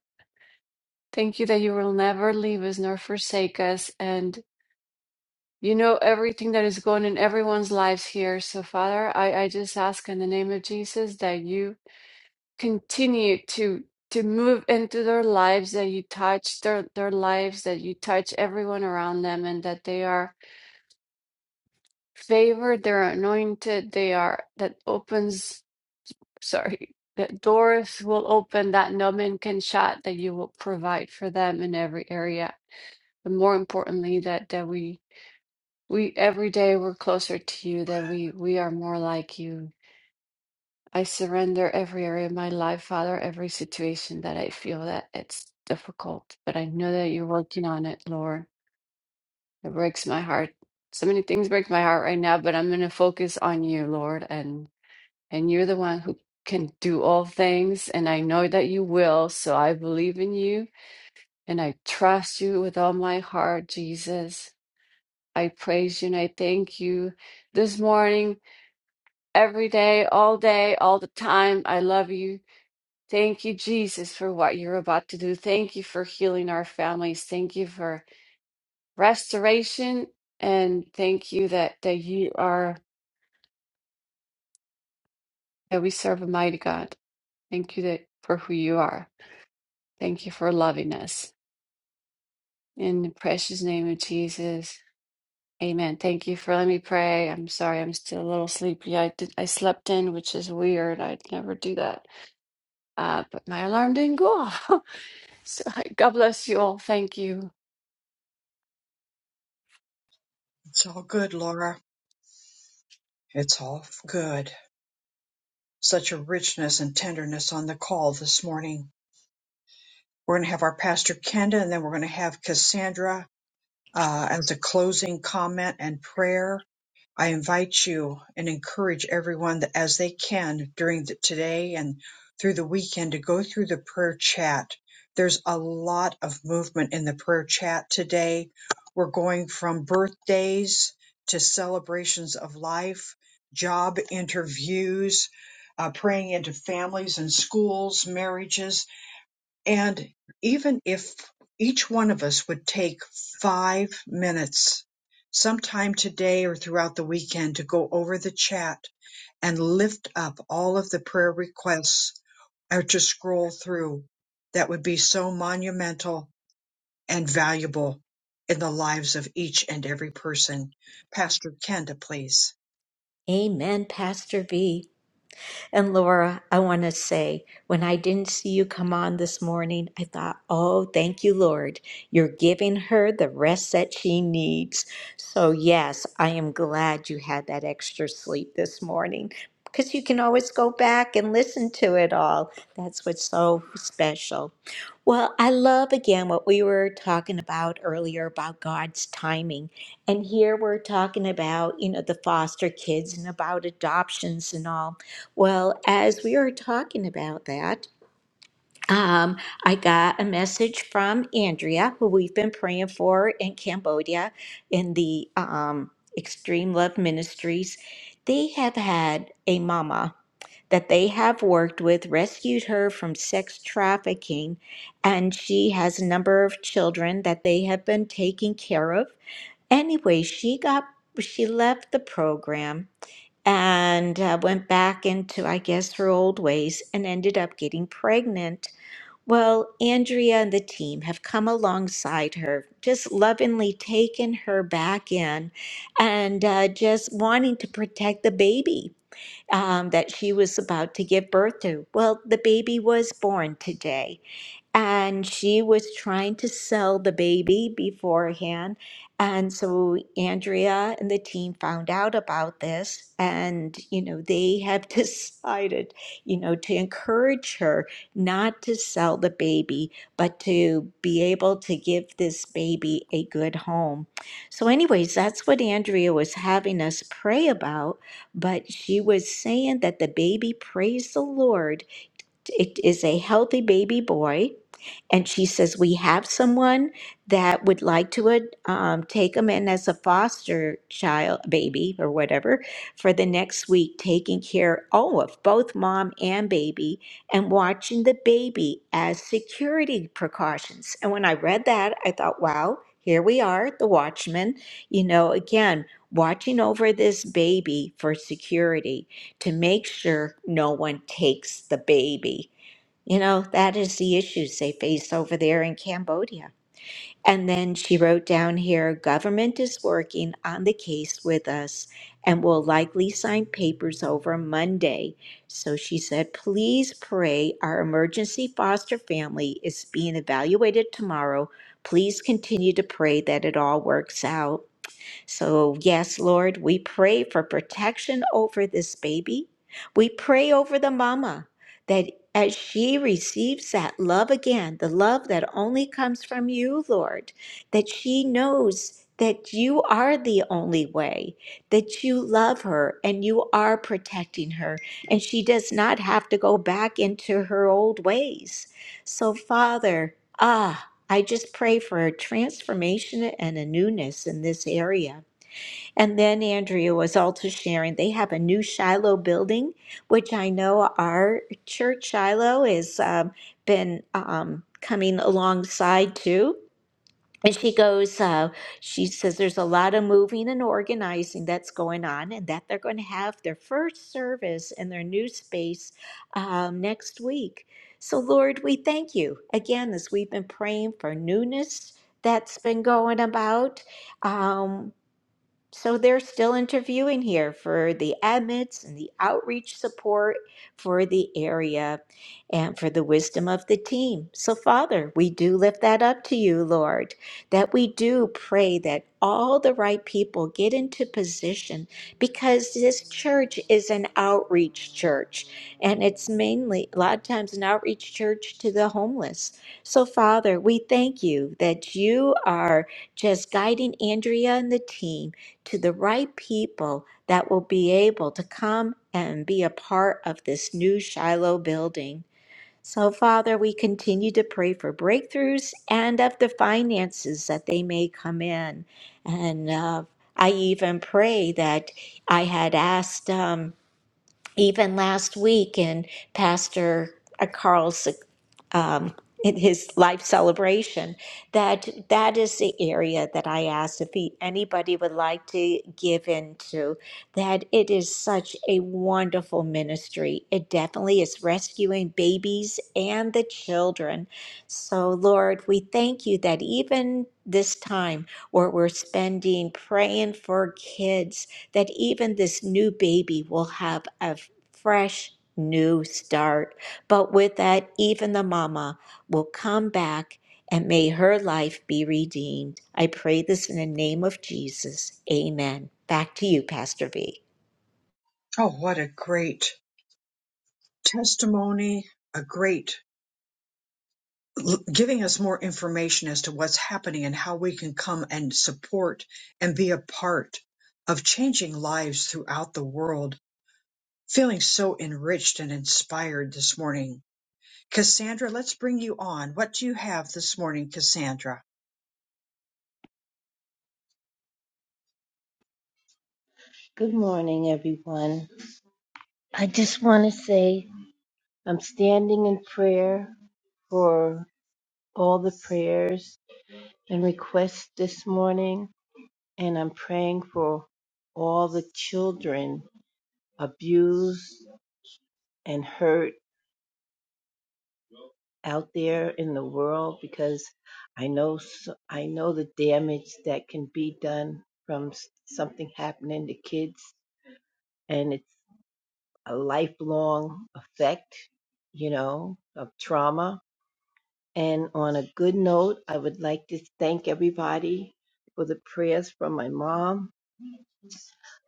Thank you that you will never leave us nor forsake us. And you know everything that is going in everyone's lives here. So Father, I, I just ask in the name of Jesus that you continue to to move into their lives, that you touch their, their lives, that you touch everyone around them and that they are favored, they're anointed, they are that opens sorry, that doors will open that no man can shut, that you will provide for them in every area. But more importantly, that that we we every day we're closer to you, that we we are more like you. I surrender every area of my life, Father, every situation that I feel that it's difficult, but I know that you're working on it, Lord. It breaks my heart. So many things break my heart right now, but I'm going to focus on you, Lord, and. and you're the one who can do all things. And I know that you will. So I believe in you and I trust you with all my heart, Jesus. I praise you and I thank you this morning, every day, all day, all the time. I love you. Thank you, Jesus, for what you're about to do. Thank you for healing our families. Thank you for restoration. And thank you that, that you are, that we serve a mighty God. Thank you that, for who you are. Thank you for loving us. In the precious name of Jesus. Amen. Thank you for letting me pray. I'm sorry, I'm still a little sleepy. I did, I slept in, which is weird. I'd never do that. Uh, but my alarm didn't go off. So God bless you all. Thank you. It's all good, Laura. It's all good. Such a richness and tenderness on the call this morning. We're going to have our pastor Kenda, and then we're going to have Cassandra uh, as a closing comment and prayer. I invite you and encourage everyone that as they can during the, today and through the weekend to go through the prayer chat. There's a lot of movement in the prayer chat today. We're going from birthdays to celebrations of life, job interviews, uh, praying into families and schools, marriages, and even if each one of us would take five minutes sometime today or throughout the weekend to go over the chat and lift up all of the prayer requests or to scroll through, that would be so monumental and valuable in the lives of each and every person. Pastor Kenda, please. Amen, Pastor V. And Laura, I want to say, when I didn't see you come on this morning, I thought, oh, thank you, Lord. You're giving her the rest that she needs. So, yes, I am glad you had that extra sleep this morning because you can always go back and listen to it all. That's what's so special. Well, I love again what we were talking about earlier about God's timing. And here we're talking about, you know, the foster kids and about adoptions and all. Well, as we were talking about that, um, I got a message from Andrea, who we've been praying for in Cambodia in the um, Extreme Love Ministries. They have had a mama that they have worked with, rescued her from sex trafficking, and she has a number of children that they have been taking care of. Anyway, she got she left the program and uh, went back into, I guess, her old ways and ended up getting pregnant. Well, Andrea and the team have come alongside her, just lovingly taken her back in and uh, just wanting to protect the baby um, that she was about to give birth to. Well, the baby was born today and she was trying to sell the baby beforehand. And so Andrea and the team found out about this, and you know, they have decided, you know, to encourage her not to sell the baby, but to be able to give this baby a good home. So, anyways, that's what Andrea was having us pray about. But she was saying that the baby praised the Lord it is a healthy baby boy. And she says, We have someone that would like to ad- um, take him in as a foster child, baby, or whatever, for the next week, taking care, oh, of both mom and baby and watching the baby as security precautions. And when I read that, I thought, wow, here we are, the watchman, you know, again, watching over this baby for security to make sure no one takes the baby. You know, that is the issues they face over there in Cambodia. And then she wrote down here government is working on the case with us and will likely sign papers over Monday. So she said, please pray our emergency foster family is being evaluated tomorrow. Please continue to pray that it all works out. So, yes, Lord, we pray for protection over this baby. We pray over the mama that as she receives that love again, the love that only comes from you, Lord, that she knows that you are the only way, that you love her and you are protecting her, and she does not have to go back into her old ways. So, Father, ah, I just pray for a transformation and a newness in this area. And then Andrea was also sharing they have a new Shiloh building, which I know our church Shiloh has um, been um, coming alongside too and she goes, uh, she says there's a lot of moving and organizing that's going on, and that they're going to have their first service in their new space um, next week. So, Lord, we thank you again as we've been praying for newness that's been going about. um, so they're still interviewing here for the admits and the outreach support for the area and for the wisdom of the team. So, Father, we do lift that up to you, Lord, that we do pray that all the right people get into position because this church is an outreach church and it's mainly a lot of times an outreach church to the homeless. So, Father, we thank you that you are just guiding Andrea and the team to the right people that will be able to come and be a part of this new Shiloh building. So, Father, we continue to pray for breakthroughs and of the finances that they may come in. And uh, I even pray that I had asked um, even last week in Pastor uh, Carl's um, in his life celebration that that is the area that I asked if he, anybody would like to give into that it is such a wonderful ministry it definitely is rescuing babies and the children so Lord we thank you that even this time where we're spending praying for kids that even this new baby will have a fresh new start but with that, even the mama will come back and may her life be redeemed. I pray this in the name of Jesus. Amen. Back to you, Pastor V. Oh, what a great testimony, a great l- giving us more information as to what's happening and how we can come and support and be a part of changing lives throughout the world. Feeling so enriched and inspired this morning. Cassandra, let's bring you on. What do you have this morning, Cassandra? Good morning, everyone. I just want to say I'm standing in prayer for all the prayers and requests this morning, and I'm praying for all the children abused and hurt out there in the world because I know s- I know the damage that can be done from s- something happening to kids, and it's a lifelong effect, you know, of trauma And on a good note, I would like to thank everybody for the prayers from my mom.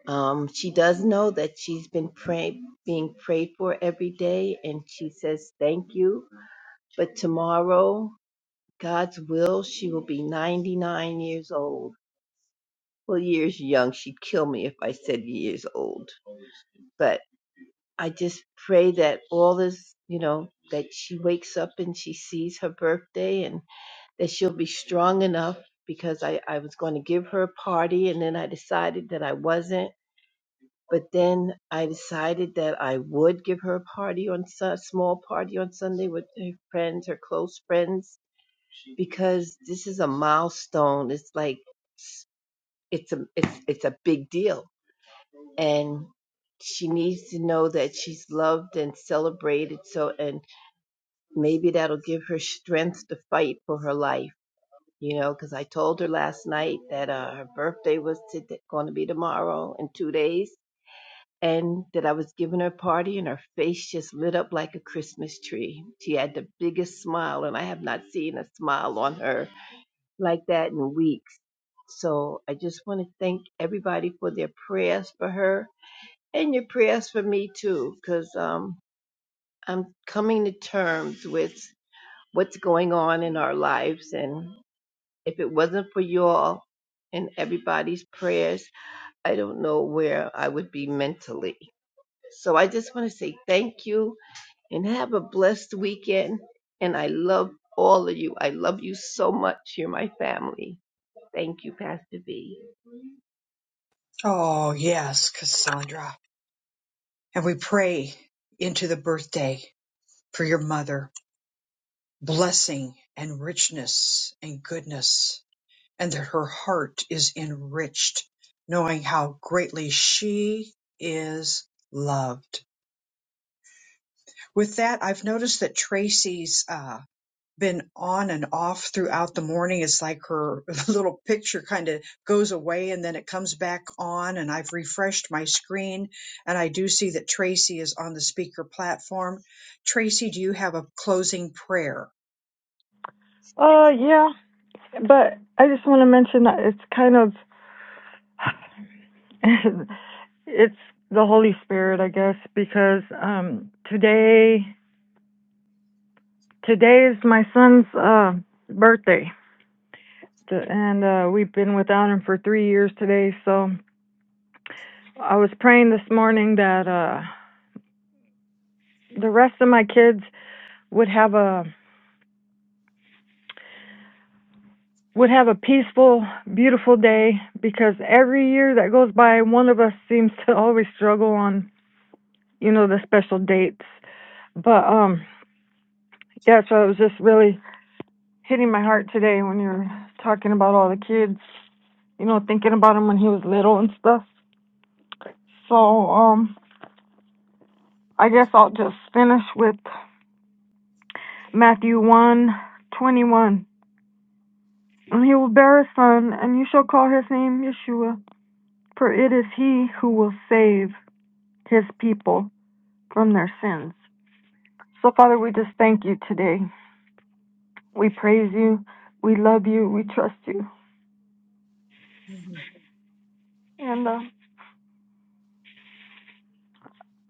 Um, she does know that she's been pray- being prayed for every day, and she says thank you. But tomorrow, God's will, she will be 99 years old. Well, years young. She'd kill me if I said years old. But I just pray that all this, you know, that she wakes up and she sees her birthday and. that she'll be strong enough because I, I was going to give her a party and then I decided that I wasn't. But then I decided that I would give her a party on a small party on Sunday with her friends, her close friends, because this is a milestone. It's like it's a it's it's a big deal, and she needs to know that she's loved and celebrated. So, and maybe that'll give her strength to fight for her life you know, because I told her last night that uh, her birthday was going to be tomorrow in two days, and that I was giving her a party, and her face just lit up like a Christmas tree. She had the biggest smile, and I have not seen a smile on her like that in weeks. So I just want to thank everybody for their prayers for her and your prayers for me too, because um, I'm coming to terms with what's going on in our lives, and. If it wasn't for you all and everybody's prayers, I don't know where I would be mentally. So I just want to say thank you and have a blessed weekend. And I love all of you. I love you so much. You're my family. Thank you, Pastor V. Oh, yes, Cassandra. And we pray into the birthday for your mother, blessing and richness and goodness and that her heart is enriched, knowing how greatly she is loved. With that, I've noticed that Tracy's uh, been on and off throughout the morning. It's like her little picture kind of goes away and then it comes back on. And I've refreshed my screen and I do see that Tracy is on the speaker platform. Tracy, do you have a closing prayer? Uh, yeah, but I just want to mention that it's kind of it's the Holy Spirit, I guess, because um today today is my son's uh birthday, and uh we've been without him for three years today. So I was praying this morning that uh the rest of my kids would have a would have a peaceful, beautiful day because every year that goes by, one of us seems to always struggle on you know the special dates But um, yeah, so it was just really hitting my heart today when you were talking about all the kids, you know, thinking about him when he was little and stuff. So um, I guess I'll just finish with Matthew one twenty one. And he will bear a son, and you shall call his name Yeshua, for it is he who will save his people from their sins. So, Father, we just thank you today. We praise you. We love you. We trust you. Mhm. And. uh,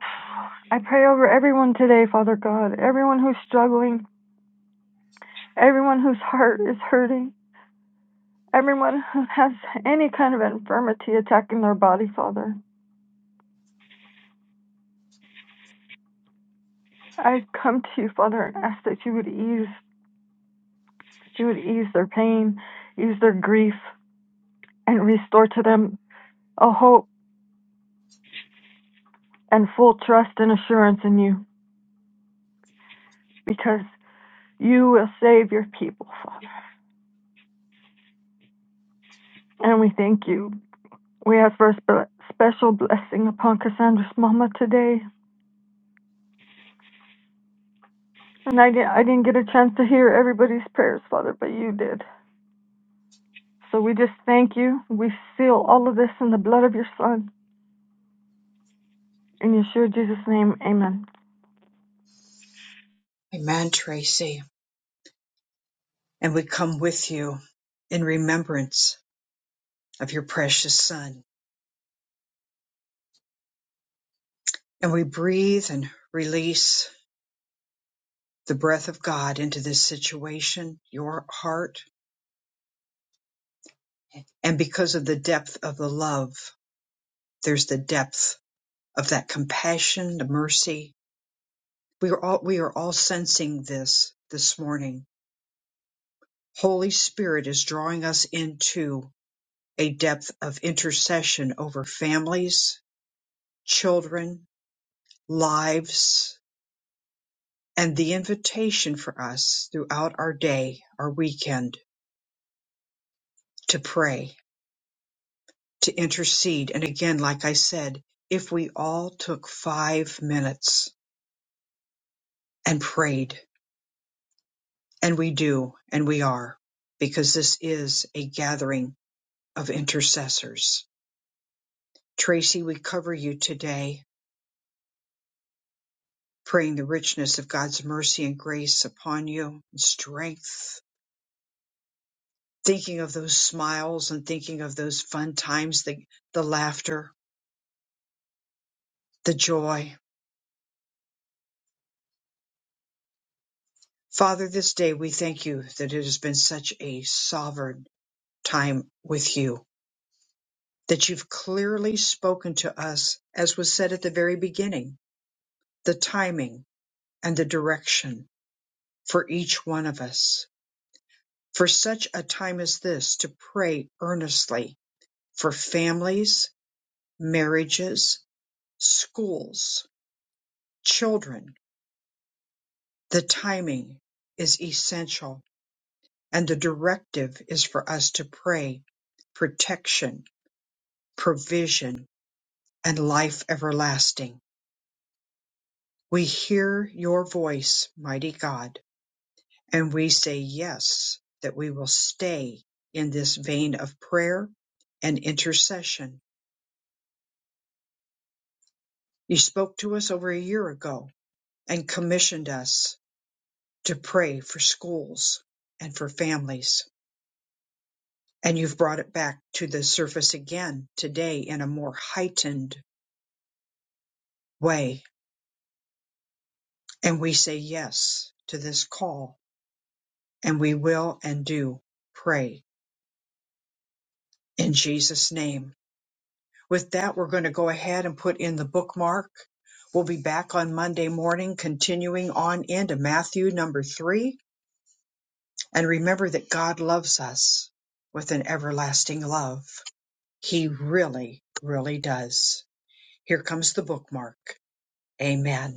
I pray over everyone today, Father God. Everyone who's struggling, everyone whose heart is hurting, everyone who has any kind of infirmity attacking their body, Father. I come to you, Father, and ask that you would ease, that you would ease their pain, ease their grief, and restore to them a hope and full trust and assurance in you, because you will save your people, Father. And we thank you. We ask for a spe- special blessing upon Cassandra's mama today. And I didn't, I didn't get a chance to hear everybody's prayers, Father, but you did. So we just thank you. We seal all of this in the blood of your Son. In Yeshua Jesus' name, amen. Amen, Tracy. And we come with you in remembrance of your precious Son. And we breathe and release the breath of God into this situation, your heart. And because of the depth of the love, there's the depth of that compassion, the mercy. We are all, we are all sensing this this morning. Holy Spirit is drawing us into a depth of intercession over families, children, lives, and the invitation for us throughout our day, our weekend to pray, to intercede. And again, like I said, if we all took five minutes and prayed, and we do, and we are, because this is a gathering of intercessors. Tracy, we cover you today, praying the richness of God's mercy and grace upon you, and strength, thinking of those smiles and thinking of those fun times, the, the laughter, the joy. Father, this day we thank you that it has been such a sovereign time with you, that you've clearly spoken to us, as was said at the very beginning, the timing and the direction for each one of us. For such a time as this, to pray earnestly for families, marriages, schools, children, the timing is essential. And the directive is for us to pray protection, provision, and life everlasting We hear your voice, mighty God, and we say yes, that we will stay in this vein of prayer and intercession. You spoke to us over a year ago and commissioned us to pray for schools and for families. And you've brought it back to the surface again today in a more heightened way. And we say yes to this call, and we will and do pray in Jesus' name. With that, we're going to go ahead and put in the bookmark. We'll be back on Monday morning, continuing on into Matthew number three. And remember that God loves us with an everlasting love. He really, really does. Here comes the bookmark. Amen.